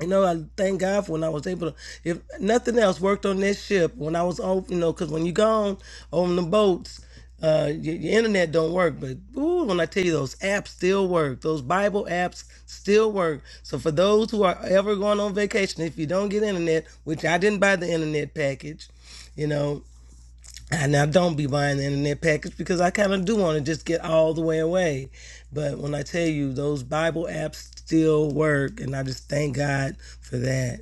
Speaker 10: you know, I thank God for when I was able to, if nothing else, worked on this ship when I was on, you know, because when you gone on the boats, uh, your, your internet don't work. But ooh, when I tell you those apps still work, those Bible apps still work. So for those who are ever going on vacation, if you don't get internet, which I didn't buy the internet package, you know, I now don't be buying the internet package because I kind of do want to just get all the way away. But when I tell you those Bible apps still work, and I just thank God for that.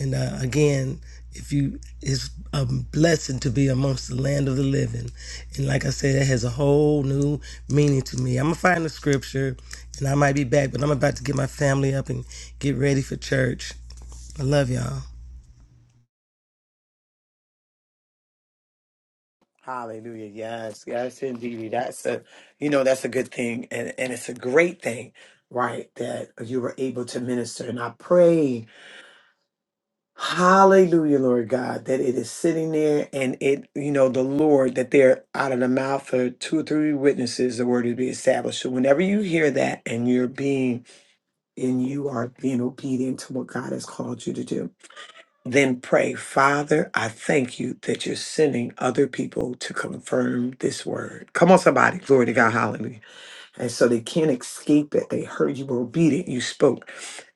Speaker 10: And uh, again, if you, it's a blessing to be amongst the land of the living. And like I said, it has a whole new meaning to me. I'm gonna find the scripture, and I might be back, but I'm about to get my family up and get ready for church. I love y'all.
Speaker 2: Hallelujah. Yes, yes, indeed. That's a you know, that's a good thing and, and it's a great thing, right? That you were able to minister. And I pray, hallelujah, Lord God, that it is sitting there and it, you know, the Lord, that they're out of the mouth of two or three witnesses, the word is be established. So whenever you hear that and you're being and you are being obedient to what God has called you to do. Then pray, Father, I thank you that you're sending other people to confirm this word. Come on, somebody. Glory to God. Hallelujah. And so they can't escape it. They heard you were obedient. You spoke.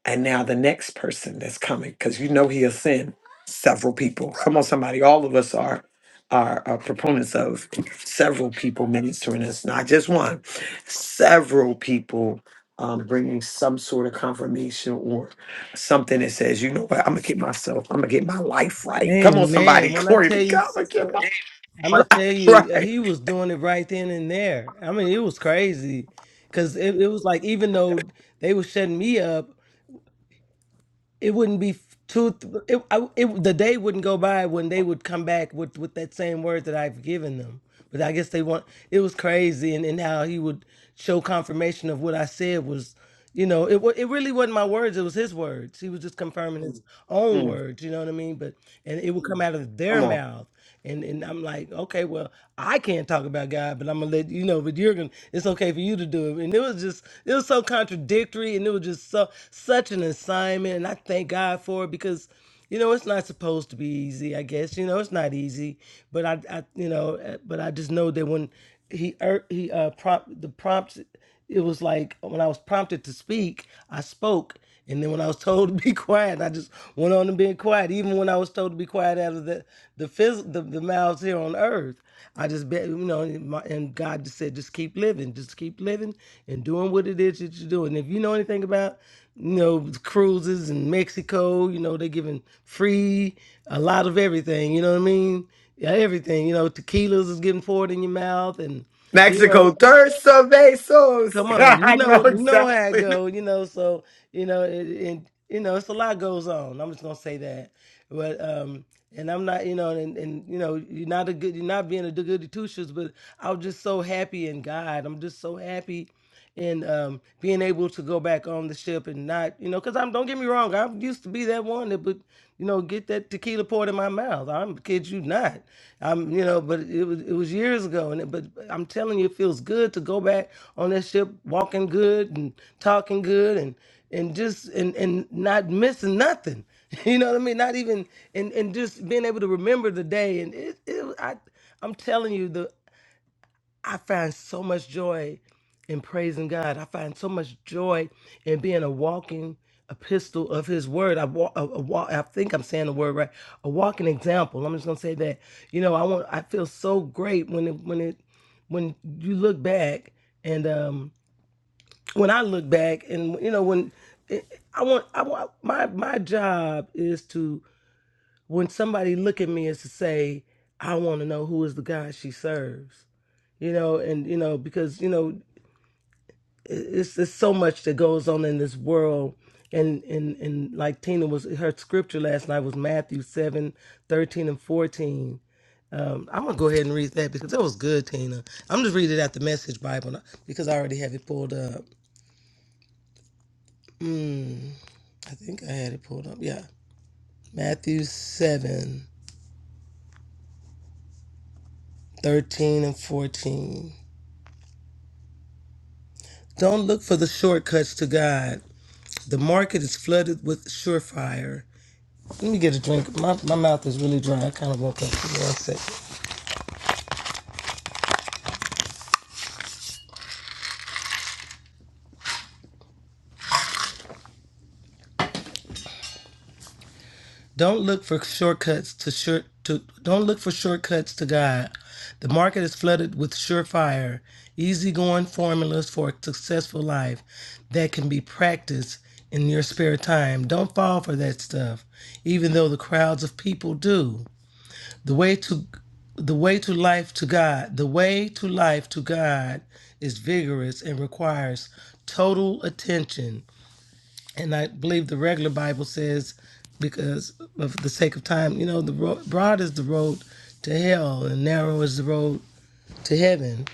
Speaker 2: And now the next person that's coming, because you know he'll send several people. Come on, somebody. All of us are are, are proponents of several people ministering us, not just one. Several people um, bringing some sort of confirmation or something that says, you know what, I'm gonna get myself, I'm gonna get my life right. Come on, somebody.
Speaker 10: Amen. When I
Speaker 2: Glory to
Speaker 10: tell you,
Speaker 2: God, I'm gonna get
Speaker 10: sister.
Speaker 2: my
Speaker 10: I'm gonna
Speaker 2: life
Speaker 10: tell you,
Speaker 2: right.
Speaker 10: he was doing it right then and there. I mean, it was crazy, cause it, it was like even though they were shutting me up, it wouldn't be f- two. th- It, I, it the day wouldn't go by when they would come back with with that same word that I've given them. But I guess they want. It was crazy, and and how he would show confirmation of what I said was, you know, it wa- it really wasn't my words. It was his words. He was just confirming his Mm. own
Speaker 2: Mm,
Speaker 10: words. You know what I mean? But and it would come Mm. out of their
Speaker 2: come on.
Speaker 10: mouth. And and I'm like, okay, well, I can't talk about God, but I'm gonna let you know. But you're gonna, it's okay for you to do it. And it was just, it was so contradictory, and it was just so such an assignment. And I thank God for it because, you know, it's not supposed to be easy. I guess you know it's not easy, but I, I you know, uh, but I just know that when he er, he uh prompt the prompts it was like when I was prompted to speak, I spoke. And then when I was told to be quiet, I just went on to being quiet. Even when I was told to be quiet out of the the, phys- the, the mouths here on earth, I just bet you know. And, my, and God just said, just keep living, just keep living, and doing what it is that you're doing. If you know anything about you know cruises in Mexico, you know they're giving free a lot of everything. You know what I mean? Yeah, everything. You know, tequilas is getting poured in your mouth, and you know
Speaker 2: Mexico, Durso Besos.
Speaker 10: Come on, you
Speaker 2: I know
Speaker 10: know, you know how it
Speaker 2: exactly.
Speaker 10: go, you know. So you know, it, and you know, it's a lot goes on. I'm just gonna say that, but um, and I'm not, you know, and and you know, you're not a good, you're not being a goody two shoes, but I'm just so happy in God. I'm just so happy and um, being able to go back on the ship and not, you know, because I'm don't get me wrong, I used to be that one that would, you know, get that tequila poured in my mouth. I'm kid you not. I'm, you know, but it was it was years ago, and it, but I'm telling you, it feels good to go back on that ship, walking good and talking good, and and just and and not missing nothing. You know what I mean? Not even and and just being able to remember the day, and it, it I. I'm telling you, the. I find so much joy in praising God. I find so much joy in being a walking epistle of His Word. I walk, a, a walk. I think I'm saying the word right. A walking example. I'm just gonna say that. You know, I want. I feel so great when it when it when you look back and um when I look back and you know when I want I want my my job is to when somebody look at me is to say I want to know who is the God she serves you know, and you know because you know it's it's so much that goes on in this world, and and and like Tina was her scripture last night was Matthew seven thirteen and fourteen. Um, I'm gonna go ahead and read that because that was good, Tina. I'm just reading it out the Message Bible because I already have it pulled up. I think I had it pulled up. Yeah, Matthew seven thirteen and fourteen. Don't look for the shortcuts to God. The market is flooded with surefire. Let me get a drink. My, my mouth is really dry. I kind of woke up. Give me one second. Don't look for shortcuts to short to. Don't look for shortcuts to God. The market is flooded with surefire, easygoing formulas for a successful life that can be practiced in your spare time. Don't fall for that stuff, even though the crowds of people do. The way to the way to life to God, the way to life to God is vigorous and requires total attention. and I believe the regular Bible says, because of the sake of time, you know, the ro- broad is the road to hell, and narrow is the road to heaven.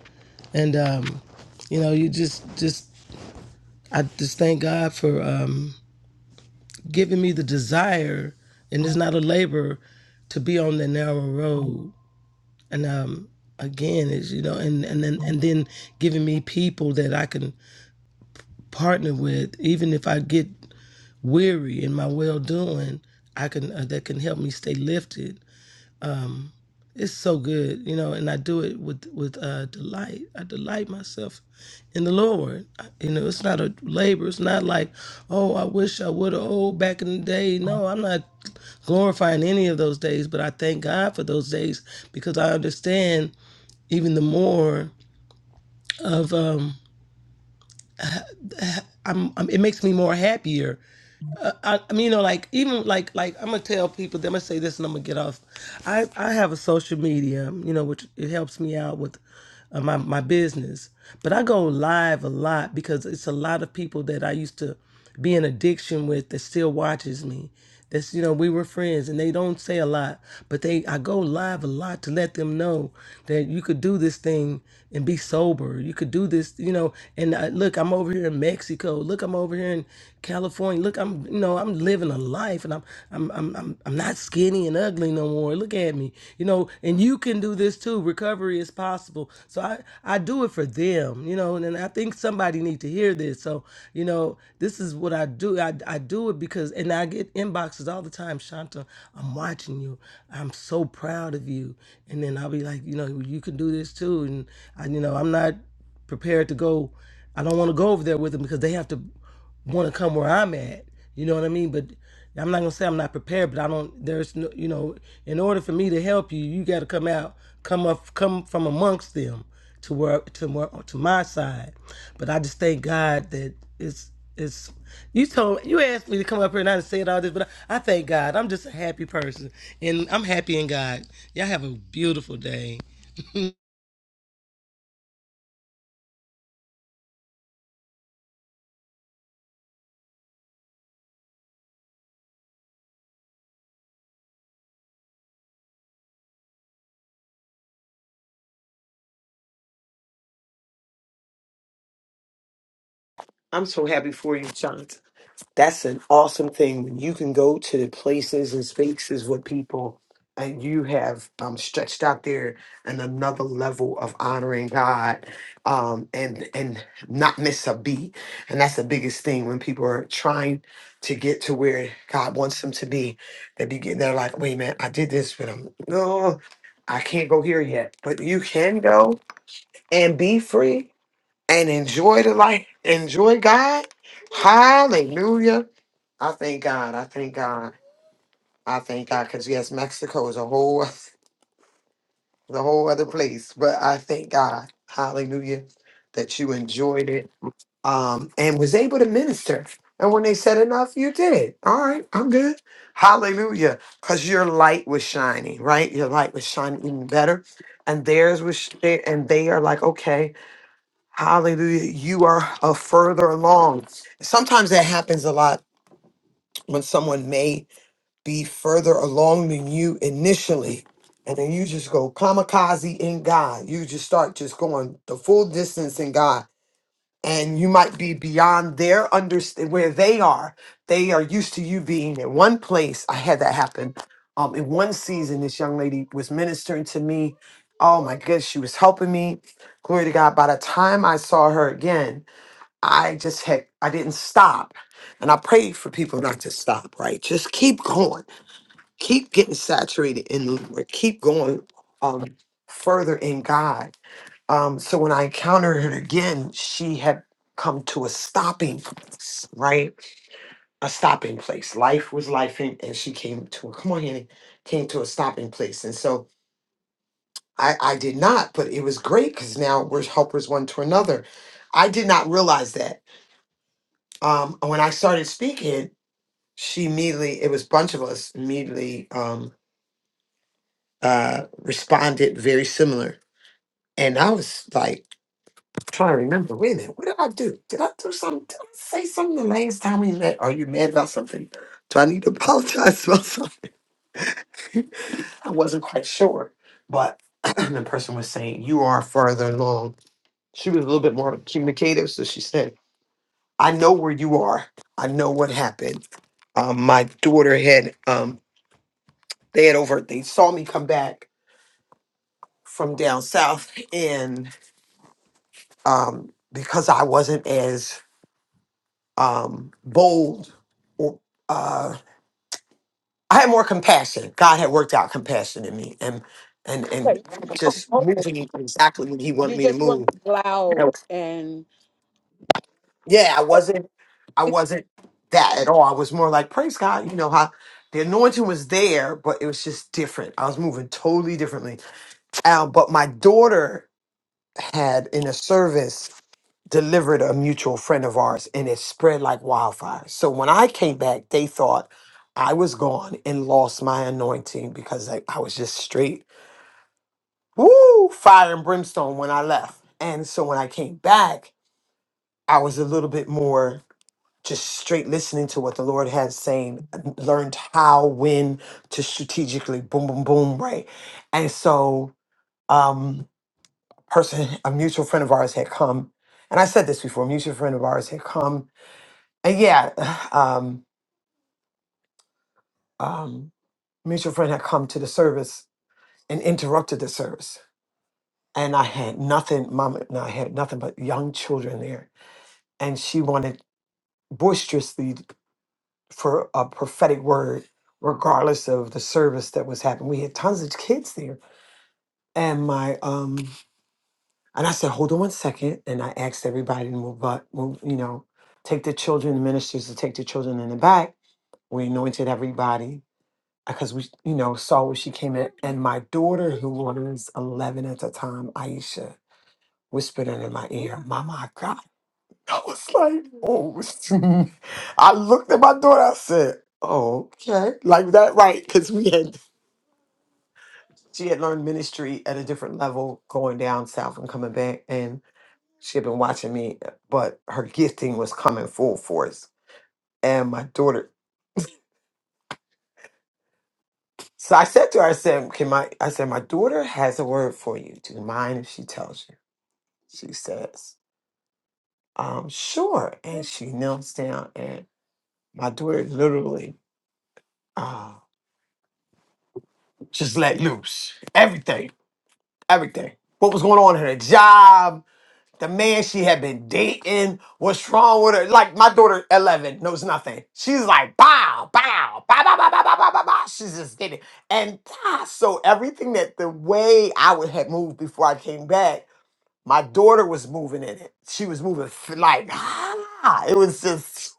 Speaker 10: And um, you know, you just, just, I just thank God for um, giving me the desire, and it's not a labor, to be on the narrow road. And um, again, is you know, and and then and then giving me people that I can partner with, even if I get weary in my well doing, I can uh, that can help me stay lifted. It's so good, you know, and I do it with with uh, delight. I delight myself in the Lord. I- You know, it's not a labor. It's not like, oh, I wish I would have. Oh, back in the day. No, I'm not glorifying any of those days, but I thank God for those days because I understand even the more of um I'm, I'm it makes me more happier I, I mean, you know, like even like like I'm gonna tell people. I'm gonna say this, and I'm gonna get off. I I have a social media, you know, which it helps me out with uh, my my business. But I go live a lot because it's a lot of people that I used to be in addiction with that still watches me, that's you know we were friends, and they don't say a lot, but they I go live a lot to let them know that you could do this thing and be sober. You could do this, you know. And I, look, I'm over here in Mexico. Look, I'm over here in California. Look, I'm you know I'm living a life, and I'm I'm I'm I'm, I'm not skinny and ugly no more. Look at me, you know. And you can do this too. Recovery is possible. So I, I do it for them, you know, and, and I think somebody need to hear this. So, you know, this is what I do. I, I do it because, and I get inboxes all the time, Shanta, I'm watching you. I'm so proud of you. And then I'll be like, you know, you can do this too. And I, you know, I'm not prepared to go. I don't want to go over there with them because they have to want to come where I'm at. You know what I mean? But I'm not gonna say I'm not prepared, but I don't. There's no, you know, in order for me to help you, you got to come out, come up, come from amongst them to where to where to my side. But I just thank God that it's it's. You told you asked me to come up here and I said all this, but I, I thank God. I'm just a happy person, and I'm happy in God. Y'all have a beautiful day.
Speaker 2: I'm so happy for you, John. That's an awesome thing when you can go to the places and spaces with people and you have um, stretched out there and another level of honoring God um, and and not miss a beat. And that's the biggest thing when people are trying to get to where God wants them to be. They begin they're like, wait man, I did this but I'm no, I can't go here yet. But you can go and be free and enjoy the life, enjoy God. Hallelujah. I thank God. I thank God. I thank God because yes, Mexico is a whole the whole other place. But I thank God. Hallelujah. That you enjoyed it. Um and was able to minister. And when they said enough, you did. All right, I'm good. Hallelujah. Because your light was shining, right? Your light was shining even better. And theirs was sh- and they are like, okay. Hallelujah. You are a further along. Sometimes that happens a lot when someone may be further along than you initially. And then you just go kamikaze in God. You just start just going the full distance in God. And you might be beyond their understand where they are. They are used to you being in one place. I had that happen. Um, in one season, this young lady was ministering to me. Oh my goodness, she was helping me. Glory to God. By the time I saw her again, I just had, I didn't stop. And I prayed for people not to stop, right? Just keep going. Keep getting saturated in the Lord. Keep going um, further in God. Um, so when I encountered her again, she had come to a stopping place, right? A stopping place. Life was life, and, and she came to a, come on, Annie, came to a stopping place. And so I, I did not, but it was great because now we're helpers one to another. I did not realize that um, when I started speaking. she immediately it was a bunch of us immediately um uh responded very similar and i was like trying to remember wait a minute what did i do did i do something did i say something the last time we met are you mad about something do i need to apologize about something i wasn't quite sure but the person was saying you are further along she was a little bit more communicative so she said i know where you are i know what happened um my daughter had um they had over they saw me come back from down south and um because I wasn't as um bold or uh I had more compassion. God had worked out compassion in me and and
Speaker 11: But
Speaker 2: and
Speaker 11: you
Speaker 2: just
Speaker 11: know,
Speaker 2: moving exactly when he wanted
Speaker 11: you
Speaker 2: me to
Speaker 11: just weren't
Speaker 2: move. I
Speaker 11: loud
Speaker 2: was-
Speaker 11: and
Speaker 2: Yeah, I wasn't I wasn't that at all. I was more like praise God, you know how the anointing was there, but it was just different. I was moving totally differently. Um, but my daughter had in a service delivered a mutual friend of ours and it spread like wildfire. So when I came back, they thought I was gone and lost my anointing because I, I was just straight, woo, fire and brimstone when I left. And so when I came back, I was a little bit more just straight listening to what the Lord had saying, learned how, when to strategically boom, boom, boom, right? And so um person, a mutual friend of ours had come, and I said this before, a mutual friend of ours had come And yeah, um, um, mutual friend had come to the service and interrupted the service, and I had nothing. Mom and I had nothing but young children there, and she wanted boisterously for a prophetic word, regardless of the service that was happening. We had tons of kids there, and my um, and I said, hold on one second, and I asked everybody to move, but move, you know, take the children, the ministers to take the children in the back. We anointed everybody because we, you know, saw where she came in. And my daughter, who was 11 at the time, Aisha, whispered in my ear, Mama, I got it. I was like, oh. I looked at my daughter, I said, oh, okay. Like that, right? Because we had, she had learned ministry at a different level going down south and coming back. And she had been watching me, but her gifting was coming full force. And my daughter, so I said to her, I said, can my, I said, my daughter has a word for you. Do you mind if she tells you? She says, um, sure. And she kneels down and my daughter literally uh, just let loose. Everything, everything. What was going on in her job, the man she had been dating, what's wrong with her. Like my daughter, 11, knows nothing. She's like, bow, bow, bow, bow, bow, bow, bow, bow, bow. bow." She's just getting it. And ah, so everything that the way I would have moved before I came back, my daughter was moving in it. She was moving f- like ah, it was just.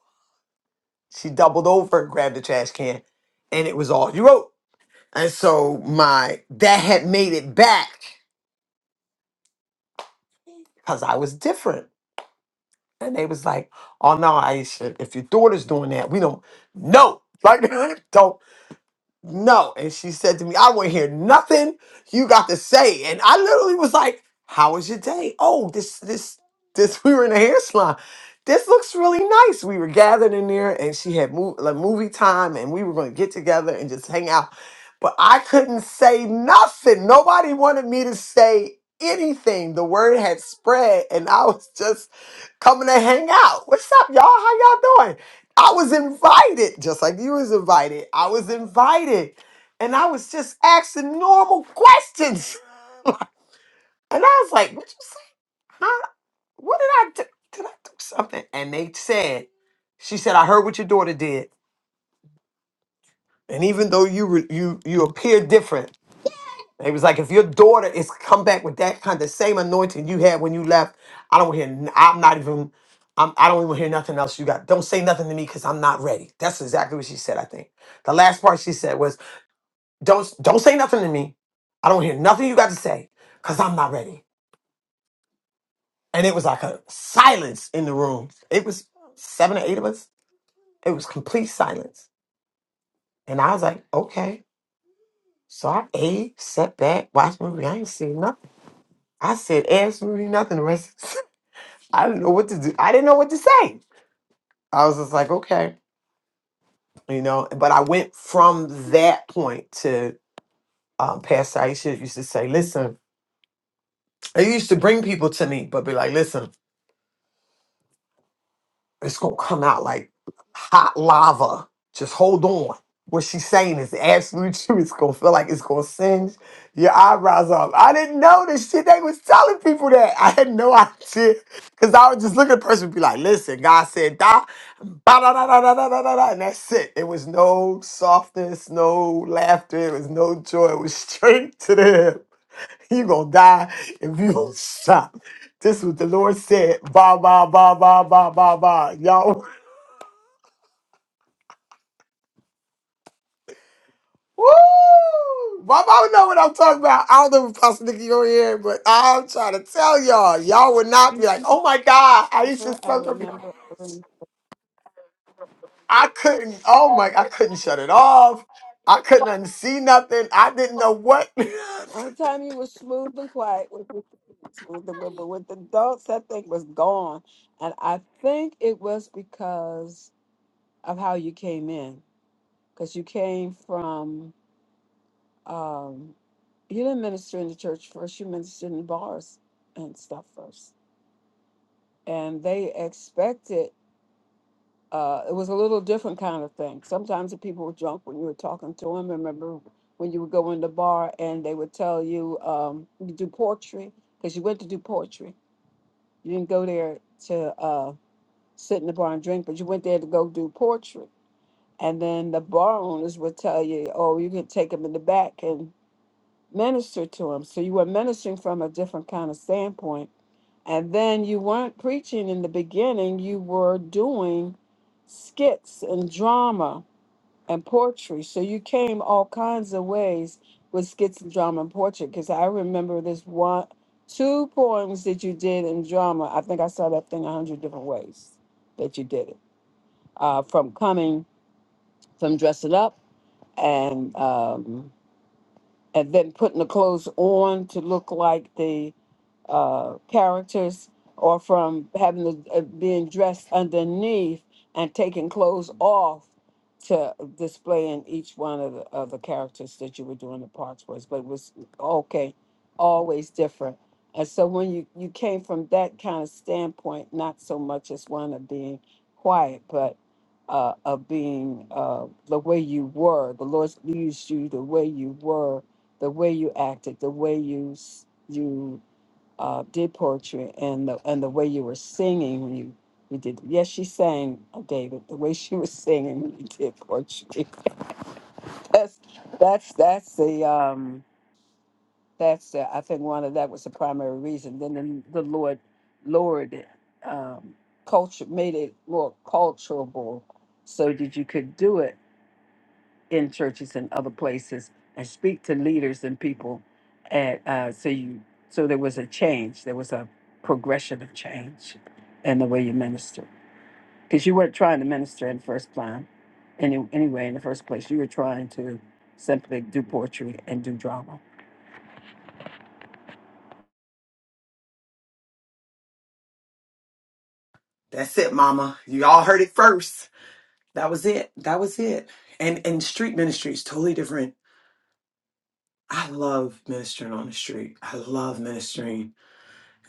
Speaker 2: She doubled over, grabbed the trash can, and it was all you wrote. And so my that had made it back because I was different. And they was like, oh no, Aisha, if your daughter's doing that, we don't no. Like don't no. And she said to me, I want to hear nothing you got to say. And I literally was like, How was your day? Oh, this, this, this, we were in a hair salon. This looks really nice. We were gathered in there and she had mov- like movie time and we were going to get together and just hang out. But I couldn't say nothing. Nobody wanted me to say anything. The word had spread and I was just coming to hang out. What's up, y'all? How y'all doing? I was invited, just like you was invited. I was invited, and I was just asking normal questions. And I was like, "What you say? Huh? What did I do? Did I do something?" And they said, "She said I heard what your daughter did, and even though you were- you you appear different." They was like, if your daughter is come back with that kind of same anointing you had when you left, I don't hear. n- I'm not even. I'm, I don't even hear nothing else you got. Don't say nothing to me because I'm not ready. That's exactly what she said. I think the last part she said was. Don't don't say nothing to me. I don't hear nothing you got to say because I'm not ready. And it was like a silence in the room. It was seven or eight of us. It was complete silence. And I was like, okay. So I ate, sat back, watched movie. I ain't seen nothing. I said absolutely nothing. The rest, Of I didn't know what to do. I didn't know what to say. I was just like, okay, you know. But I went from that point to um, Pastor Aisha used to say, listen, I used to bring people to me, but be like, listen. it's gonna come out like hot lava. Just hold on. What she's saying is absolute truth. It's gonna feel like it's gonna singe your eyebrows off. I didn't know this shit. They was telling people that. I had no idea. Cause I would just look at the person and be like, listen, God said da ba da da da da da da da da," and that's it. It was no softness, no laughter, it was no joy. It was straight to the hip. You gonna die if you don't stop. This is what the Lord said. Ba ba ba ba ba ba ba. Y'all, woo! My mama know what I'm talking about. I don't know if Pastor Nicky you're here, but I'm trying to tell y'all, y'all would not be like, oh my God, I
Speaker 11: I
Speaker 2: used to
Speaker 11: remember, I
Speaker 2: such a.
Speaker 11: remember, I remember.
Speaker 2: I couldn't. Oh my! I couldn't shut it off. I couldn't unsee nothing. I didn't know what.
Speaker 11: Only time you was smooth and quiet was with the kids, smooth and quiet, but with the adults, that thing was gone. And I think it was because of how you came in, because you came from um, you didn't minister in the church first, you ministered in bars and stuff first. And they expected uh, it was a little different kind of thing. Sometimes the people were drunk when you were talking to them. Remember when you would go in the bar and they would tell you um, you do poetry because you went to do poetry. You didn't go there to uh, sit in the bar and drink, but you went there to go do poetry. And then the bar owners would tell you, oh, you can take them in the back and minister to him. So you were ministering from a different kind of standpoint. And then you weren't preaching in the beginning, you were doing skits and drama and poetry. So you came all kinds of ways with skits and drama and poetry. Because I remember this one, two poems that you did in drama. I think I saw that thing a hundred different ways that you did it. Uh, from coming, from dressing up and um, and then putting the clothes on to look like the uh, characters or from having to, uh, being dressed underneath and taking clothes off to display in each one of the, of the characters that you were doing the parts was but it was okay always different and so when you you came from that kind of standpoint not so much as one of being quiet but uh, of being uh, the way you were the lord used you the way you were the way you acted the way you s- you uh, did poetry and the and the way you were singing when you you did yes she sang uh, David the way she was singing when you did poetry that's that's that's the um that's the, I think one of that was the primary reason then the, the Lord lowered it um, culture made it more culturable so that you could do it in churches and other places and speak to leaders and people and uh, so you so there was a change there was a progression of change in the way you minister because you weren't trying to minister in the first plan any, anyway in the first place you were trying to simply do poetry and do drama
Speaker 2: That's it, mama. You all heard it first. That was it. That was it. And and street ministry is totally different I love ministering on the street. I love ministering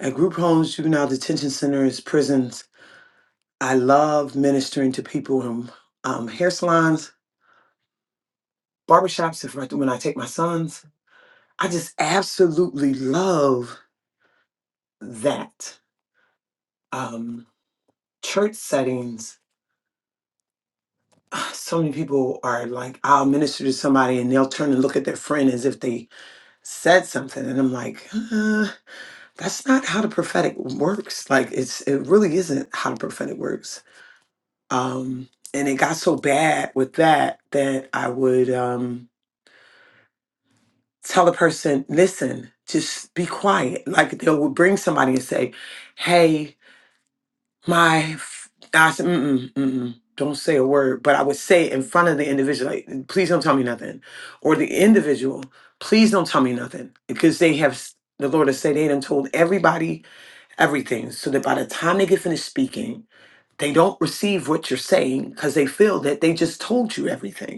Speaker 2: at group homes, juvenile detention centers, prisons. I love ministering to people in um, hair salons, barbershops. If I, when I take my sons, I just absolutely love that. Um, church settings. So many people are like, I'll minister to somebody, and they'll turn and look at their friend as if they said something, and I'm like, uh, that's not how the prophetic works. Like it's, it really isn't how the prophetic works Um, and it got so bad with that that I would um, tell the person, listen, just be quiet. Like they would bring somebody and say, hey, my, f-, I said, mm-mm, mm-mm, don't say a word. But I would say it in front of the individual, like, please don't tell me nothing. Or the individual, please don't tell me nothing. Because they have, s- the Lord has said they done told everybody everything. So that by the time they get finished speaking, they don't receive what you're saying because they feel that they just told you everything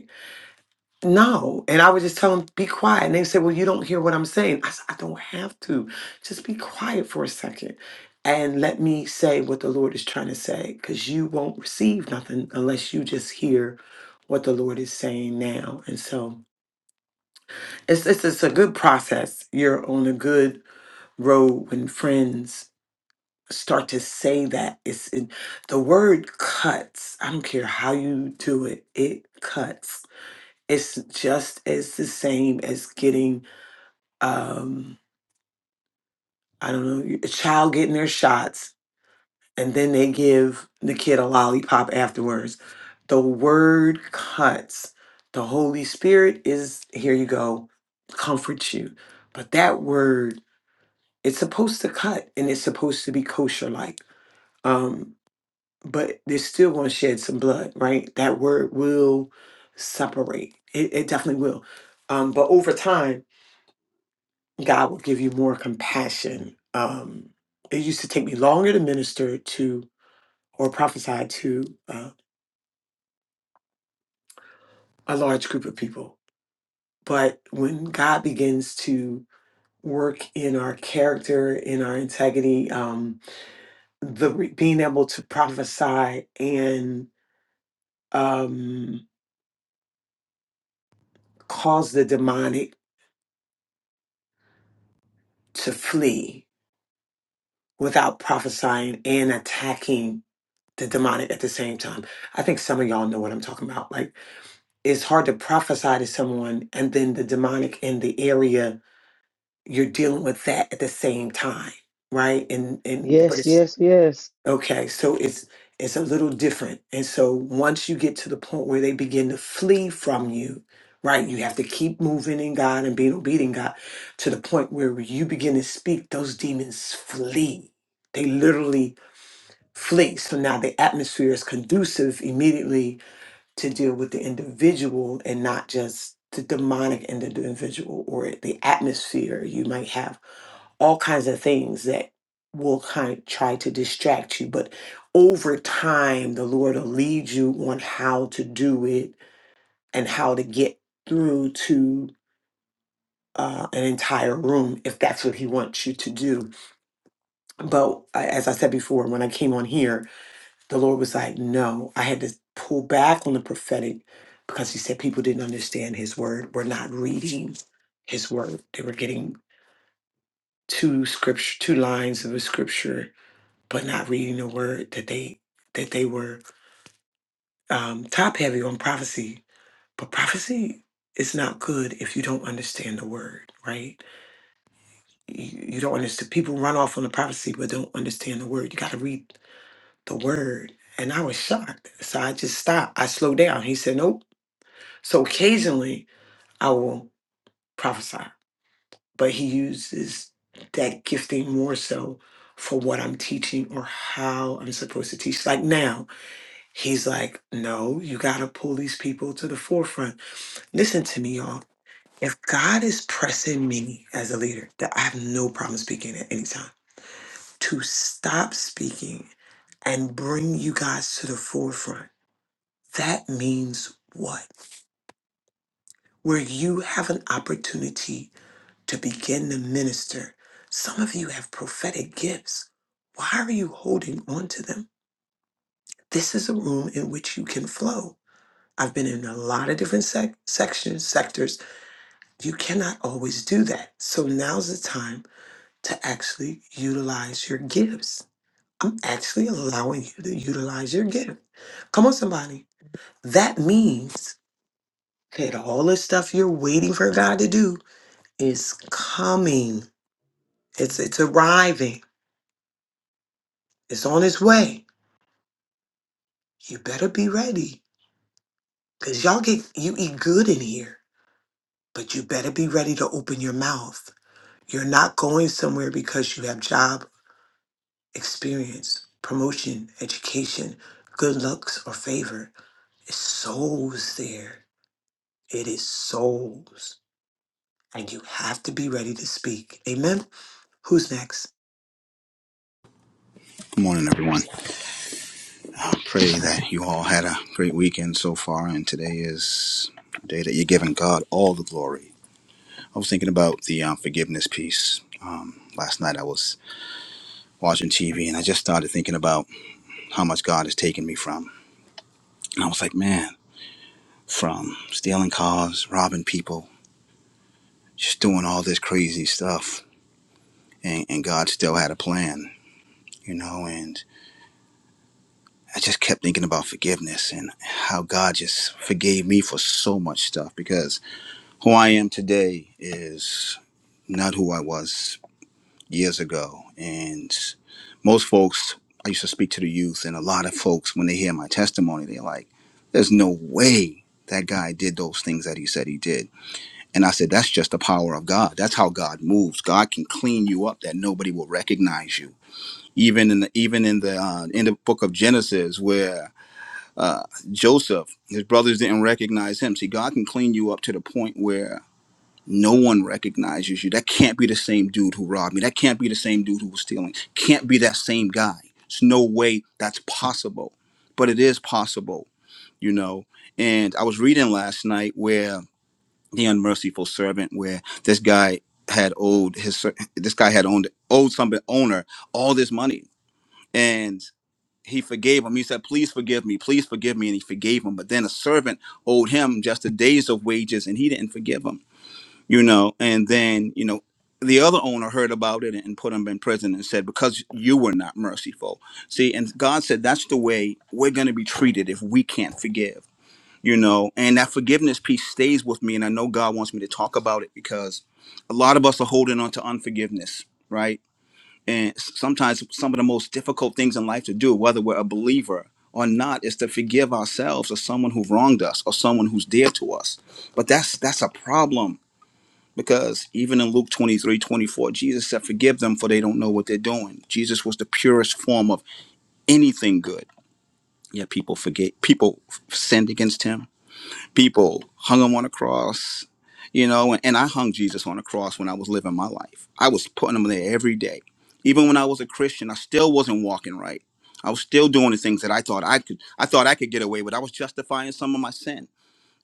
Speaker 2: No. And I would just tell them, be quiet. And they said, Well, you don't hear what I'm saying. I said, I don't have to. Just be quiet for a second and let me say what the Lord is trying to say because you won't receive nothing unless you just hear what the Lord is saying now. And so it's, it's, it's a good process. You're on a good road when friends start to say that. It's it, the word cuts. I don't care how you do it, it cuts it's just as the same as getting um i don't know a child getting their shots and then they give the kid a lollipop afterwards the word cuts the holy spirit is here you go comforts you but that word it's supposed to cut and it's supposed to be kosher like um but they're still going to shed some blood right that word will separate it, it definitely will um but over time God will give you more compassion. Um, it used to take me longer to minister to or prophesy to uh, a large group of people. But when God begins to work in our character, in our integrity, um, the re- being able to prophesy and um, cause the demonic to flee without prophesying and attacking the demonic at the same time. I think some of y'all know what I'm talking about. Like it's hard to prophesy to someone and then the demonic in the area you're dealing with that at the same time right and and but
Speaker 10: Yes,
Speaker 2: it's
Speaker 10: yes, yes.
Speaker 2: okay so it's it's a little different and so once you get to the point where they begin to flee from you right you have to keep moving in god and being obedient god to the point where you begin to speak those demons flee they literally flee so now the atmosphere is conducive immediately to deal with the individual and not just the demonic in the individual or the atmosphere. You might have all kinds of things that will kind of try to distract you, but over time, the Lord will lead you on how to do it and how to get through to uh, an entire room if that's what He wants you to do. But uh, as I said before, when I came on here, the Lord was like, no, I had to pull back on the prophetic because he said people didn't understand his word, were not reading his word. They were getting two scripture, two lines of a scripture, but not reading the word that they that they were um, top heavy on prophecy. But prophecy is not good if you don't understand the word, right? You, you don't understand. People run off on the prophecy but don't understand the word. You got to read the word. And I was shocked. So I just stopped. I slowed down. He said, nope So occasionally I will prophesy, but he uses that gifting more so for what I'm teaching or how I'm supposed to teach. Like now, he's like, no, you got to pull these people to the forefront. Listen to me, y'all. If God is pressing me as a leader, that I have no problem speaking at any time, to stop speaking and bring you guys to the forefront, that means what? Where you have an opportunity to begin to minister. Some of you have prophetic gifts. Why are you holding on to them? This is a room in which you can flow. I've been in a lot of different sec- sections, sectors. You cannot always do that. So now's the time to actually utilize your gifts. I'm actually allowing you to utilize your gift. Come on, somebody. That means that all the stuff you're waiting for God to do is coming. It's it's arriving. It's on its way. You better be ready. Cause y'all get you eat good in here. But you better be ready to open your mouth. You're not going somewhere because you have job experience, promotion, education, good looks, or favor. It's souls there. It is souls. And you have to be ready to speak. Amen. Who's next?
Speaker 12: Good morning, everyone. I pray that you all had a great weekend so far, and today is a day that you're giving God all the glory. I was thinking about the um, forgiveness piece. Um, last night I was watching TV and I just started thinking about how much God has taken me from. And I was like, man, from stealing cars, robbing people, just doing all this crazy stuff. And, and God still had a plan, you know, and I just kept thinking about forgiveness and how God just forgave me for so much stuff because who I am today is not who I was years ago. And most folks, I used to speak to the youth, and a lot of folks, when they hear my testimony, they're like, there's no way that guy did those things that he said he did. And I said, that's just the power of God. That's how God moves. God can clean you up that nobody will recognize you. Even in the even in the uh, in the book of Genesis, where uh, Joseph, his brothers didn't recognize him. See, God can clean you up to the point where no one recognizes you. That can't be the same dude who robbed me. That can't be the same dude who was stealing. Can't be that same guy. There's no way that's possible. But it is possible, you know. And I was reading last night where the unmerciful servant, where this guy had owed his ser- this guy had owned owed some owner all this money, and he forgave him. He said, "Please forgive me, please forgive me," and he forgave him. But then a servant owed him just a days of wages, and he didn't forgive him you know and then you know the other owner heard about it and put him in prison and said because you were not merciful see and god said that's the way we're going to be treated if we can't forgive you know and that forgiveness piece stays with me and i know god wants me to talk about it because a lot of us are holding on to unforgiveness right and s- sometimes some of the most difficult things in life to do whether we're a believer or not is to forgive ourselves or someone who wronged us or someone who's dear to us but that's that's a problem because even in Luke 23 24, Jesus said, Forgive them, for they don't know what they're doing. Jesus was the purest form of anything good. Yet people forget, people sinned against him, people hung him on a cross. You know, and, and I hung Jesus on a cross when I was living my life. I was putting him there every day. Even when I was a Christian, I still wasn't walking right. I was still doing the things that I thought I could. I thought I could get away with. I was justifying some of my sin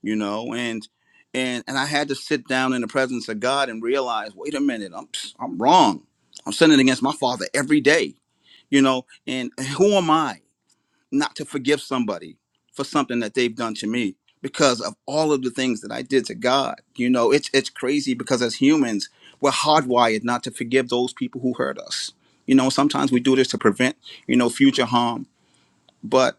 Speaker 12: you know and and and i had to sit down in the presence of god and realize wait a minute i'm i'm wrong i'm sinning against my father every day you know and who am i not to forgive somebody for something that they've done to me because of all of the things that i did to god you know it's it's crazy because as humans we're hardwired not to forgive those people who hurt us you know sometimes we do this to prevent you know future harm but.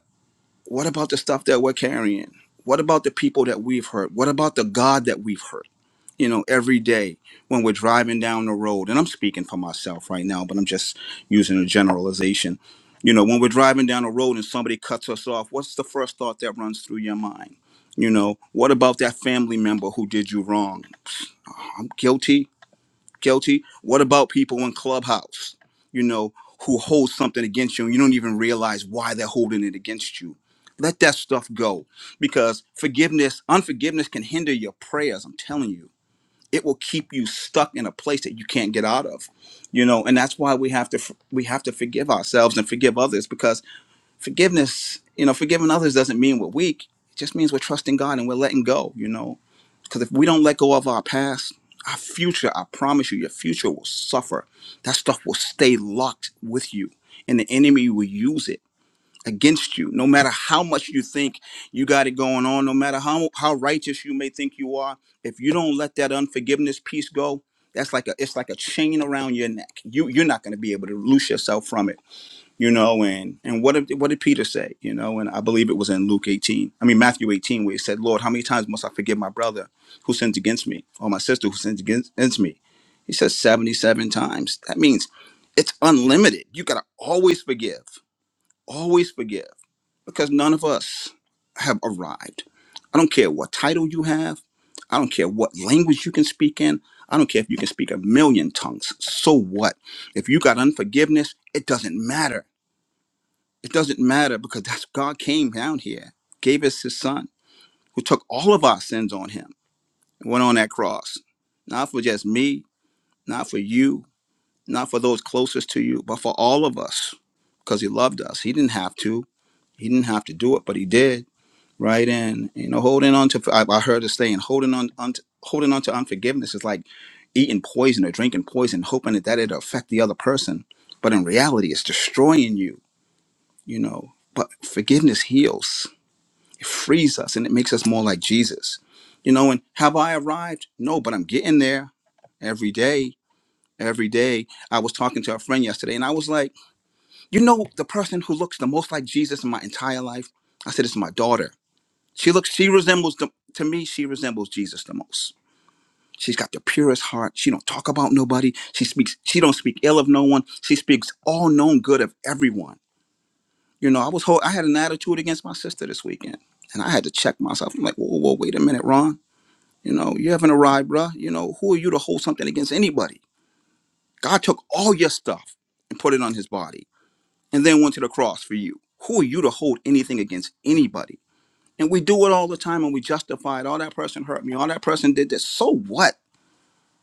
Speaker 12: What about the stuff that we're carrying? What about the people that we've hurt? What about the God that we've hurt? You know, every day when we're driving down the road, and I'm speaking for myself right now, but I'm just using a generalization. You know, when we're driving down the road and somebody cuts us off, what's the first thought that runs through your mind? You know, what about that family member who did you wrong? I'm guilty guilty. What about people in Clubhouse, you know, who hold something against you and you don't even realize why they're holding it against you? Let that stuff go because forgiveness, unforgiveness can hinder your prayers. I'm telling you, it will keep you stuck in a place that you can't get out of, you know, and that's why we have to, we have to forgive ourselves and forgive others because forgiveness, you know, forgiving others doesn't mean we're weak. It just means we're trusting God and we're letting go, you know, because if we don't let go of our past, our future, I promise you, your future will suffer. That stuff will stay locked with you, and the enemy will use it against you. No matter how much you think you got it going on, no matter how, how righteous you may think you are, if you don't let that unforgiveness piece go, that's like a it's like a chain around your neck. You you're not going to be able to loose yourself from it you know and and what did what did peter say you know and i believe it was in luke 18 i mean matthew 18 where he said lord how many times must i forgive my brother who sins against me or my sister who sins against, against me he says 77 times that means it's unlimited you gotta always forgive always forgive because none of us have arrived i don't care what title you have i don't care what language you can speak in i don't care if you can speak a million tongues so what if you got unforgiveness it doesn't matter it doesn't matter because that's God came down here, gave us his son, who took all of our sins on him and went on that cross. Not for just me, not for you, not for those closest to you, but for all of us. Because he loved us. He didn't have to. He didn't have to do it, but he did. Right in, you know, holding on to. I, I heard a saying, holding on, on, holding on to unforgiveness is like eating poison or drinking poison, hoping that that it'll affect the other person. But in reality, it's destroying you. You know, but forgiveness heals It frees us and it makes us more like Jesus. You know, and have I arrived? No, but I'm getting there every day. Every day. I was talking to a friend yesterday and I was like, you know, the person who looks the most like Jesus in my entire life? I said, it's my daughter. She looks, she resembles, the, to me, she resembles Jesus the most. She's got the purest heart. She don't talk about nobody. She speaks, she don't speak ill of no one. She speaks all known good of everyone. You know, I was, whole, I had an attitude against my sister this weekend and I had to check myself. I'm like, whoa, whoa, wait a minute, Ron. You know, you haven't arrived, bruh. You know, who are you to hold something against anybody? God took all your stuff and put it on his body and then went to the cross for you. Who are you to hold anything against anybody? And we do it all the time and we justify it. All that person hurt me. All that person did this. So what?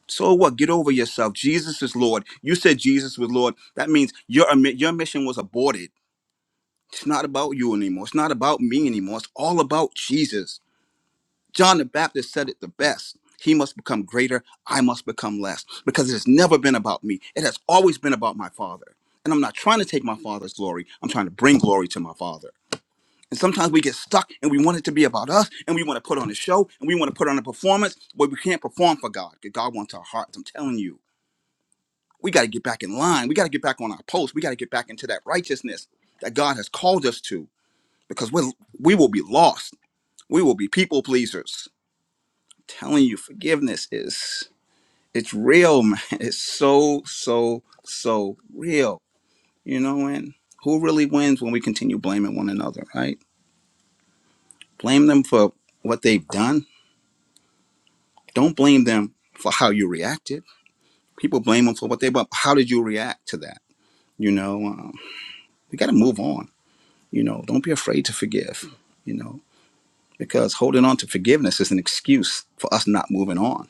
Speaker 12: So what? Get over yourself. Jesus is Lord. You said Jesus was Lord. That means your, your mission was aborted. It's not about you anymore. It's not about me anymore. It's all about Jesus. John the Baptist said it the best. He must become greater, I must become less, because it has never been about me. It has always been about my Father. And I'm not trying to take my Father's glory, I'm trying to bring glory to my Father. And sometimes we get stuck and we want it to be about us and we want to put on a show and we want to put on a performance, but we can't perform for God because God wants our hearts. I'm telling you, we got to get back in line. We got to get back on our post. We got to get back into that righteousness that God has called us to because we we will be lost. We will be people pleasers telling you, forgiveness is it's real, man. It's so, so, so real. You know, and who really wins when we continue blaming one another, right? Blame them for what they've done. Don't blame them for how you reacted. People blame them for what they but how did you react to that? You know, um, we got to move on. You know, don't be afraid to forgive. You know, because holding on to forgiveness is an excuse for us not moving on.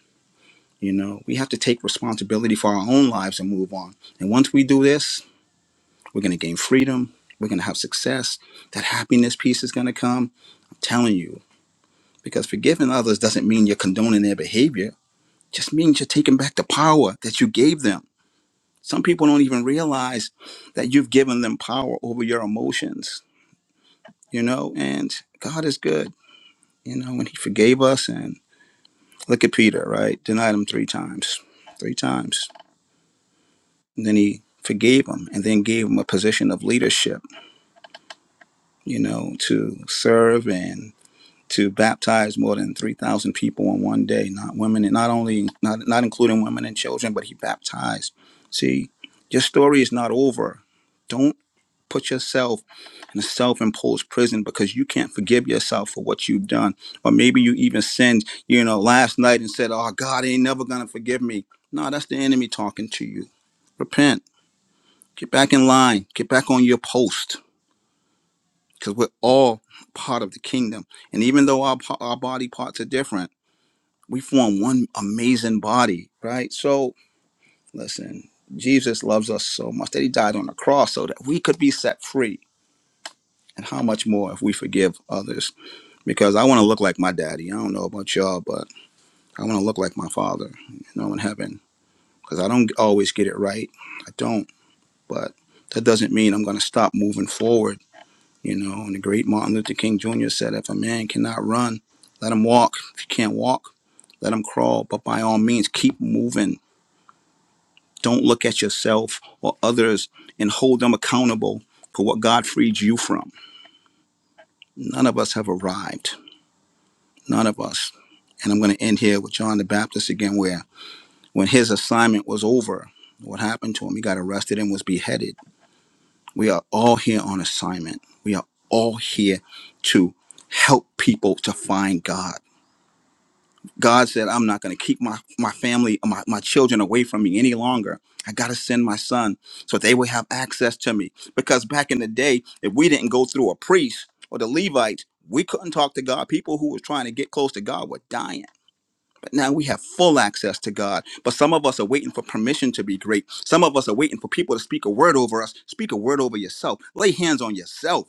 Speaker 12: You know, we have to take responsibility for our own lives and move on. And once we do this, We're going to gain freedom. We're going to have success. That happiness piece is going to come. I'm telling you, because forgiving others doesn't mean you're condoning their behavior, It just means you're taking back the power that you gave them. Some people don't even realize that you've given them power over your emotions, you know, and God is good, you know, when He forgave us. And look at Peter, right? Denied Him three times, three times. And then He forgave him and then gave him a position of leadership, you know, to serve and to baptize more than 3,000 people in one day, not women, and not only, not, not including women and children, but he baptized. See, your story is not over. Don't put yourself in a self imposed prison because you can't forgive yourself for what you've done. Or maybe you even sinned, you know, last night and said, Oh, God ain't never going to forgive me. No, that's the enemy talking to you. Repent. Get back in line. Get back on your post because we're all part of the kingdom. And even though our, our body parts are different, we form one amazing body, right? So listen, Jesus loves us so much that he died on the cross so that we could be set free. And how much more if we forgive others? Because I want to look like my daddy. I don't know about y'all, but I want to look like my father, you know, in heaven. Because I don't always get it right. I don't. But that doesn't mean I'm going to stop moving forward, you know. And the great Martin Luther King Jr. said, if a man cannot run, let him walk. If you can't walk, let him crawl. But by all means, keep moving Don't look at yourself or others and hold them accountable for what God freed you from. None of us have arrived. None of us. And I'm going to end here with John the Baptist again, where when his assignment was over, what happened to him? He got arrested and was beheaded. We are all here on assignment. We are all here to help people to find God God said, I'm not going to keep my, my family, my, my children away from me any longer. I got to send my son so they will have access to me. Because back in the day, if we didn't go through a priest or the Levites, we couldn't talk to God. People who were trying to get close to God were dying. But now we have full access to God. But some of us are waiting for permission to be great. Some of us are waiting for people to speak a word over us. Speak a word over yourself. Lay hands on yourself.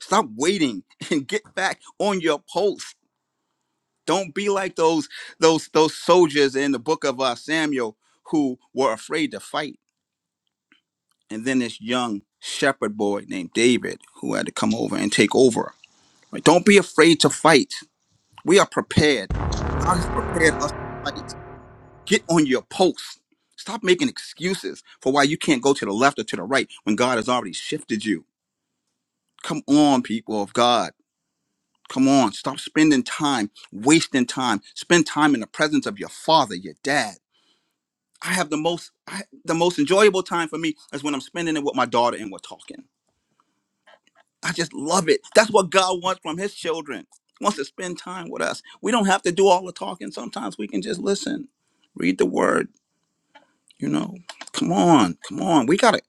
Speaker 12: Stop waiting and get back on your post. Don't be like those those those soldiers in the book of uh, Samuel who were afraid to fight. And then this young shepherd boy named David who had to come over and take over. Like, don't be afraid to fight. We are prepared. God has prepared us to fight. Get on your post. Stop making excuses for why you can't go to the left or to the right when God has already shifted you. Come on, people of God. Come on. Stop spending time, wasting time. Spend time in the presence of your father, your dad I have the most I, the most enjoyable time for me is when I'm spending it with my daughter and we're talking. I just love it. That's what God wants from His children. He wants to spend time with us. We don't have to do all the talking. Sometimes we can just listen, read the Word. You know, come on, come on. We gotta.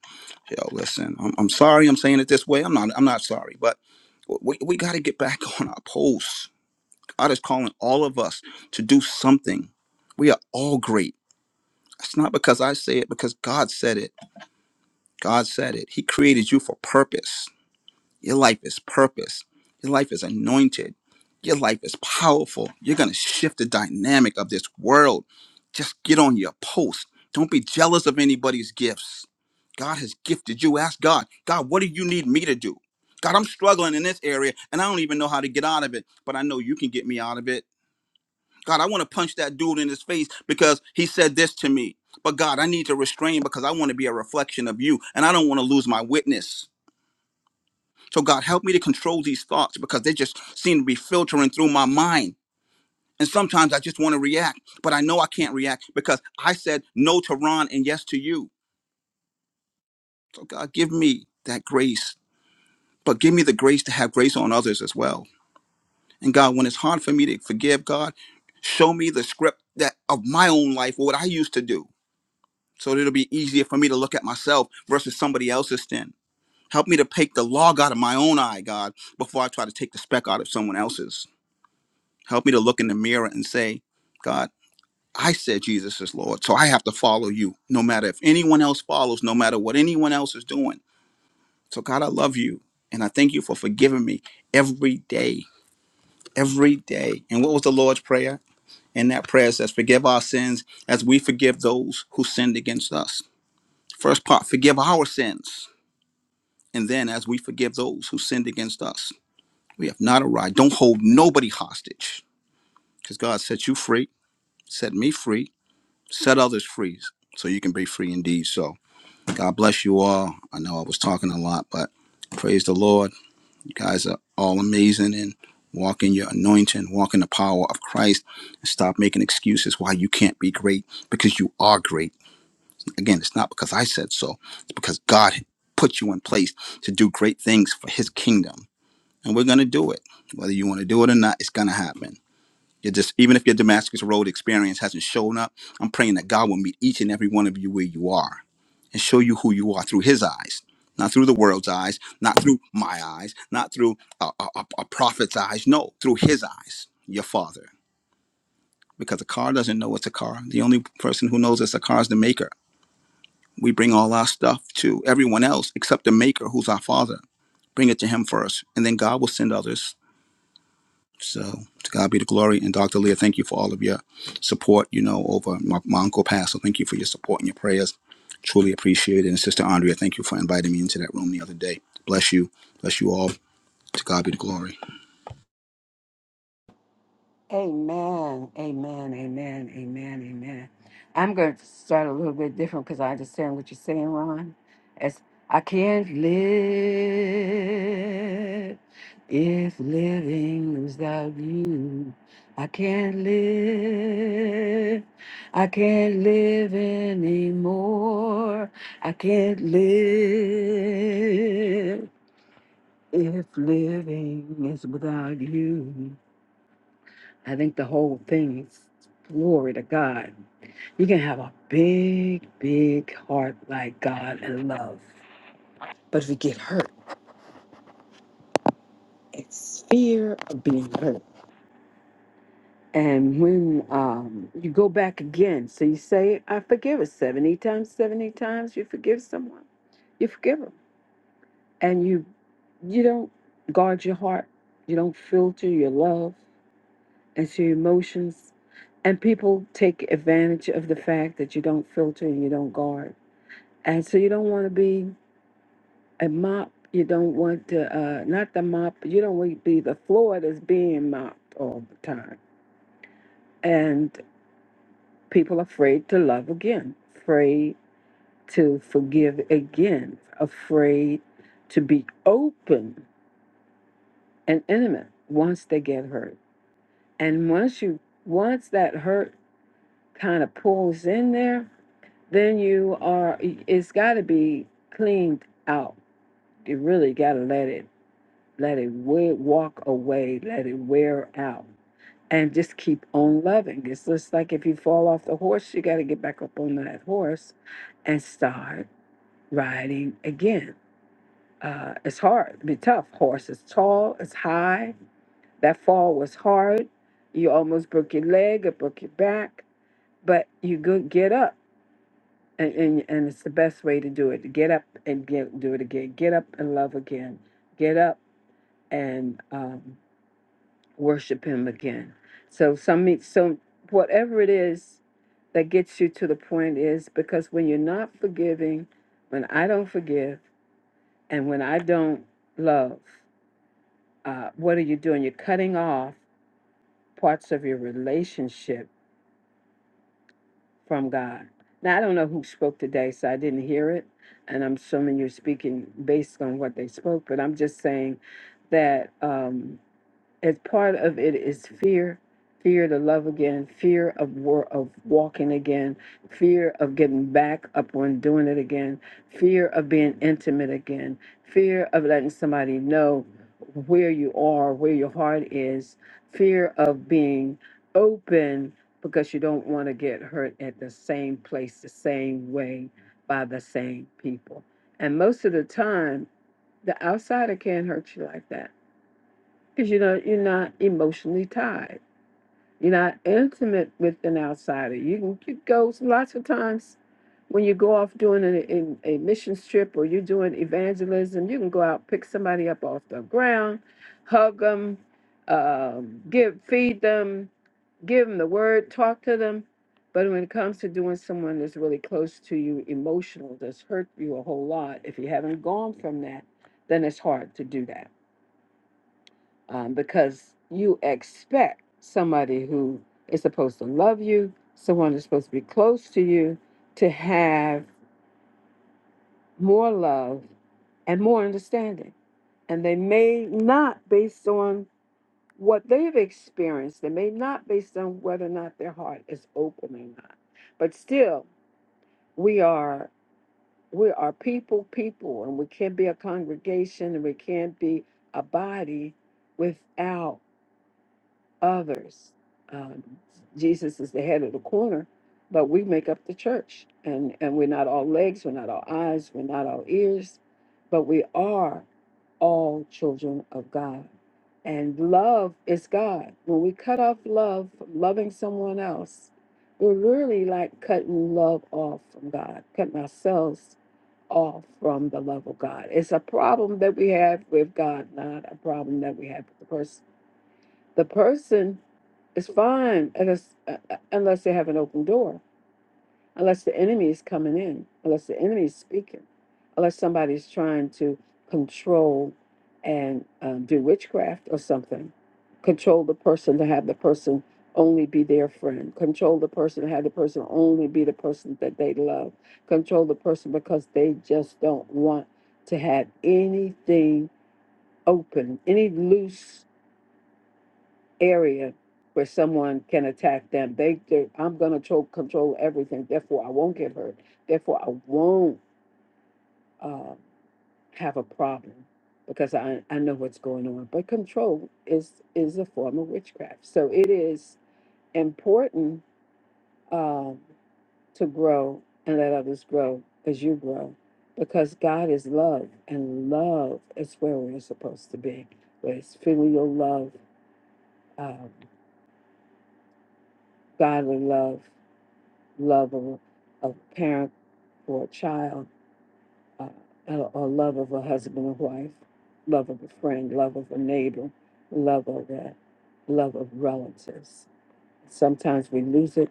Speaker 12: Yo, listen. I'm, I'm sorry. I'm saying it this way. I'm not. I'm not sorry, but we we gotta get back on our posts. God is calling all of us to do something. We are all great. It's not because I say it, because God said it God said it. He created you for purpose. Your life is purpose. Your life is anointed. Your life is powerful. You're going to shift the dynamic of this world. Just get on your post. Don't be jealous of anybody's gifts. God has gifted you. Ask God, God, what do you need me to do? God, I'm struggling in this area and I don't even know how to get out of it, but I know you can get me out of it. God, I want to punch that dude in his face because he said this to me. But God, I need to restrain because I want to be a reflection of you and I don't want to lose my witness. So, God, help me to control these thoughts because they just seem to be filtering through my mind. And sometimes I just want to react, but I know I can't react because I said no to Ron and yes to you. So, God, give me that grace, but give me the grace to have grace on others as well. And God, when it's hard for me to forgive, God, show me the script that of my own life, what I used to do so it'll be easier for me to look at myself versus somebody else's sin. Help me to take the log out of my own eye, God, before I try to take the speck out of someone else's. Help me to look in the mirror and say, God, I said Jesus is Lord, so I have to follow you, no matter if anyone else follows, no matter what anyone else is doing. So, God, I love you, and I thank you for forgiving me every day, every day. And what was the Lord's prayer? And that prayer says, Forgive our sins as we forgive those who sinned against us. First part, forgive our sins And then as we forgive those who sinned against us, we have not arrived. Don't hold nobody hostage because God set you free, set me free, set others free so you can be free indeed. So God bless you all. I know I was talking a lot, but praise the Lord. You guys are all amazing and walk in your anointing, walk in the power of Christ, and stop making excuses why you can't be great because you are great. Again, it's not because I said so, it's because God put you in place to do great things for his kingdom and we're going to do it. Whether you want to do it or not, it's going to happen. You just even if your Damascus Road experience hasn't shown up, I'm praying that God will meet each and every one of you where you are and show you who you are through His eyes, not through the world's eyes, not through my eyes, not through a, a, a a prophet's eyes. No, through His eyes, your Father. Because a car doesn't know it's a car. The only person who knows it's a car is the maker. We bring all our stuff to everyone else except the maker, who's our Father. Bring it to Him first, and then God will send others So to God be the glory. And Dr. Leah, thank you for all of your support, you know, over my, my uncle passed. So thank you for your support and your prayers. Truly appreciate it. And Sister Andrea, thank you for inviting me into that room the other day. Bless you. Bless you all. To God be the glory.
Speaker 11: Amen. Amen. Amen. Amen. Amen. I'm going to start a little bit different because I understand what you're saying, Ron. As I can't live if living without you. I can't live. I can't live anymore. I can't live if living is without you. I think the whole thing is glory to God. You can have a big, big heart like God and love. But if you get hurt, it's fear of being hurt. And when um, you go back again, so you say, I forgive it 70 times, 70 times, you forgive someone, you forgive them. And you you don't guard your heart, you don't filter your love. it's your emotions. And people take advantage of the fact that you don't filter and you don't guard. And so you don't want to be a mop. You don't want to, uh, not the mop, you don't want to be the floor that's being mopped all the time. And people are afraid to love again, afraid to forgive again, afraid to be open and intimate once they get hurt. And once you, once that hurt kind of pulls in there, then you are it's got to be cleaned out you really got to let it let it wa- walk away let it wear out and just keep on loving it's just like if you fall off the horse you got to get back up on that horse and start riding again uh, it's hard it be tough horse is tall it's high that fall was hard you almost broke your leg or broke your back but you go get up and, and and it's the best way to do it get up and get do it again get up and love again get up and um, worship him again so some meet- so whatever it is that gets you to the point is because when you're not forgiving when i don't forgive and when i don't love uh, what are you doing you're cutting off parts of your relationship from God. Now, I don't know who spoke today, so I didn't hear it. And I'm assuming you're speaking based on what they spoke, but I'm just saying that. Um, as part of it is fear fear to love again fear of war of walking again fear of getting back up on doing it again fear of being intimate again fear of letting somebody know where you are where your heart is fear of being open because you don't want to get hurt at the same place the same way by the same people and most of the time the outsider can't hurt you like that because you know you're not emotionally tied. You're not intimate with an outsider. You can you go lots of times when you go off doing an, a, a mission trip or you're doing evangelism. You can go out pick somebody up off the ground, hug them, um, give feed them, give them the word, talk to them. But when it comes to doing someone that's really close to you, emotional, that's hurt you a whole lot, if you haven't gone from that, then it's hard to do that um, because you expect somebody who is supposed to love you, someone who's supposed to be close to you, to have more love and more understanding. And they may not, based on what they've experienced, they may not, based on whether or not their heart is open or not. But still, we are we are people, people, and we can't be a congregation, and we can't be a body without others. Um, Jesus is the head of the corner, but we make up the church, and and we're not all legs, we're not all eyes, we're not all ears, but we are all children of God. And love is God. When we cut off love from loving someone else, we're really like cutting love off from God, cutting ourselves off from the love of God. It's a problem that we have with God, not a problem that we have with the person. The person it's fine unless, uh, uh, unless they have an open door, unless the enemy is coming in, unless the enemy is speaking, unless somebody's trying to control and um, do witchcraft or something. Control the person to have the person only be their friend. Control the person to have the person only be the person that they love. Control the person because they just don't want to have anything open, any loose area where someone can attack them. They, they I'm gonna control everything. Therefore, I won't get hurt. Therefore, I won't uh, have a problem because I, I know what's going on. But control is is a form of witchcraft. So it is important um, to grow and let others grow as you grow. Because God is love, and love is where we're supposed to be. Where it's filial love, um, godly love, love of a parent for a child, uh, or or love of a husband and wife, love of a friend, love of a neighbor, love of that, love of relatives. Sometimes we lose it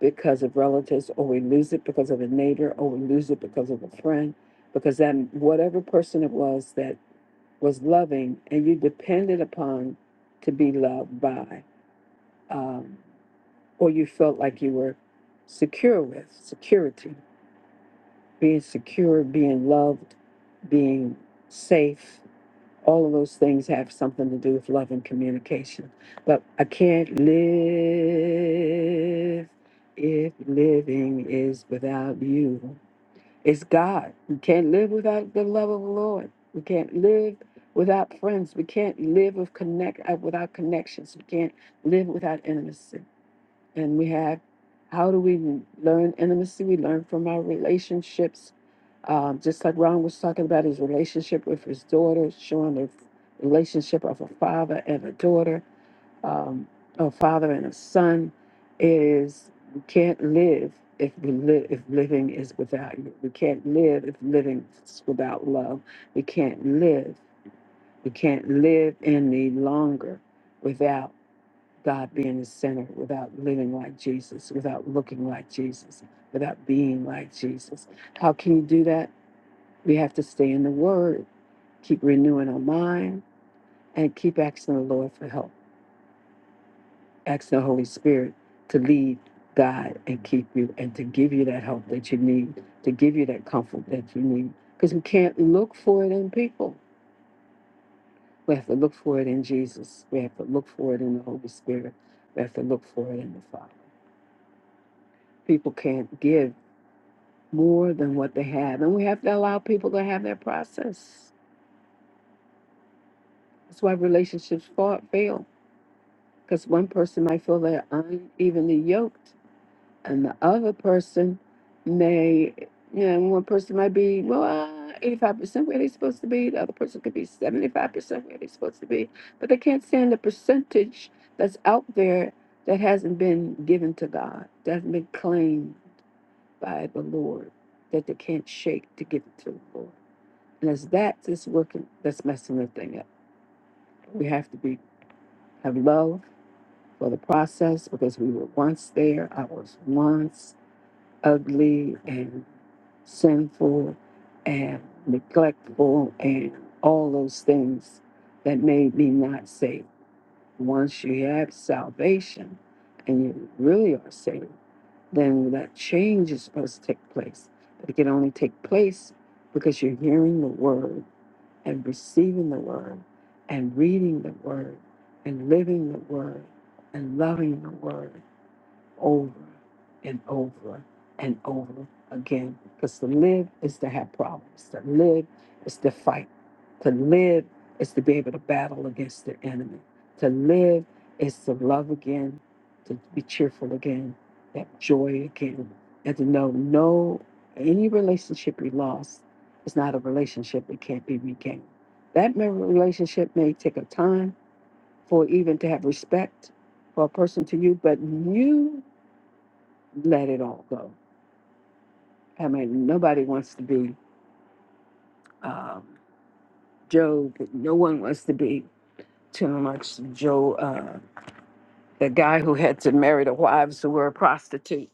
Speaker 11: because of relatives, or we lose it because of a neighbor, or we lose it because of a friend, because that whatever person it was that was loving and you depended upon to be loved by, um, or you felt like you were secure with, security being secure, being loved, being safe. All of those things have something to do with love and communication. But I can't live if living is without you. It's God. We can't live without the love of the Lord. We can't live without friends. We can't live with connect uh, without connections. We can't live without intimacy. And we have how do we learn intimacy? We learn from our relationships um, just like Ron was talking about his relationship with his daughter, showing the relationship of a father and a daughter, um, a father and a son, is we can't live if we live if living is without you. We can't live if living is without love. We can't live. We can't live any longer without God being the center, without living like Jesus, without looking like Jesus, without being like Jesus. How can you do that? We have to stay in the Word, keep renewing our mind, and keep asking the Lord for help, asking the Holy Spirit to lead, guide, and keep you, and to give you that help that you need, to give you that comfort that you need. Because we can't look for it in people. We have to look for it in Jesus. We have to look for it in the Holy Spirit. We have to look for it in the Father. People can't give more than what they have, and we have to allow people to have their process. That's why relationships fa- fail because one person might feel they're unevenly yoked, and the other person may, you know, one person might be, well, uh, 85% where they're supposed to be, the other person could be 75% where they're supposed to be, but they can't stand the percentage that's out there that hasn't been given to God, that hasn't been claimed by the Lord, that they can't shake to give it to the Lord. And as that is working, that's messing the thing up. We have to be have love for the process because we were once there. I was once ugly and sinful and neglectful and all those things that made me not saved. Once you have salvation and you really are saved, then that change is supposed to take place. But it can only take place because you're hearing the word and receiving the word and reading the word and living the word and loving the word over and over and over again. Because to live is to have problems, to live is to fight, to live is to be able to battle against the enemy, to live is to love again, to be cheerful again, to have joy again, and to know no any relationship you lost is not a relationship that can't be regained. That may- relationship may take a time for even to have respect for a person to you, but you let it all go. I mean, nobody wants to be um, Job. No one wants to be too much Joe, uh, the guy who had to marry the wives who were a prostitute.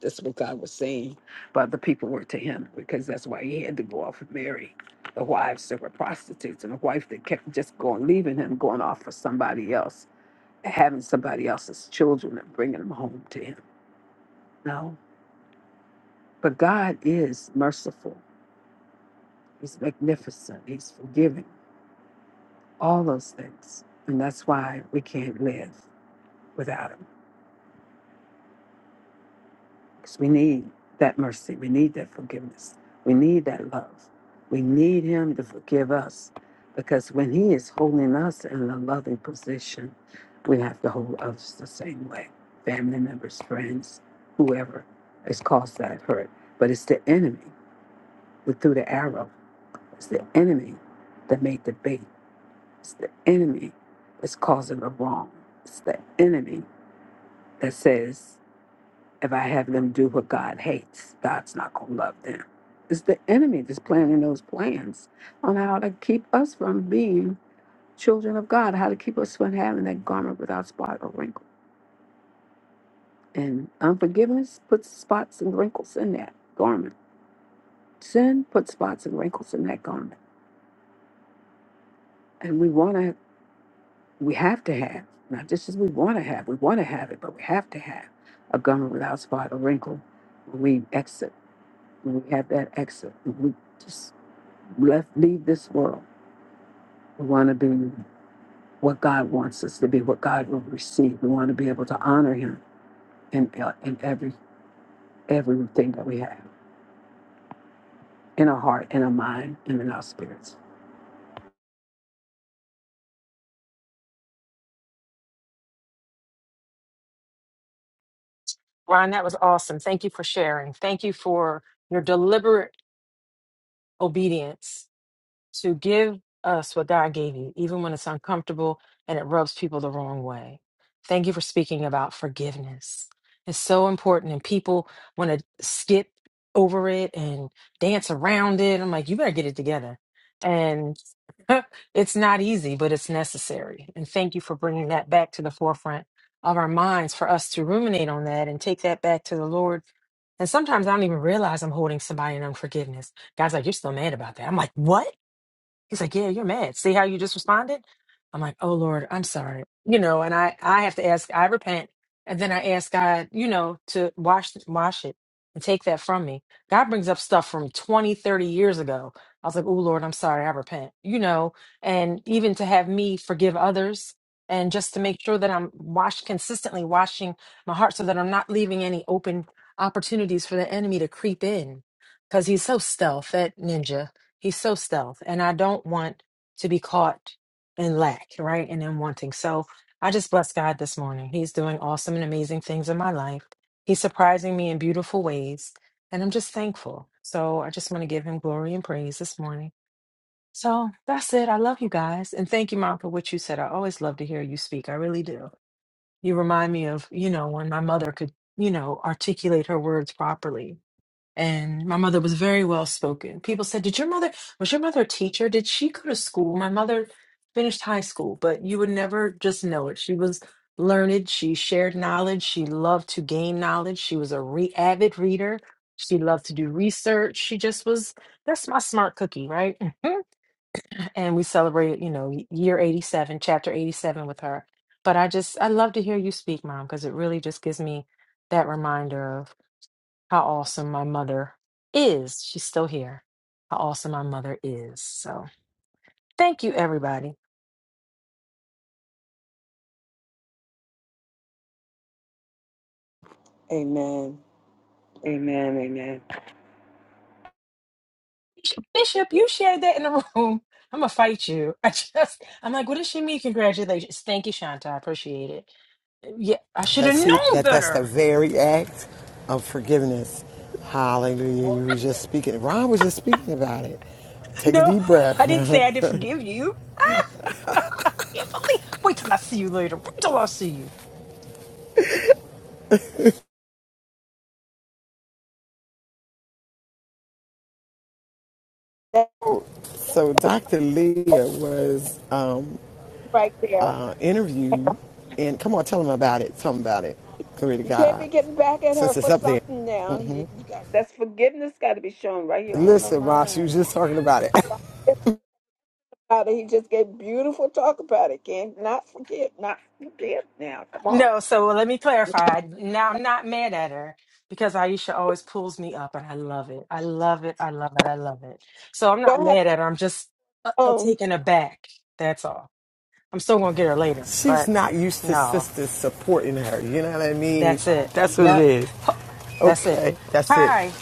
Speaker 11: That's what God was saying. But the people were to him because that's why he had to go off and marry the wives that were prostitutes and a wife that kept just going, leaving him, going off for somebody else, having somebody else's children and bringing them home to him. No. But God is merciful. He's magnificent. He's forgiving. all those things. And that's why we can't live without Him. Because we need that mercy. We need that forgiveness. We need that love. We need Him to forgive us. Because when He is holding us in a loving position, we have to hold others the same way family members, friends, whoever has caused that hurt. But it's the enemy that threw the arrow, it's the enemy that made the bait, it's the enemy that's causing the wrong, it's the enemy that says, if I have them do what God hates, God's not going to love them. It's the enemy that's planning those plans on how to keep us from being children of God, how to keep us from having that garment without spot or wrinkle. And unforgiveness puts spots and wrinkles in that garment. Sin puts spots and wrinkles in that garment. And we want to, we have to have, not just as we want to have, we want to have it, but we have to have a garment without spot or wrinkle when we exit when we have that exit, we just left leave this world. We want to be what God wants us to be, what God will receive. We want to be able to honor Him in uh, in every everything that we have in our heart, in our mind, and in our spirits.
Speaker 13: Ron, that was awesome. Thank you for sharing. Thank you for your deliberate obedience to give us what God gave you, even when it's uncomfortable and it rubs people the wrong way. Thank you for speaking about forgiveness. It's so important, and people want to skip over it and dance around it. I'm like, you better get it together. And it's not easy, but it's necessary. And thank you for bringing that back to the forefront of our minds for us to ruminate on that and take that back to the Lord and sometimes I don't even realize I'm holding somebody in unforgiveness. God's like, You're still mad about that. I'm like, What? He's like, "Yeah, you're mad. See how you just responded?" I'm like, "Oh Lord, I'm sorry." You know, and I I have to ask, I repent, and then I ask God, you know, to wash wash it and take that from me. God brings up stuff from 20, 30 years ago. I was like, "Oh Lord, I'm sorry. I repent." You know, and even to have me forgive others and just to make sure that I'm washed consistently washing my heart so that I'm not leaving any open opportunities for the enemy to creep in cuz he's so stealth that ninja He's so stealth, and I don't want to be caught in lack, right? And in wanting. So I just bless God this morning. He's doing awesome and amazing things in my life. He's surprising me in beautiful ways, and I'm just thankful. So I just want to give him glory and praise this morning. So that's it. I love you guys. And thank you, Mom, for what you said. I always love to hear you speak. I really do. You remind me of, you know, when my mother could, you know, articulate her words properly and my mother was very well spoken. People said, "Did your mother was your mother a teacher? Did she go to school?" My mother finished high school, but you would never just know it. She was learned. She shared knowledge. She loved to gain knowledge. She was a re- avid reader. She loved to do research. She just was. That's my smart cookie, right? and we celebrated, you know, y- year eighty-seven, chapter eighty-seven with her. But I just, I love to hear you speak, Mom, because it really just gives me that reminder how awesome my mother is. She's still here. How awesome my mother is. So thank you, everybody.
Speaker 11: Amen. Amen. Amen.
Speaker 13: Bishop, you shared that in the room. I'm gonna fight you. I just, I'm like, what does she mean? Congratulations. Thank you, Shanta. I appreciate it. Yeah, I should
Speaker 2: That
Speaker 13: have
Speaker 2: see
Speaker 13: known
Speaker 2: that that's the
Speaker 13: better.
Speaker 2: very act of forgiveness. Hallelujah. You were just speaking. Ron was just speaking about it. Take a
Speaker 13: No,
Speaker 2: deep breath.
Speaker 13: I didn't say I didn't forgive you. Can't believe. Wait till I see you later. Wait till I see you.
Speaker 11: That's
Speaker 2: so Dr. Leah was uh,
Speaker 11: right there.
Speaker 2: interviewed, and come on, tell them about it. Tell them about it. Glory to
Speaker 11: You can't be
Speaker 2: God.
Speaker 11: getting back at her
Speaker 2: Since it's
Speaker 11: for
Speaker 2: up there.
Speaker 11: something now. You, you got that's forgiveness got to be shown right here on the
Speaker 2: Listen, Ma, she was
Speaker 11: line.
Speaker 2: just talking about it.
Speaker 11: Father, he just gave beautiful talk about it. Can't not forgive, not forgive now. Come on.
Speaker 13: No, so let me clarify. Now I'm not mad at her because Aisha always pulls me up and I love it. I love it. I love it. I love it. So I'm not
Speaker 11: Don't have to.
Speaker 13: mad at her. I'm just uh, uh,
Speaker 11: phone.
Speaker 13: taken aback. That's all. I'm still going to get her later,
Speaker 2: She's
Speaker 13: but
Speaker 2: not used to
Speaker 13: no,
Speaker 2: sisters supporting her. You know what I mean?
Speaker 13: that's it.
Speaker 2: That's what it
Speaker 13: Yep.
Speaker 2: is.
Speaker 13: Ho- That's it.
Speaker 2: Okay, that's it.
Speaker 13: Hi,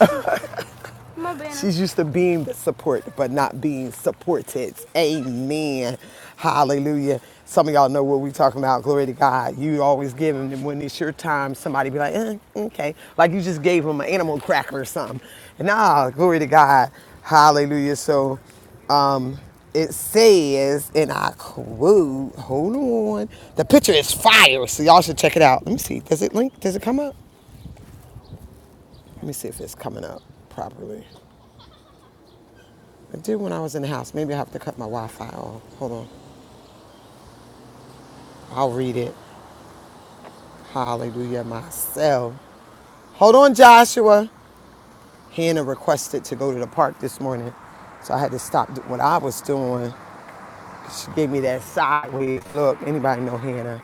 Speaker 2: She's used to being support, but not being supported. Amen. Hallelujah. Some of y'all know what we talking about. Glory to God. You always give them and when it's your time. Somebody be like, eh, okay, like you just gave them an animal cracker or something. Nah, glory to God. Hallelujah. So, um, it says, and I quote, hold on, the picture is fire. So y'all should check it out. Let me see. Does it link? Does it come up? Let me see if it's coming up properly. I did when I was in the house. Maybe I have to cut my Wi-Fi off. Hold on. I'll read it. Hallelujah myself. Hold on, Joshua. Hannah requested to go to the park this morning, so I had to stop do- what I was doing. She gave me that sideways look. Anybody know Hannah?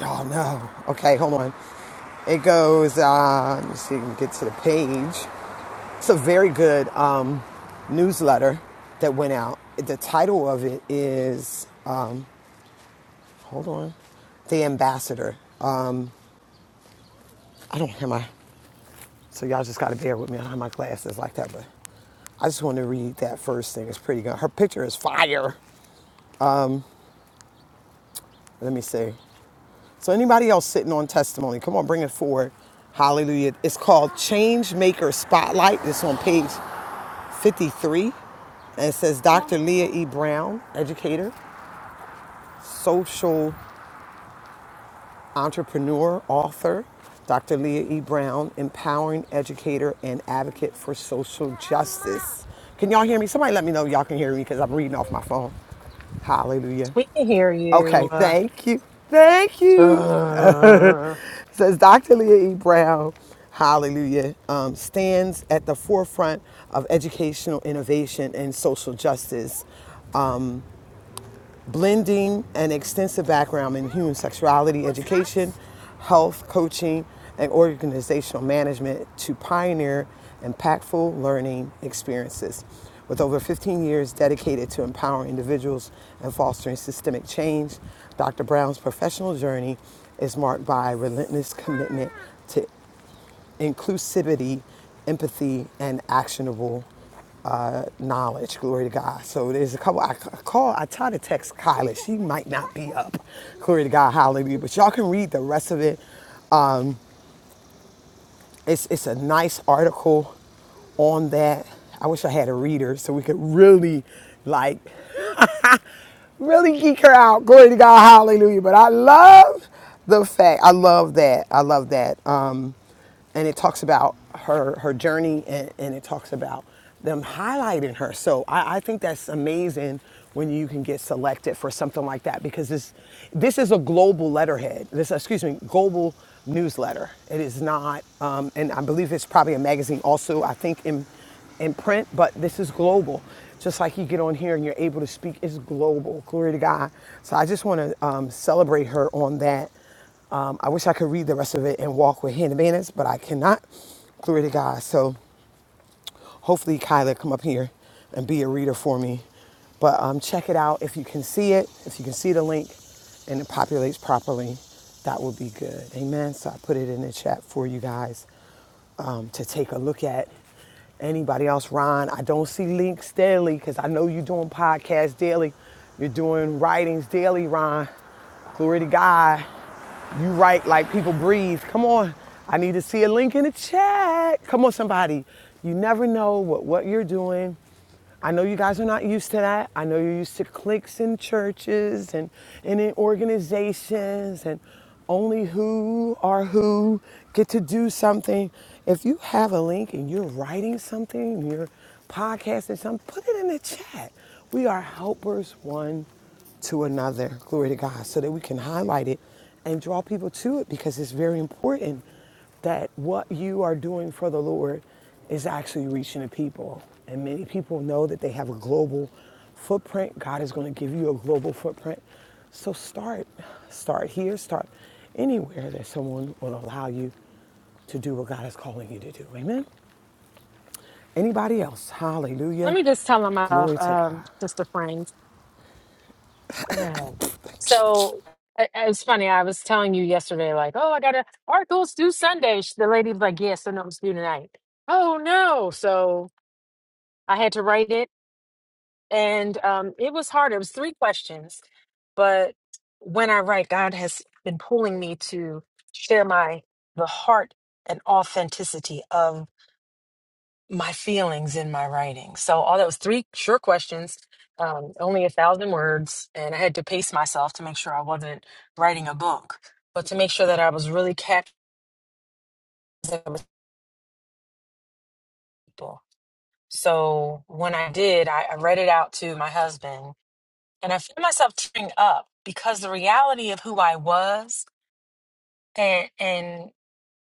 Speaker 2: Y'all know. Okay, hold on. It goes, uh, let me see if we can get to the page. It's a very good um, newsletter that went out. The title of it is uh, Hold on. The ambassador. Um, I don't have my, so y'all just got to bear with me. I don't have my glasses like that, but I just want to read that first thing. It's pretty good. Her picture is fire. Let me see. So anybody else sitting on testimony, come on, bring it forward. Hallelujah. It's called Change Maker Spotlight. It's on page 53. And it says Dr. Leah E. Brown, educator, social entrepreneur, author, Dr. Leah E. Brown, empowering educator and advocate for social justice. Can y'all hear me? Somebody let me know y'all can hear me because I'm reading off my phone. Hallelujah.
Speaker 13: we can hear
Speaker 2: Okay,
Speaker 13: you. Uh,
Speaker 2: thank you. Thank you.
Speaker 13: uh,
Speaker 2: It Says Dr. Leah E. Brown, hallelujah, um, stands at the forefront of educational innovation and social justice blending an extensive background in human sexuality education, health coaching, and organizational management to pioneer impactful learning experiences. With over 15 years dedicated to empowering individuals and fostering systemic change, Dr. Brown's professional journey is marked by a relentless commitment to inclusivity, empathy, and actionable knowledge. Glory to God. So there's a couple. I call. I try to text Kyla. She might not be up. Glory to God. Hallelujah. But y'all can read the rest of it. It's it's a nice article on that. I wish I had a reader so we could really like really geek her out. Glory to God. Hallelujah. But I love the fact. I love that. I love that. Um, and it talks about her her journey and, and it talks about them highlighting her so I, I think that's amazing when you can get selected for something like that because this this is a global letterhead this excuse me global newsletter it is not um, and i believe it's probably a magazine also i think in in print but this is global just like you get on here and you're able to speak it's global glory to god so i just want to um, celebrate her on that um, I wish I could read the rest of it and walk with hand advantage, but I cannot. Glory to God. So hopefully Kyla come up here and be a reader for me. But um, check it out if you can see it, if you can see the link and it populates properly, that would be good. Amen. So I put it in the chat for you guys um, to take a look at. Anybody else, Ron? I don't see links daily because I know you're doing podcasts daily. You're doing writings daily, Ron. Glory to God. You write like people breathe. Come on. I need to see a link in the chat. Come on, somebody. You never know what, what you're doing. I know you guys are not used to that. I know you're used to cliques in churches and, and in organizations and only who or who get to do something. If you have a link and you're writing something, you're podcasting something, put it in the chat. We are helpers one to another. Glory to God. So that we can highlight it and draw people to it because it's very important that what you are doing for the Lord is actually reaching the people. And many people know that they have a global footprint. God is going to give you a global footprint. So start, start here, start anywhere that someone will allow you to do what God is calling you to do. Amen. Anybody else?
Speaker 13: let
Speaker 2: Hallelujah.
Speaker 13: me just tell him off,
Speaker 2: Glory to
Speaker 13: um,
Speaker 2: God.
Speaker 13: Sister Frank. Mhm. So it, it's funny. I was telling you yesterday, like, oh, I got to articles due Sunday. Sh- The lady's like, yes, I know it's due tonight. Oh no! So I had to write it, and um, it was hard. It was three questions, but when I write, God has been pulling me to share my the heart and authenticity of my feelings in my writing. So all that was three short questions, um, only a thousand words, and I had to pace myself to make sure I wasn't writing a book, but to make sure that I was really capturing the people. So when I did, I, I read it out to my husband, and I found myself tearing up because the reality of who I was and and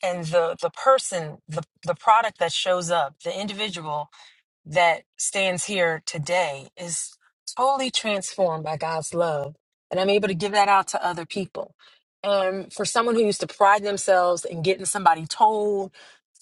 Speaker 13: and the the person, the the product that shows up, the individual that stands here today is totally transformed by God's love. And I'm able to give that out to other people. And for someone who used to pride themselves in getting somebody told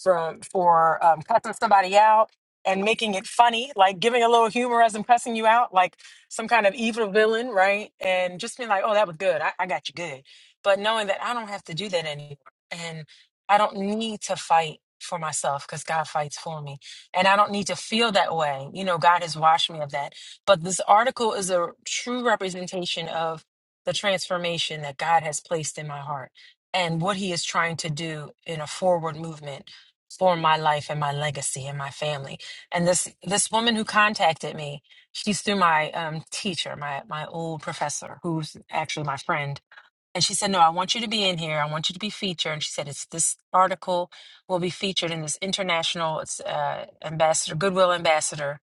Speaker 13: from for um, cussing somebody out and making it funny, like giving a little humor as I'm cussing you out, like some kind of evil villain, right? And just being like, oh, that was good. I, I got you good. But knowing that I don't have to do that anymore. And I don't need to fight for myself because God fights for me and I don't need to feel that way. You know, God has washed me of that. But this article is a true representation of the transformation that God has placed in my heart and what He is trying to do in a forward movement for my life and my legacy and my family. And this this woman who contacted me, she's through my um, teacher, my my old professor, who's actually my friend and she said, No, I want you to be in here. I want you to be featured. And she said, It's this article will be featured in this international it's, uh, ambassador, Goodwill ambassador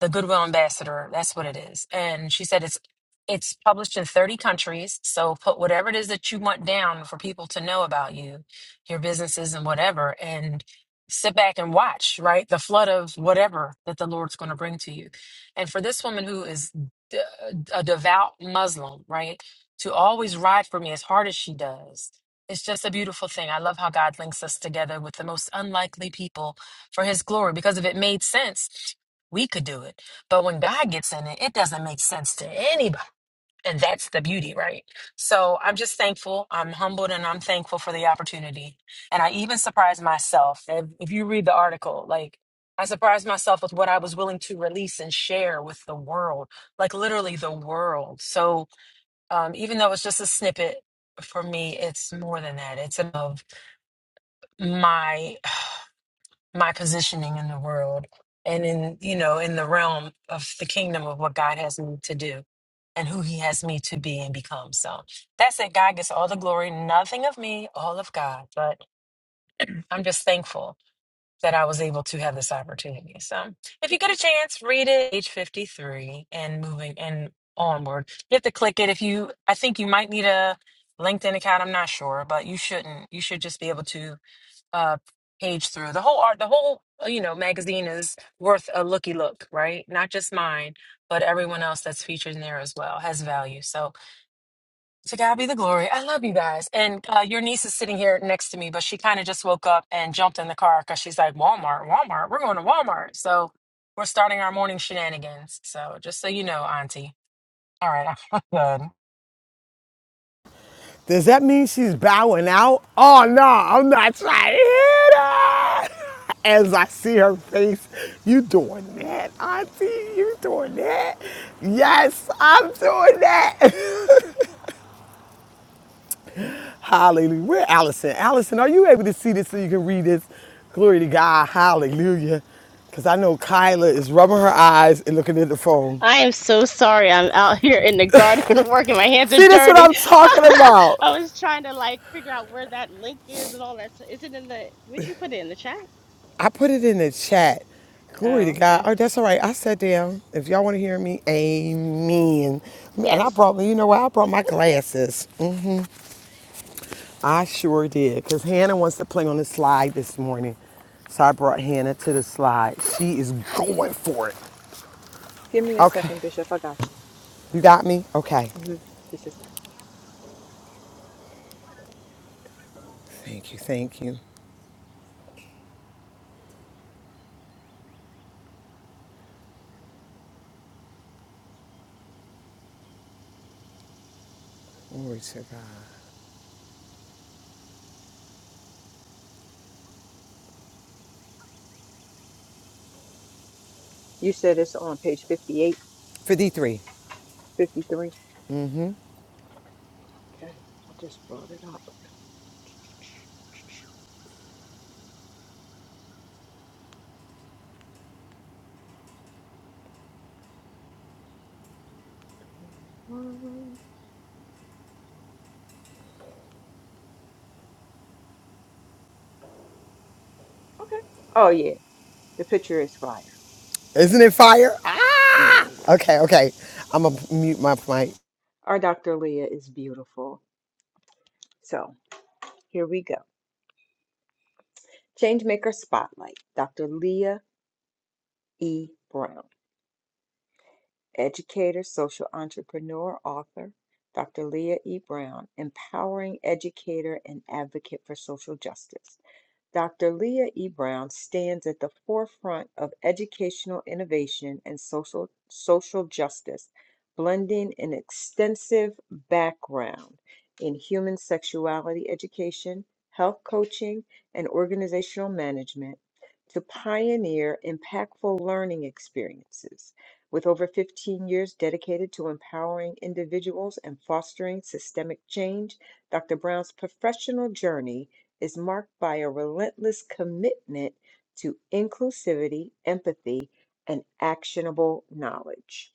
Speaker 13: the goodwill ambassador that's what it is and she said it's it's published in 30 countries so put whatever it is that you want down for people to know about you your businesses and whatever and sit back and watch right the flood of whatever that the lord's going to bring to you and for this woman who is d- a devout muslim right to always ride for me as hard as she does it's just a beautiful thing i love how god links us together with the most unlikely people for his glory because if it made sense we could do it. But when God gets in it, it doesn't make sense to anybody. And that's the beauty, right? So I'm just thankful. I'm humbled and I'm thankful for the opportunity. And I even surprised myself. If, if you read the article, like, I surprised myself with what I was willing to release and share with the world, like literally the world. So um, even though it's just a snippet for me, it's more than that. It's of my my positioning in the world and in you know in the realm of the kingdom of what god has me to do and who he has me to be and become so that's it god gets all the glory nothing of me all of god but i'm just thankful that i was able to have this opportunity so if you get a chance read it age 53 and moving and onward you have to click it if you i think you might need a linkedin account i'm not sure but you shouldn't you should just be able to uh page through the whole art the whole uh, you know magazine is worth a looky look right not just mine but everyone else that's featured in there as well has value so to god be the glory i love you guys and uh, your niece is sitting here next to me but she kind of just woke up and jumped in the car because she's like walmart walmart we're going to walmart so we're starting our morning shenanigans so just so you know auntie all right i'm done
Speaker 2: Does that mean she's bowing out? Oh no, I'm not trying to hit her. As I see her face, you doing that, Auntie? You doing that? Yes, I'm doing that. Hallelujah. Where Allison? Allison, are you able to see this so you can read this? Glory to God. Hallelujah. Because I know Kyla is rubbing her eyes and looking at the phone.
Speaker 6: I am so sorry. I'm out here in the garden working. My hands are
Speaker 2: See, that's what
Speaker 6: dirty.
Speaker 2: I'm talking about.
Speaker 6: I was trying to like figure out where that link is and all that. So is it in the? Would you put it in the chat?
Speaker 2: I put it in the chat. Glory to
Speaker 6: Oh,
Speaker 2: God.
Speaker 6: okay.
Speaker 2: Oh, that's all right. I sat down. If y'all want to hear me, amen. And I
Speaker 6: Yes.
Speaker 2: brought, you know what? I brought my glasses. I sure did. Because Hannah wants to play on the slide this morning. So I brought Hannah to the slide. She is going for it.
Speaker 3: Give me a
Speaker 2: Okay.
Speaker 3: second, Bishop. I got you.
Speaker 2: You got me? Okay.
Speaker 3: hmm This is it.
Speaker 2: Thank you. Thank you. Glory to God.
Speaker 3: You said it's on page fifty-eight,
Speaker 2: 53.
Speaker 3: fifty-three. Okay. I just brought it up. Okay. Oh, yeah. The picture is fire.
Speaker 2: Isn't it fire?
Speaker 3: Yeah,
Speaker 2: Ah!
Speaker 3: it is.
Speaker 2: Okay, okay. I'm going to mute my mic.
Speaker 3: Our Dr. Leah is beautiful. So here we go. Changemaker Spotlight, Dr. Leah E. Brown, educator, social entrepreneur, author. Dr. Leah E. Brown, empowering educator and advocate for social justice. Dr. Leah E. Brown stands at the forefront of educational innovation and social, social justice, blending an extensive background in human sexuality education, health coaching, and organizational management to pioneer impactful learning experiences. With over 15 years dedicated to empowering individuals and fostering systemic change, Dr. Brown's professional journey is marked by a relentless commitment to inclusivity, empathy, and actionable knowledge.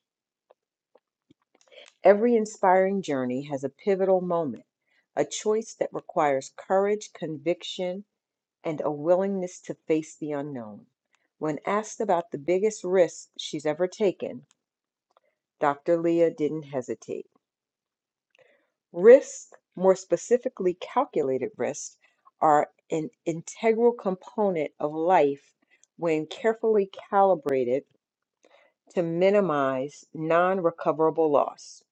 Speaker 3: Every inspiring journey has a pivotal moment, a choice that requires courage, conviction, and a willingness to face the unknown. When asked about the biggest risk she's ever taken, Dr. Leah didn't hesitate. Risks, more specifically calculated risks, are an integral component of life when carefully calibrated to minimize non recoverable loss,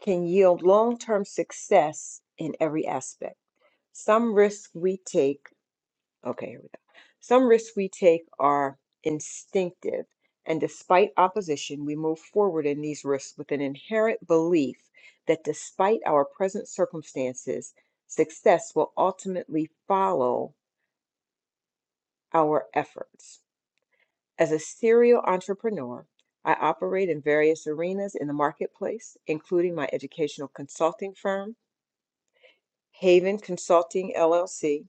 Speaker 3: can yield long term success in every aspect. Some risks we take Okay, here we go. Some risks we take are instinctive, and despite opposition, we move forward in these risks with an inherent belief that despite our present circumstances, success will ultimately follow our efforts. As a serial entrepreneur, I operate in various arenas in the marketplace, including my educational consulting firm, Haven Consulting LLC,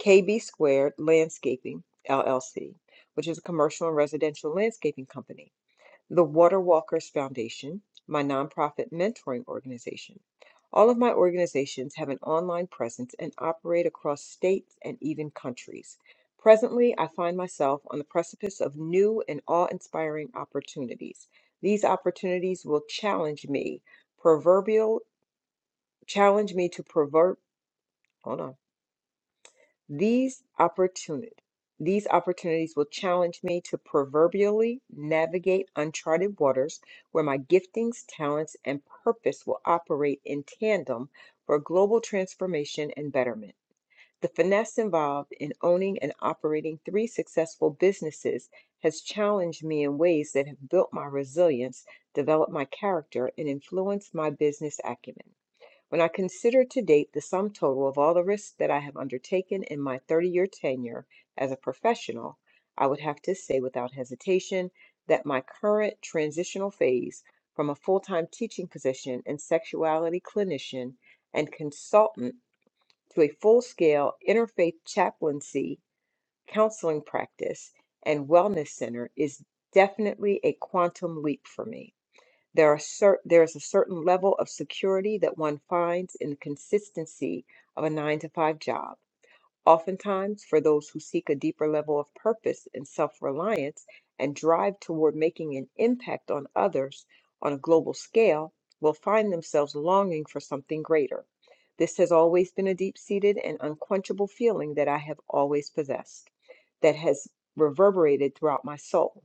Speaker 3: KB Squared Landscaping LLC, which is a commercial and residential landscaping company, the Water Walkers Foundation, my nonprofit mentoring organization. All of my organizations have an online presence and operate across states and even countries. Presently, I find myself on the precipice of new and awe inspiring opportunities. These opportunities will challenge me, proverbial, challenge me to proverb, hold on these opportunity, these opportunities will challenge me to proverbially navigate uncharted waters where my giftings, talents, and purpose will operate in tandem for global transformation and betterment. The finesse involved in owning and operating three successful businesses has challenged me in ways that have built my resilience, developed my character, and influenced my business acumen. When I consider to date the sum total of all the risks that I have undertaken in my 30 year tenure as a professional, I would have to say without hesitation that my current transitional phase from a full time teaching position and sexuality clinician and consultant to a full scale interfaith chaplaincy counseling practice and wellness center is definitely a quantum leap for me. There are cer- there is a certain level of security that one finds in the consistency of a nine to five job. Oftentimes, for those who seek a deeper level of purpose and self reliance and drive toward making an impact on others on a global scale, will find themselves longing for something greater. This has always been a deep seated and unquenchable feeling that I have always possessed, that has reverberated throughout my soul.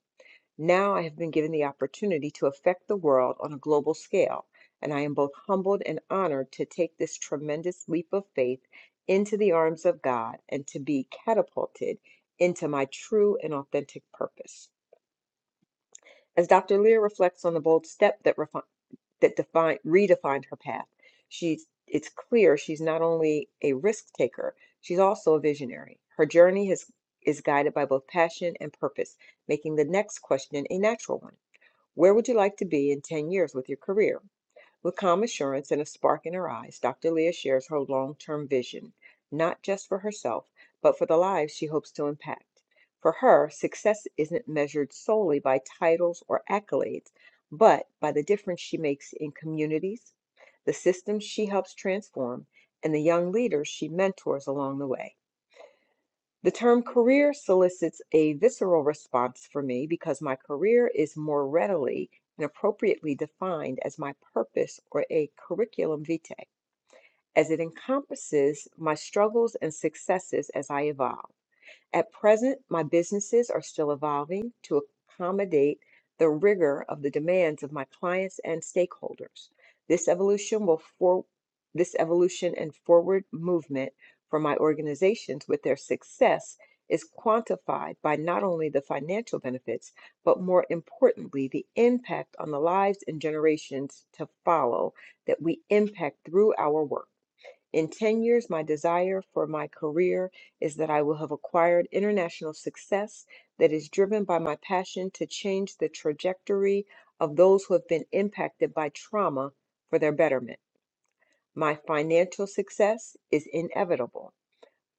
Speaker 3: Now I have been given the opportunity to affect the world on a global scale, and I am both humbled and honored to take this tremendous leap of faith into the arms of God and to be catapulted into my true and authentic purpose. As Dr. Lear reflects on the bold step that refi- that defined redefined her path, she's it's clear she's not only a risk taker, she's also a visionary. Her journey has is guided by both passion and purpose, making the next question a natural one. Where would you like to be in 10 years with your career? With calm assurance and a spark in her eyes, Dr. Leah shares her long term vision, not just for herself, but for the lives she hopes to impact. For her, success isn't measured solely by titles or accolades, but by the difference she makes in communities, the systems she helps transform, and the young leaders she mentors along the way. The term career solicits a visceral response for me because my career is more readily and appropriately defined as my purpose or a curriculum vitae, as it encompasses my struggles and successes as I evolve. At present, my businesses are still evolving to accommodate the rigor of the demands of my clients and stakeholders. This evolution will for this evolution and forward movement for my organizations with their success is quantified by not only the financial benefits, but more importantly, the impact on the lives and generations to follow that we impact through our work. In 10 years, my desire for my career is that I will have acquired international success that is driven by my passion to change the trajectory of those who have been impacted by trauma for their betterment. My financial success is inevitable,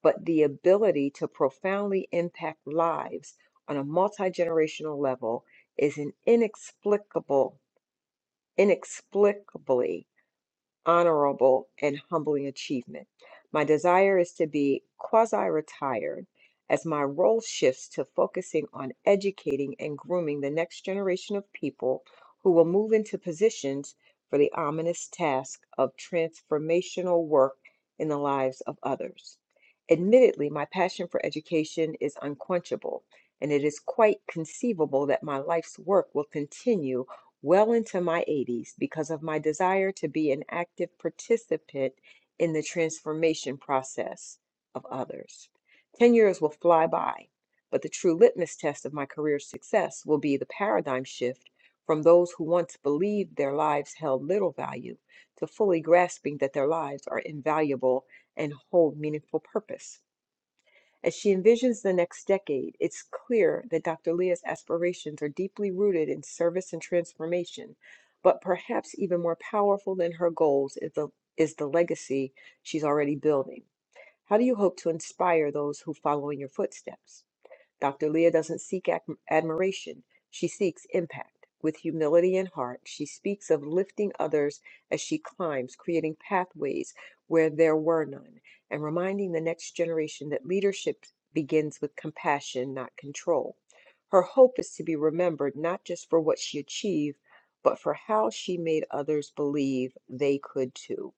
Speaker 3: but the ability to profoundly impact lives on a multi generational level is an inexplicable, inexplicably honorable, and humbling achievement. My desire is to be quasi retired as my role shifts to focusing on educating and grooming the next generation of people who will move into positions for the ominous task of transformational work in the lives of others. Admittedly, my passion for education is unquenchable, and it is quite conceivable that my life's work will continue well into my 80s because of my desire to be an active participant in the transformation process of others. 10 years will fly by, but the true litmus test of my career's success will be the paradigm shift from those who once believed their lives held little value to fully grasping that their lives are invaluable and hold meaningful purpose. As she envisions the next decade, it's clear that Dr. Leah's aspirations are deeply rooted in service and transformation, but perhaps even more powerful than her goals is the, is the legacy she's already building. How do you hope to inspire those who follow in your footsteps? Dr. Leah doesn't seek admiration, she seeks impact. With humility in heart, she speaks of lifting others as she climbs, creating pathways where there were none, and reminding the next generation that leadership begins with compassion, not control. Her hope is to be remembered not just for what she achieved, but for how she made others believe they could too.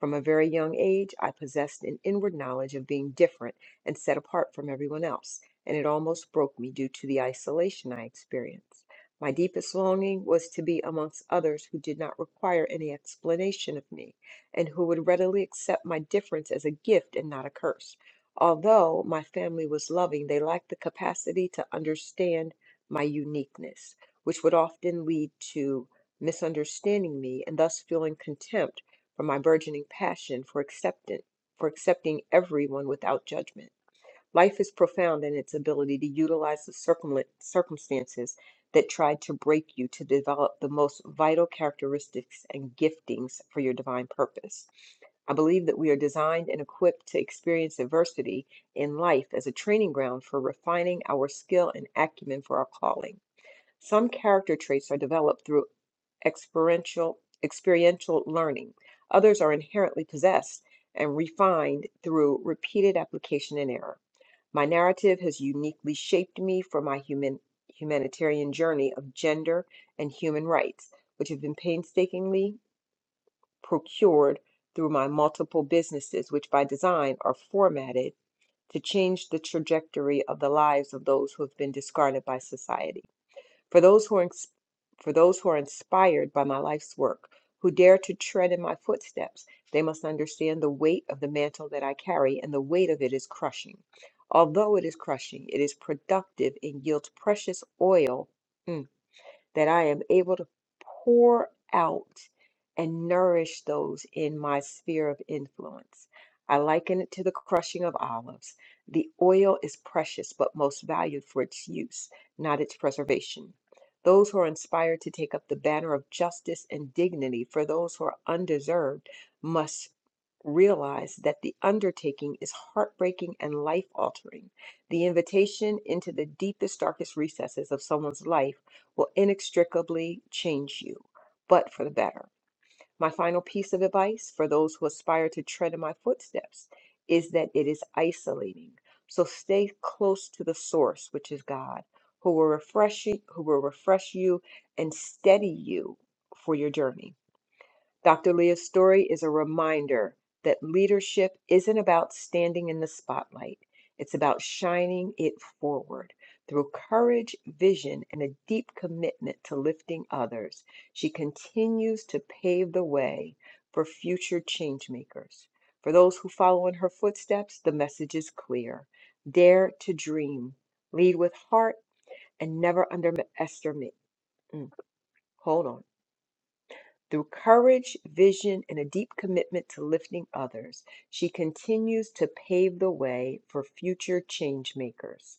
Speaker 3: From a very young age, I possessed an inward knowledge of being different and set apart from everyone else and it almost broke me due to the isolation I experienced. My deepest longing was to be amongst others who did not require any explanation of me, and who would readily accept my difference as a gift and not a curse. Although my family was loving, they lacked the capacity to understand my uniqueness, which would often lead to misunderstanding me and thus feeling contempt for my burgeoning passion for acceptance, for accepting everyone without judgment. Life is profound in its ability to utilize the circumla- circumstances that try to break you to develop the most vital characteristics and giftings for your divine purpose. I believe that we are designed and equipped to experience adversity in life as a training ground for refining our skill and acumen for our calling. Some character traits are developed through experiential experiential learning. Others are inherently possessed and refined through repeated application and error. My narrative has uniquely shaped me for my human, humanitarian journey of gender and human rights, which have been painstakingly procured through my multiple businesses, which by design are formatted to change the trajectory of the lives of those who have been discarded by society. For those who are for those who are inspired by my life's work, who dare to tread in my footsteps, they must understand the weight of the mantle that I carry, and the weight of it is crushing. Although it is crushing, it is productive and yields precious oil. Mm that I am able to pour out and nourish those in my sphere of influence. I liken it to the crushing of olives. The oil is precious, but most valued for its use, not its preservation. Those who are inspired to take up the banner of justice and dignity for those who are undeserved must realize that the undertaking is heartbreaking and life altering. The invitation into the deepest, darkest recesses of someone's life will inextricably change you, but for the better. My final piece of advice for those who aspire to tread in my footsteps is that it is isolating. So stay close to the source, which is God, who will refresh you, who will refresh you and steady you for your journey. Dr. Leah's story is a reminder that leadership isn't about standing in the spotlight, it's about shining it forward. Through courage, vision, and a deep commitment to lifting others, she continues to pave the way for future changemakers. For those who follow in her footsteps, the message is clear dare to dream, lead with heart, and never underestimate. mm, Hold on through courage, vision, and a deep commitment to lifting others, she continues to pave the way for future change makers.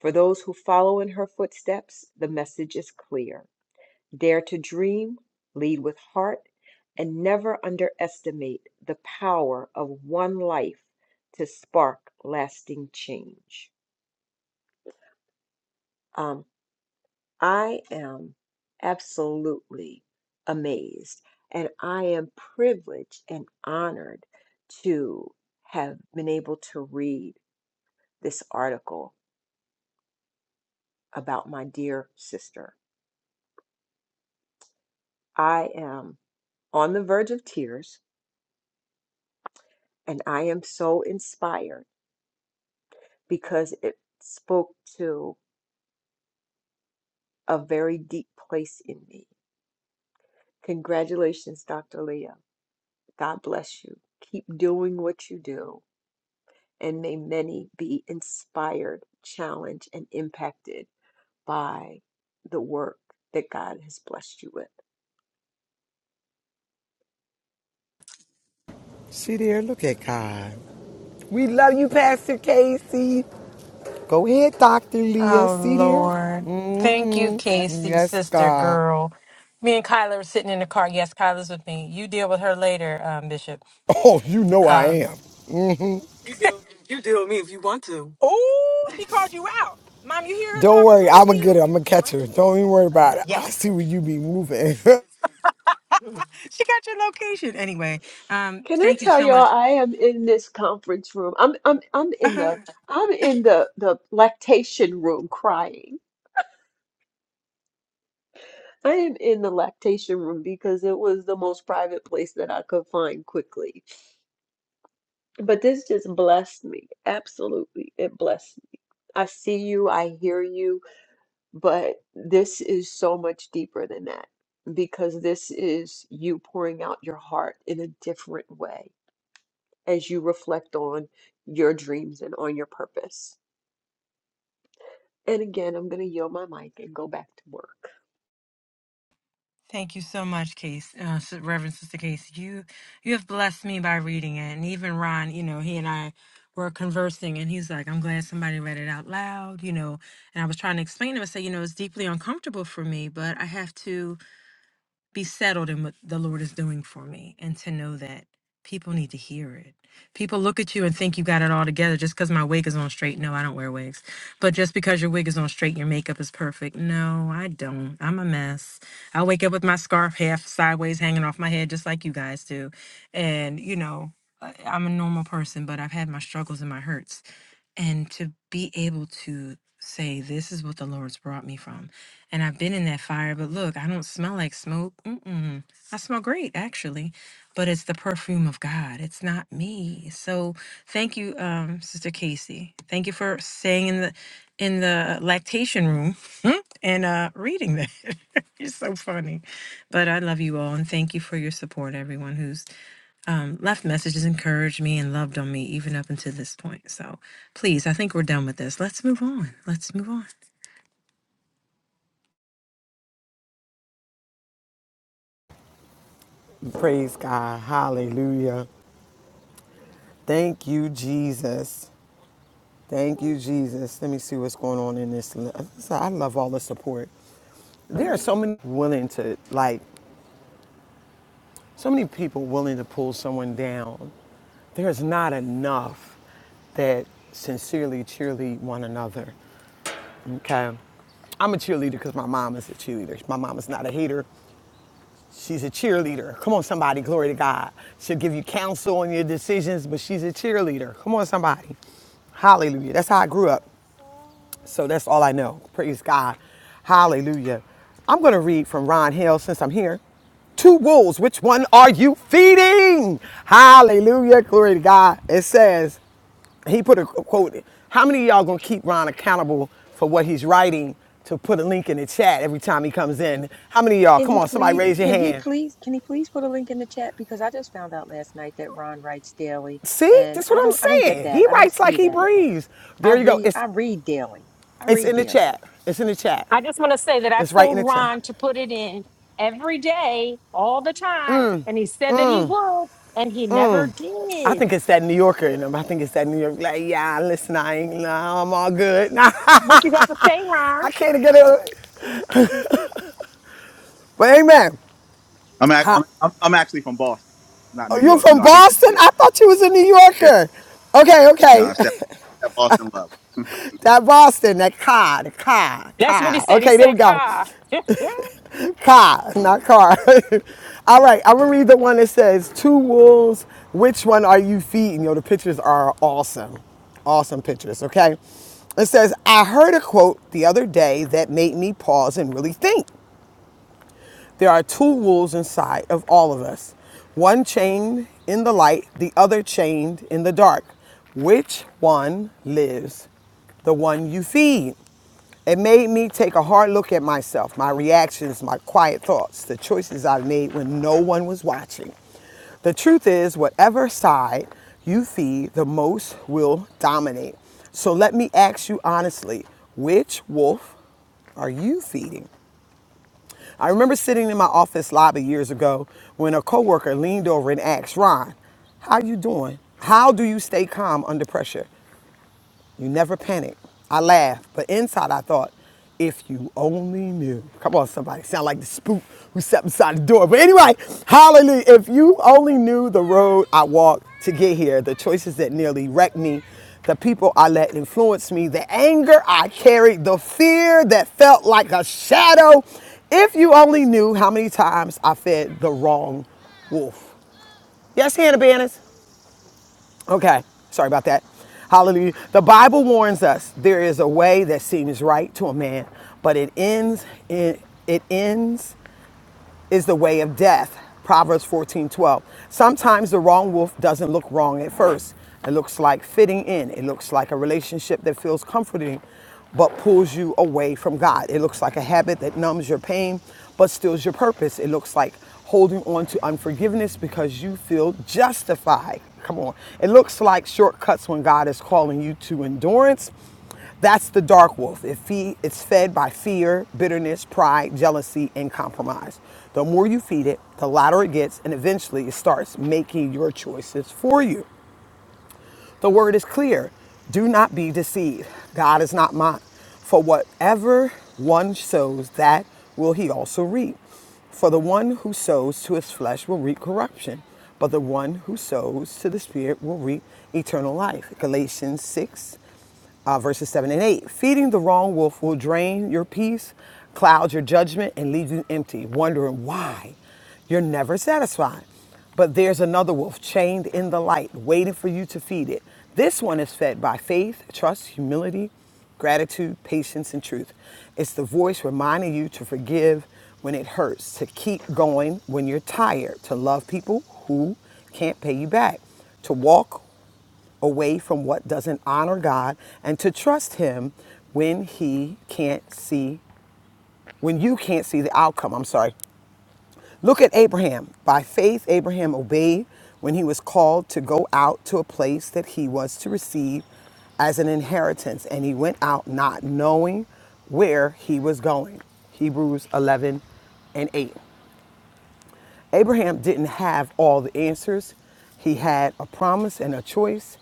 Speaker 3: For those who follow in her footsteps, the message is clear. Dare to dream, lead with heart, and never underestimate the power of one life to spark lasting change. Um. I am absolutely amazed and I am privileged and honored to have been able to read this article about my dear sister. I am on the verge of tears and I am so inspired because it spoke to a very deep place in me. Congratulations, Dr. Leah. God bless you. Keep doing what you do and may many be inspired, challenged, and impacted by the work that God has blessed you with.
Speaker 2: See there? Look at God. We love you, Pastor Casey. Go ahead, Dr. Leah.
Speaker 13: Oh
Speaker 2: See there?
Speaker 13: Lord. Thank you,
Speaker 2: Mm-hmm.
Speaker 13: Casey,
Speaker 2: Yes,
Speaker 13: sister
Speaker 2: God.
Speaker 13: girl. Me and Kyler were sitting in the car. Yes, Kyler's with me. You deal with her later, um, Bishop.
Speaker 2: Oh, you know I
Speaker 13: Um
Speaker 2: am.
Speaker 13: Oh, she called you out. Mom, you hear her
Speaker 2: Don't
Speaker 13: talking
Speaker 2: worry, I'm
Speaker 13: crazy?
Speaker 2: gonna get her. I'm gonna catch her. Don't even worry about it. I
Speaker 13: Yes.
Speaker 2: see where you be moving.
Speaker 13: She got your location. Anyway, um,
Speaker 3: Can I
Speaker 13: thank you
Speaker 3: tell
Speaker 13: so
Speaker 3: y'all
Speaker 13: much.
Speaker 3: I am in this conference room. I'm I'm I'm in the I'm in the the lactation room crying. I am in the lactation room because it was the most private place that I could find quickly. But this just blessed me. Absolutely. It blessed me. I see you, I hear you, but this is so much deeper than that because this is you pouring out your heart in a different way as you reflect on your dreams and on your purpose. And again, I'm going to yield my mic and go back to work.
Speaker 13: Thank you so much, Case, uh, S- Reverend Sister Case. You you have blessed me by reading it, and even Ron, you know, he and I were conversing, and he's like, "I'm glad somebody read it out loud," you know. And I was trying to explain to him, I said, "You know, it's deeply uncomfortable for me, but I have to." be settled in what the Lord is doing for me and to know that people need to hear it. People look at you and think you got it all together just because my wig is on straight. No, I don't wear wigs. But just because your wig is on straight, your makeup is perfect. No, I don't. I'm a mess. I wake up with my scarf half sideways hanging off my head, just like you guys do. And, you know, I- I'm a normal person, but I've had my struggles and my hurts and to be able to say this is what the lord's brought me from and i've been in that fire but look i don't smell like smoke Mm-mm. i smell great actually but it's the perfume of god it's not me so thank you um sister casey thank you for staying in the in the lactation room and uh reading that you're so funny but i love you all and thank you for your support everyone who's um, left messages, encouraged me, and loved on me even up until this point. So please, I think we're done with this. Let's move on. Let's move on.
Speaker 2: Praise God. Hallelujah. Thank you, Jesus. Thank you, Jesus. Let me see what's going on in this. li- I love all the support. There are so many willing to like so many people willing to pull someone down. There's not enough. that sincerely cheerlead one another. Okay. I'm a cheerleader because my mom is a cheerleader. My mom is not a hater. She's a cheerleader. Come on, somebody. Glory to God. She'll give you counsel on your decisions, but she's a cheerleader. Come on, somebody. Hallelujah. That's how I grew up. So that's all I know. Praise God. Hallelujah. I'm going to read from Ron Hill since I'm here. Two wolves, which one are you feeding? Hallelujah. Glory to God. It says, he put a quote. How many of y'all gonna keep Ron accountable for what he's writing to put a link in the chat every time he comes in? How many of y'all?
Speaker 3: Can
Speaker 2: Come
Speaker 3: he
Speaker 2: on, somebody
Speaker 3: please?
Speaker 2: raise your
Speaker 3: Can he
Speaker 2: hand.
Speaker 3: please? Can he please put a link in the chat? Because I just found out last night that Ron writes daily,
Speaker 2: See,
Speaker 3: and
Speaker 2: that's what
Speaker 3: I
Speaker 2: I'm
Speaker 3: don't. I don't get
Speaker 2: saying. He
Speaker 3: that. I don't
Speaker 2: writes like
Speaker 3: see
Speaker 2: he
Speaker 3: that.
Speaker 2: breathes.
Speaker 3: I
Speaker 2: There you go.
Speaker 3: read. I
Speaker 2: It's
Speaker 3: read daily. I
Speaker 2: it's
Speaker 3: read
Speaker 2: in the
Speaker 3: daily.
Speaker 2: chat. It's in the chat.
Speaker 13: I just want to say that I
Speaker 2: It's right in
Speaker 13: told
Speaker 2: the chat.
Speaker 13: Ron to put it in every day, all the time, and he said that he would, and he never
Speaker 2: I
Speaker 13: did.
Speaker 2: think it's that New Yorker in him. I think it's that New York. Like, yeah, listen, I ain't. Nah, I'm all good. Nah,
Speaker 13: What you got to say, Ron?
Speaker 2: I can't get it. But amen.
Speaker 12: I'm act- I'm, I'm, I'm actually from Boston, not New
Speaker 2: Oh, You're
Speaker 12: York. You
Speaker 2: from
Speaker 12: know, I hate the New
Speaker 2: Boston?
Speaker 12: York.
Speaker 2: I thought you was a New
Speaker 12: Yeah.
Speaker 2: Yorker. Okay,
Speaker 12: No,
Speaker 2: okay.
Speaker 12: it's that, that Boston love.
Speaker 2: That Boston, that car, the car,
Speaker 13: That's what he
Speaker 2: car.
Speaker 13: said. He
Speaker 2: Okay, there we
Speaker 13: said,
Speaker 2: go.
Speaker 13: "Ka."
Speaker 2: Car, not car. All right, I'm gonna read the one that says, Two wolves, which one are you feeding? Yo, the pictures are awesome. Awesome pictures, okay? It says, I heard a quote the other day that made me pause and really think. There are two wolves inside of all of us one chained in the light, the other chained in the dark. Which one lives? The one you feed. It made me take a hard look at myself, my reactions, my quiet thoughts, the choices I made when no one was watching. The truth is, whatever side you feed, the most will dominate. So let me ask you honestly which wolf are you feeding? I remember sitting in my office lobby years ago when a coworker leaned over and asked, Ron, how you doing? How do you stay calm under pressure? You never panic. I laughed, but inside I thought, if you only knew. Come on, somebody. Sound like the spook who sat beside the door. But anyway, hallelujah. If you only knew the road I walked to get here, the choices that nearly wrecked me, the people I let influence me, the anger I carried, the fear that felt like a shadow. If you only knew how many times I fed the wrong wolf. Yes, Hannah Banners. Okay, sorry about that. Hallelujah. The Bible warns us there is a way that seems right to a man, but it ends in it ends is the way of death. Proverbs 14:12. Sometimes the wrong wolf doesn't look wrong at first. It looks like fitting in. It looks like a relationship that feels comforting but pulls you away from God. It looks like a habit that numbs your pain but steals your purpose. It looks like holding on to unforgiveness because you feel justified. Come on. It looks like shortcuts when God is calling you to endurance that's the dark wolf. It fe- it's fed by fear, bitterness, pride, jealousy, and compromise. The more you feed it, the louder it gets, and eventually it starts making your choices for you. The word is clear do not be deceived. God is not mocked. For whatever one sows, that will he also reap. For the one who sows to his flesh will reap corruption, but the one who sows to the Spirit will reap eternal life. Galatians 6 uh, verses 7 and 8. Feeding the wrong wolf will drain your peace, cloud your judgment, and leave you empty, wondering why you're never satisfied. But there's another wolf chained in the light, waiting for you to feed it. This one is fed by faith, trust, humility, gratitude, patience, and truth. It's the voice reminding you to forgive when it hurts, to keep going when you're tired, to love people who can't pay you back, to walk away from what doesn't honor God and to trust Him when He can't see, when you can't see the outcome. I'm sorry. Look at Abraham. By faith, Abraham obeyed when he was called to go out to a place that he was to receive as an inheritance, and he went out not knowing where he was going. Hebrews 11 and 8. Abraham didn't have all the answers. He had a promise and a choice,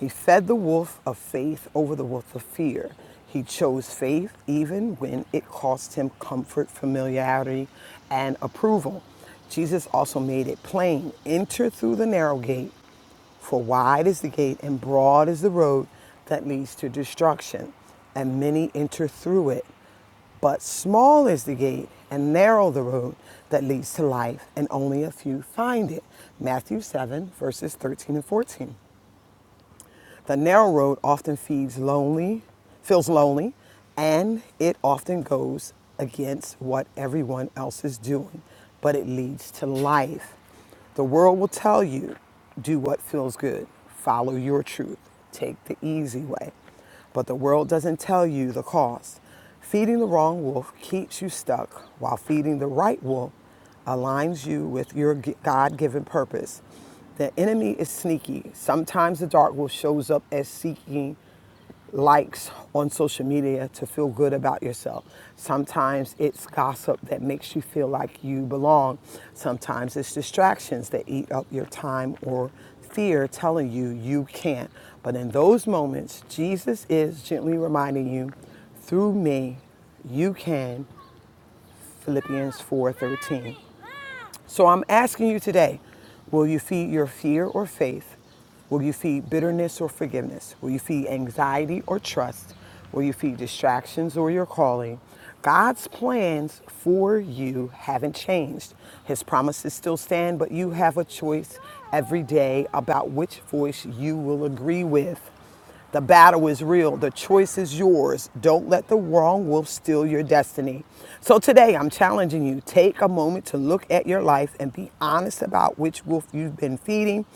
Speaker 2: He fed the wolf of faith over the wolf of fear. He chose faith even when it cost him comfort, familiarity, and approval. Jesus also made it plain enter through the narrow gate, for wide is the gate and broad is the road that leads to destruction, and many enter through it. But small is the gate and narrow the road that leads to life, and only a few find it. Matthew 7, verses 13 and 14. The narrow road often feeds lonely, feels lonely, and it often goes against what everyone else is doing, but it leads to life. The world will tell you do what feels good, follow your truth, take the easy way. But the world doesn't tell you the cost. Feeding the wrong wolf keeps you stuck, while feeding the right wolf aligns you with your God given purpose. The enemy is sneaky. Sometimes the dark will shows up as seeking likes on social media to feel good about yourself. Sometimes it's gossip that makes you feel like you belong. Sometimes it's distractions that eat up your time or fear telling you you can't. But in those moments, Jesus is gently reminding you, through me, you can. Philippians 4:13. So I'm asking you today will you feed your fear or faith? Will you feed bitterness or forgiveness? Will you feed anxiety or trust? Will you feed distractions or your calling? God's plans for you haven't changed. His promises still stand, but you have a choice every day about which voice you will agree with. The battle is real. The choice is yours. Don't let the wrong wolf steal your destiny. So today I'm challenging you. Take a moment to look at your life and be honest about which wolf you've been feeding.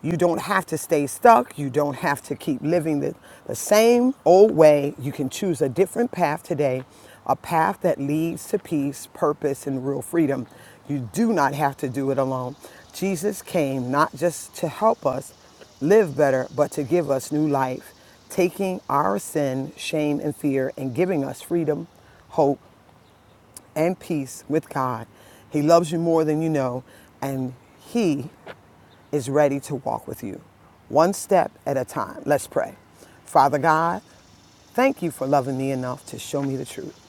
Speaker 2: You don't have to stay stuck. You don't have to keep living the, the same old way. You can choose a different path today, a path that leads to peace, purpose, and real freedom. You do not have to do it alone. Jesus came not just to help us, live better, but to give us new life, taking our sin, shame, and fear and giving us freedom, hope, and peace with God. He loves you more than you know, and He is ready to walk with you, one step at a time. Let's pray. Father God, Thank you for loving me enough to show me the truth.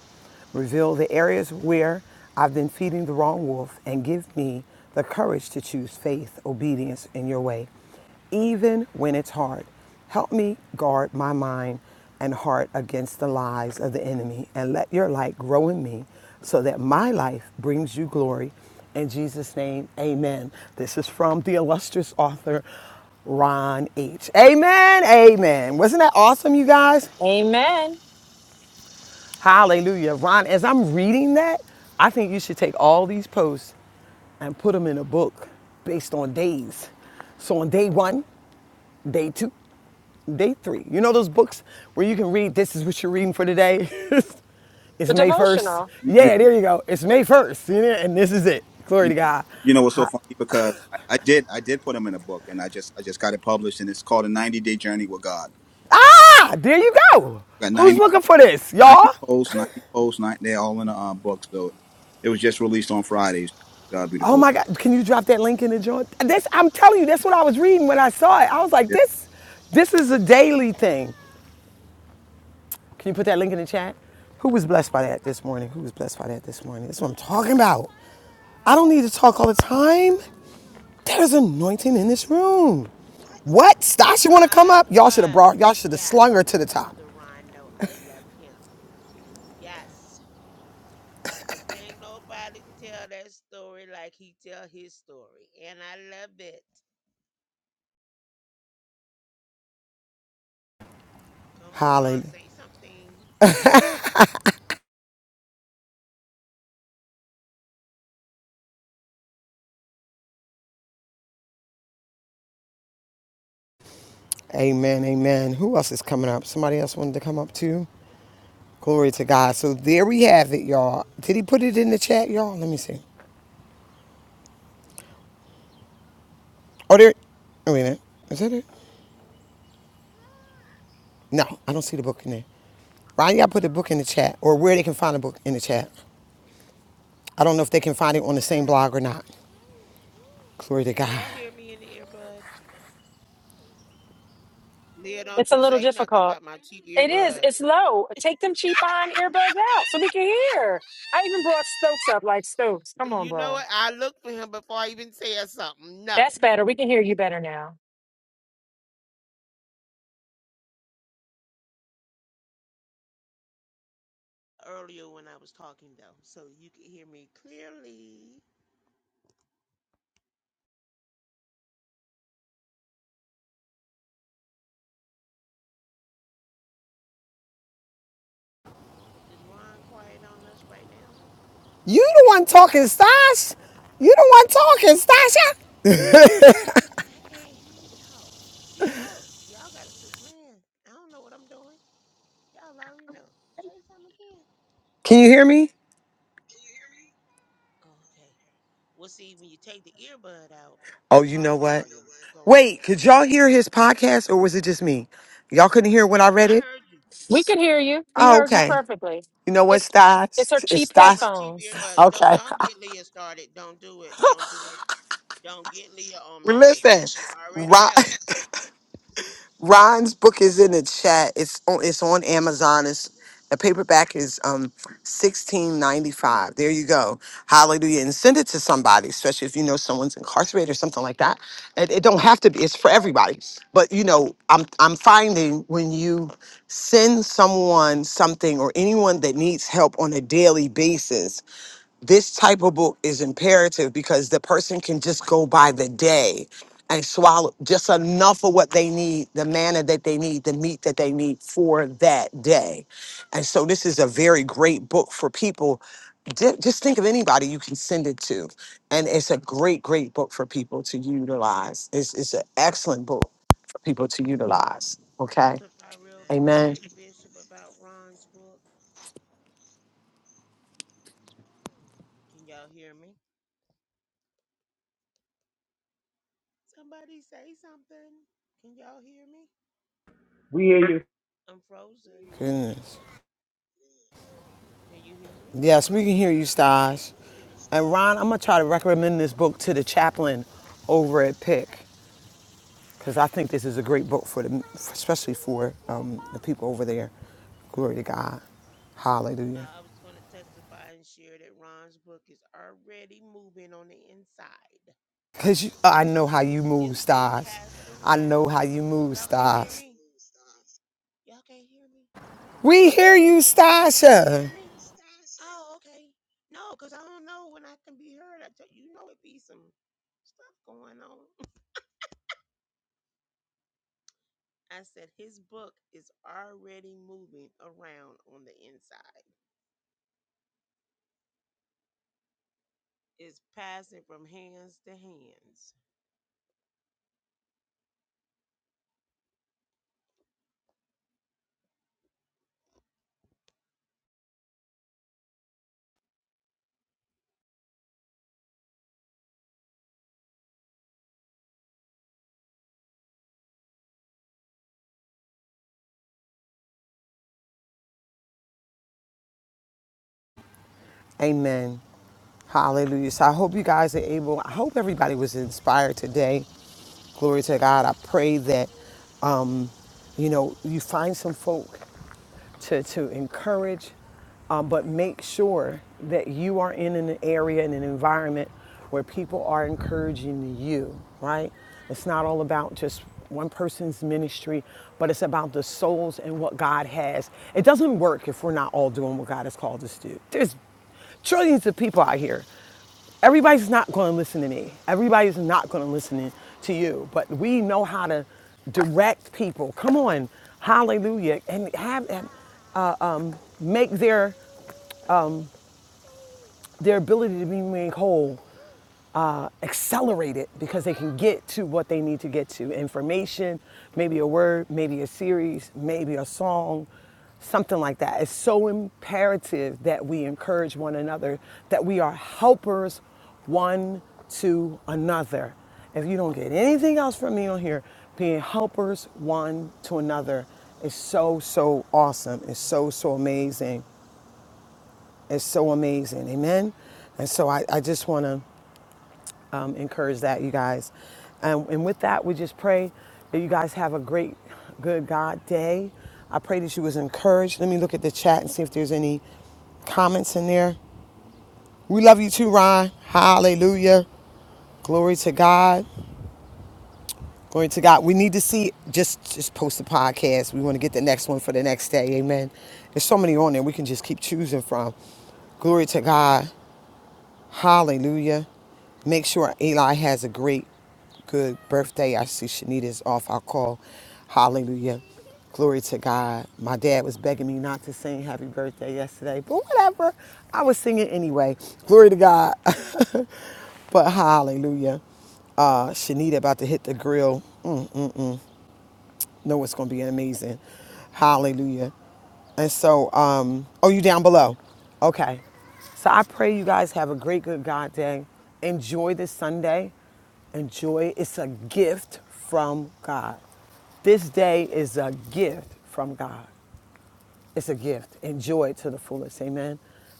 Speaker 2: Reveal the areas where I've been feeding the wrong wolf and give me the courage to choose faith, obedience in your way, even when it's hard. Help me guard my mind and heart against the lies of the enemy and let your light grow in me so that my life brings you glory. In Jesus' name, amen. This is from the illustrious author, Ron H. Amen, amen. Wasn't that awesome, you guys?
Speaker 13: Amen.
Speaker 2: Hallelujah. Ron, as I'm reading that, I think you should take all these posts and put them in a book based on days. So on day one, day two, day three. You know those books where you can read, this is what you're reading for today? it's
Speaker 13: The
Speaker 2: May 1st.
Speaker 13: devotional.
Speaker 12: you, you,
Speaker 2: Yeah, there you go. It's May 1st. And this is it. Glory
Speaker 12: you
Speaker 2: to God.
Speaker 12: you know what's so funny because I, I did I did put them in a book and I just I just got it published and it's called a 90 day journey with God.
Speaker 2: Ah, there you
Speaker 12: I
Speaker 2: go.
Speaker 12: got
Speaker 2: Who's
Speaker 12: 90
Speaker 2: looking for this?
Speaker 12: 90
Speaker 2: Y'all?
Speaker 12: posts, 90 posts, 90, they're all in a uh, book. So it was just released on Fridays. God be the
Speaker 2: Oh
Speaker 12: glory.
Speaker 2: my God, can you drop that link in the joint?
Speaker 12: Yeah,
Speaker 2: This, I'm telling you, that's what I was reading when I saw it. I was like,
Speaker 12: yeah.
Speaker 2: this, this is a daily thing. Can you put that link in the chat? Who was blessed by that this morning? Who was blessed by that this morning? That's what I'm talking about. I
Speaker 14: I
Speaker 2: don't
Speaker 14: was.
Speaker 2: need to talk all the time. There's anointing
Speaker 14: It's
Speaker 2: in this
Speaker 14: true.
Speaker 2: room.
Speaker 14: What?
Speaker 2: What? Stasha want to come
Speaker 14: I
Speaker 2: up? Y'all should have
Speaker 14: was.
Speaker 2: brought, y'all should have slung
Speaker 14: Yes,
Speaker 2: her to the
Speaker 14: my
Speaker 2: top.
Speaker 14: brother Ron. No, I love him. Yes. Cause can't nobody tell that story like he tell his story. And I love it. Come on, Ron,
Speaker 2: Hallelujah.
Speaker 14: say something.
Speaker 2: Amen, amen. Who else is coming up? Somebody else wanted to come up too? Glory to God. So there we have it, y'all. Did he put it in the chat, y'all? Let me see. Oh, there. Oh, wait a minute. Is that it? No, I don't see the book in there. Ryan, y'all put the book in the chat or where they can find the book in the chat. I don't know if they can find it on the same blog or not. Glory to
Speaker 14: Can
Speaker 2: God.
Speaker 14: y'all hear me in the earbud? Leah, don't
Speaker 13: It's a
Speaker 14: you
Speaker 13: little
Speaker 14: say nothing
Speaker 13: difficult.
Speaker 14: about my cheap
Speaker 13: It is.
Speaker 14: earbud.
Speaker 13: It's low. Take them cheap on earbuds out so we can hear. I even brought Stokes up like Stokes. Come on,
Speaker 14: You know
Speaker 13: bro.
Speaker 14: what? I looked for him before I even said something. No.
Speaker 13: That's better. We can hear you better now.
Speaker 14: Earlier when I was talking though, so you can hear me clearly. Is Ron quiet on us right now?
Speaker 2: You the one talking, Stash. You the one talking, Stasha.
Speaker 14: What? I can't hear y'all. See y'all y'all gotta quit playing. I don't know what I'm doing. Y'all already know. Say something again.
Speaker 2: Can you hear me?
Speaker 14: Oh, okay. Well see when you take the earbud out, the
Speaker 2: Oh, you know
Speaker 14: phone Oh, you know
Speaker 2: what?
Speaker 14: volume go low.
Speaker 2: Wait, could y'all hear his podcast or was it just me? Y'all couldn't hear when
Speaker 14: No,
Speaker 2: I read
Speaker 14: I
Speaker 2: it?
Speaker 14: heard you.
Speaker 13: We can hear you. We
Speaker 2: Oh,
Speaker 13: heard you
Speaker 2: okay.
Speaker 13: perfectly.
Speaker 2: You know what,
Speaker 13: It's
Speaker 2: Stash?
Speaker 13: it's her
Speaker 2: It's
Speaker 13: cheap
Speaker 14: It's my
Speaker 2: Stash.
Speaker 14: cheap
Speaker 13: headphones.
Speaker 14: earbud. Don't
Speaker 2: Okay.
Speaker 14: don't get Leah started. Don't do it. Don't do it. Don't get Leah on me, Bishop.
Speaker 2: Listen,
Speaker 14: You already
Speaker 2: Ryan.
Speaker 14: know.
Speaker 2: Ron's book is in the chat. It's on it's on Amazon. It's the paperback is um sixteen ninety five. There you go. Hallelujah. And send it to somebody, especially if you know someone's incarcerated or something like that. It, it don't have to be, it's for everybody. But you know, I'm I'm finding when you send someone something or anyone that needs help on a daily basis, this type of book is imperative because the person can just go by the day and swallow just enough of what they need, the manna that they need, the meat that they need for that day. And so this is a very great book for people. Ju- Just think of anybody you can send it to. And it's a great, great book for people to utilize. It's, it's an excellent book for people to utilize. Okay.
Speaker 14: real
Speaker 2: Amen.
Speaker 14: quick, Bishop, about Ron's book. Can y'all hear me? Somebody say something. Can y'all hear me?
Speaker 15: We hear you.
Speaker 14: I'm frozen.
Speaker 2: Goodness.
Speaker 14: Can you hear me?
Speaker 2: Yes, we can hear you, Staj. And Ron, I'm gonna try to
Speaker 14: I said
Speaker 2: recommend this book to the chaplain over at Pick because I think this is a great book for the, especially for um, the people over there. Glory to God, Hallelujah.
Speaker 14: uh, I was going to testify and share that Ron's book is already moving on the inside.
Speaker 2: Because I know how you move,
Speaker 14: It's being
Speaker 2: Staj.
Speaker 14: passed
Speaker 2: I know
Speaker 14: around.
Speaker 2: how you move,
Speaker 14: Y'all can't hear
Speaker 2: Stas.
Speaker 14: me? Y'all can't hear me?
Speaker 2: We hear you,
Speaker 14: Can y'all hear
Speaker 2: Stasha.
Speaker 14: me? Oh, okay. No, because I don't know when I can be heard. I tell you know it be some stuff going on. I said his book is already moving around on the inside. is passing from hands to hands.
Speaker 2: Amen. Hallelujah. So I hope you guys are able, I hope everybody was inspired today. Glory to God. I pray that Um, you know, you find some folk to, to encourage, um, but make sure that you are in an area, in an environment where people are encouraging you, right? It's not all about just one person's ministry, but it's about the souls and what God has. It doesn't work if we're not all doing what God has called us to do. There's trillions of people out here everybody's not going to listen to me. Everybody's not going to listen to you. But we know how to direct people. Come on, hallelujah, and have and make their their ability to be made whole accelerate it because they can get to what they need to get to information, maybe a word, maybe a series, maybe a song, something like that. It's so imperative that we encourage one another, that we are helpers one to another. If you don't get anything else from me on here, being helpers one to another is so, so awesome. It's so, so amazing. It's so amazing. Amen. And so I, I just want to um, encourage that, you guys. Um, and with that, we just pray that you guys have a great, good God day. I pray that you was encouraged. Let me look at the chat and see if there's any comments in there. We love you too, Ron. Hallelujah. Glory to God. Glory to God. We need to see just just post the podcast. We want to get the next one for the next day. Amen. There's so many on there we can just keep choosing from. Glory to God. Hallelujah. Make sure Eli has a great, good birthday. I see Shanita's off. I'll call. Hallelujah. Glory to God. My dad was begging me not to sing happy birthday yesterday, but whatever. I was singing anyway. Glory to God. but hallelujah. Uh, Shanita about to hit the grill. Mm know it's going to be amazing. Hallelujah. And so, um, oh, you down below? Okay. So I pray you guys have a great, good God day. Enjoy this Sunday. Enjoy. It's a gift from God. This day is a gift from God. It's a gift. Enjoy it to the fullest. Amen.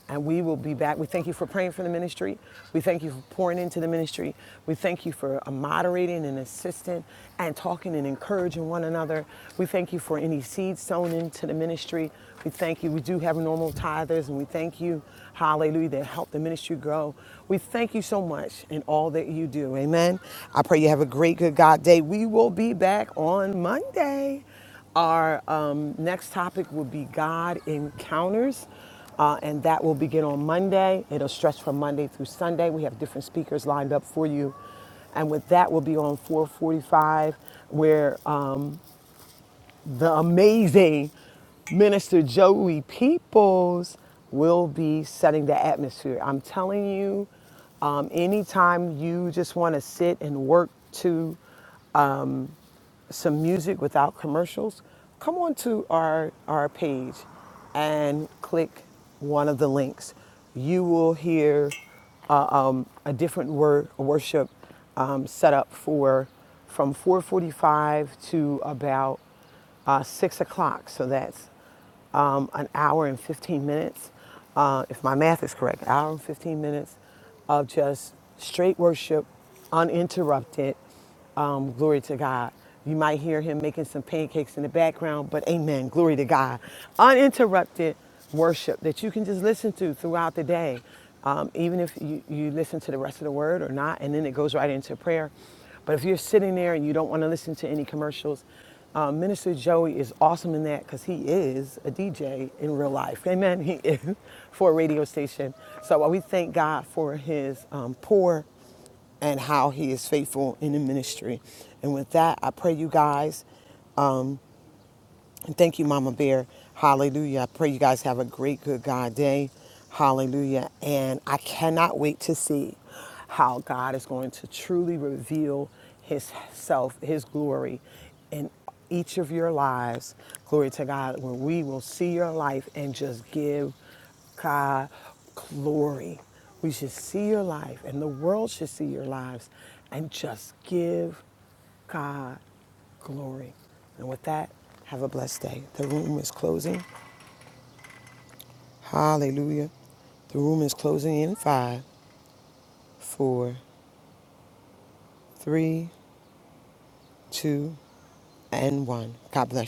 Speaker 2: And we will be back. We thank you for praying for the ministry. We thank you for pouring into the ministry. We thank you for uh, moderating and assisting and talking and encouraging one another. We thank you for any seeds sown into the ministry. We thank you. We do have normal tithers and we thank you, hallelujah, that help the ministry grow. We thank you so much in all that you do. Amen. I pray you have a great, good God day. We will be back on Monday. Our um, next topic will be God encounters, uh, and that will begin on Monday. It'll stretch from Monday through Sunday. We have different speakers lined up for you, and with that, we'll be on 4:45, where uh, the amazing Minister Joey Peoples will be setting the atmosphere. I'm telling you, um, anytime you just want to sit and work to some music without commercials, come on to our, our page and click one of the links. You will hear a different word worship um, set up for from 4:45 to about uh, six o'clock. So that's um, an hour and 15 minutes, uh, if my math is correct, hour and 15 minutes of just straight worship, uninterrupted um, glory to God. You might hear him making some pancakes in the background, but amen. Glory to God. Uninterrupted worship that you can just listen to throughout the day, um, even if you, you listen to the rest of the word or not, and then it goes right into prayer. But if you're sitting there and you don't want to listen to any commercials, um, Minister Joey is awesome in that because he is a DJ in real life. Amen. He is for a radio station. So uh, we thank God for his um, pour and how he is faithful in the ministry. And with that, I pray you guys and thank you, Mama Bear. Hallelujah. I pray you guys have a great, good God day. Hallelujah. And I cannot wait to see how God is going to truly reveal his self, his glory in each of your lives. Glory to God, where we will see your life and just give God glory. We should see your life, and the world should see your lives, and just give God glory. And with that, have a blessed day. The room is closing. Hallelujah. The room is closing in five, four, three, two, and one. God bless you.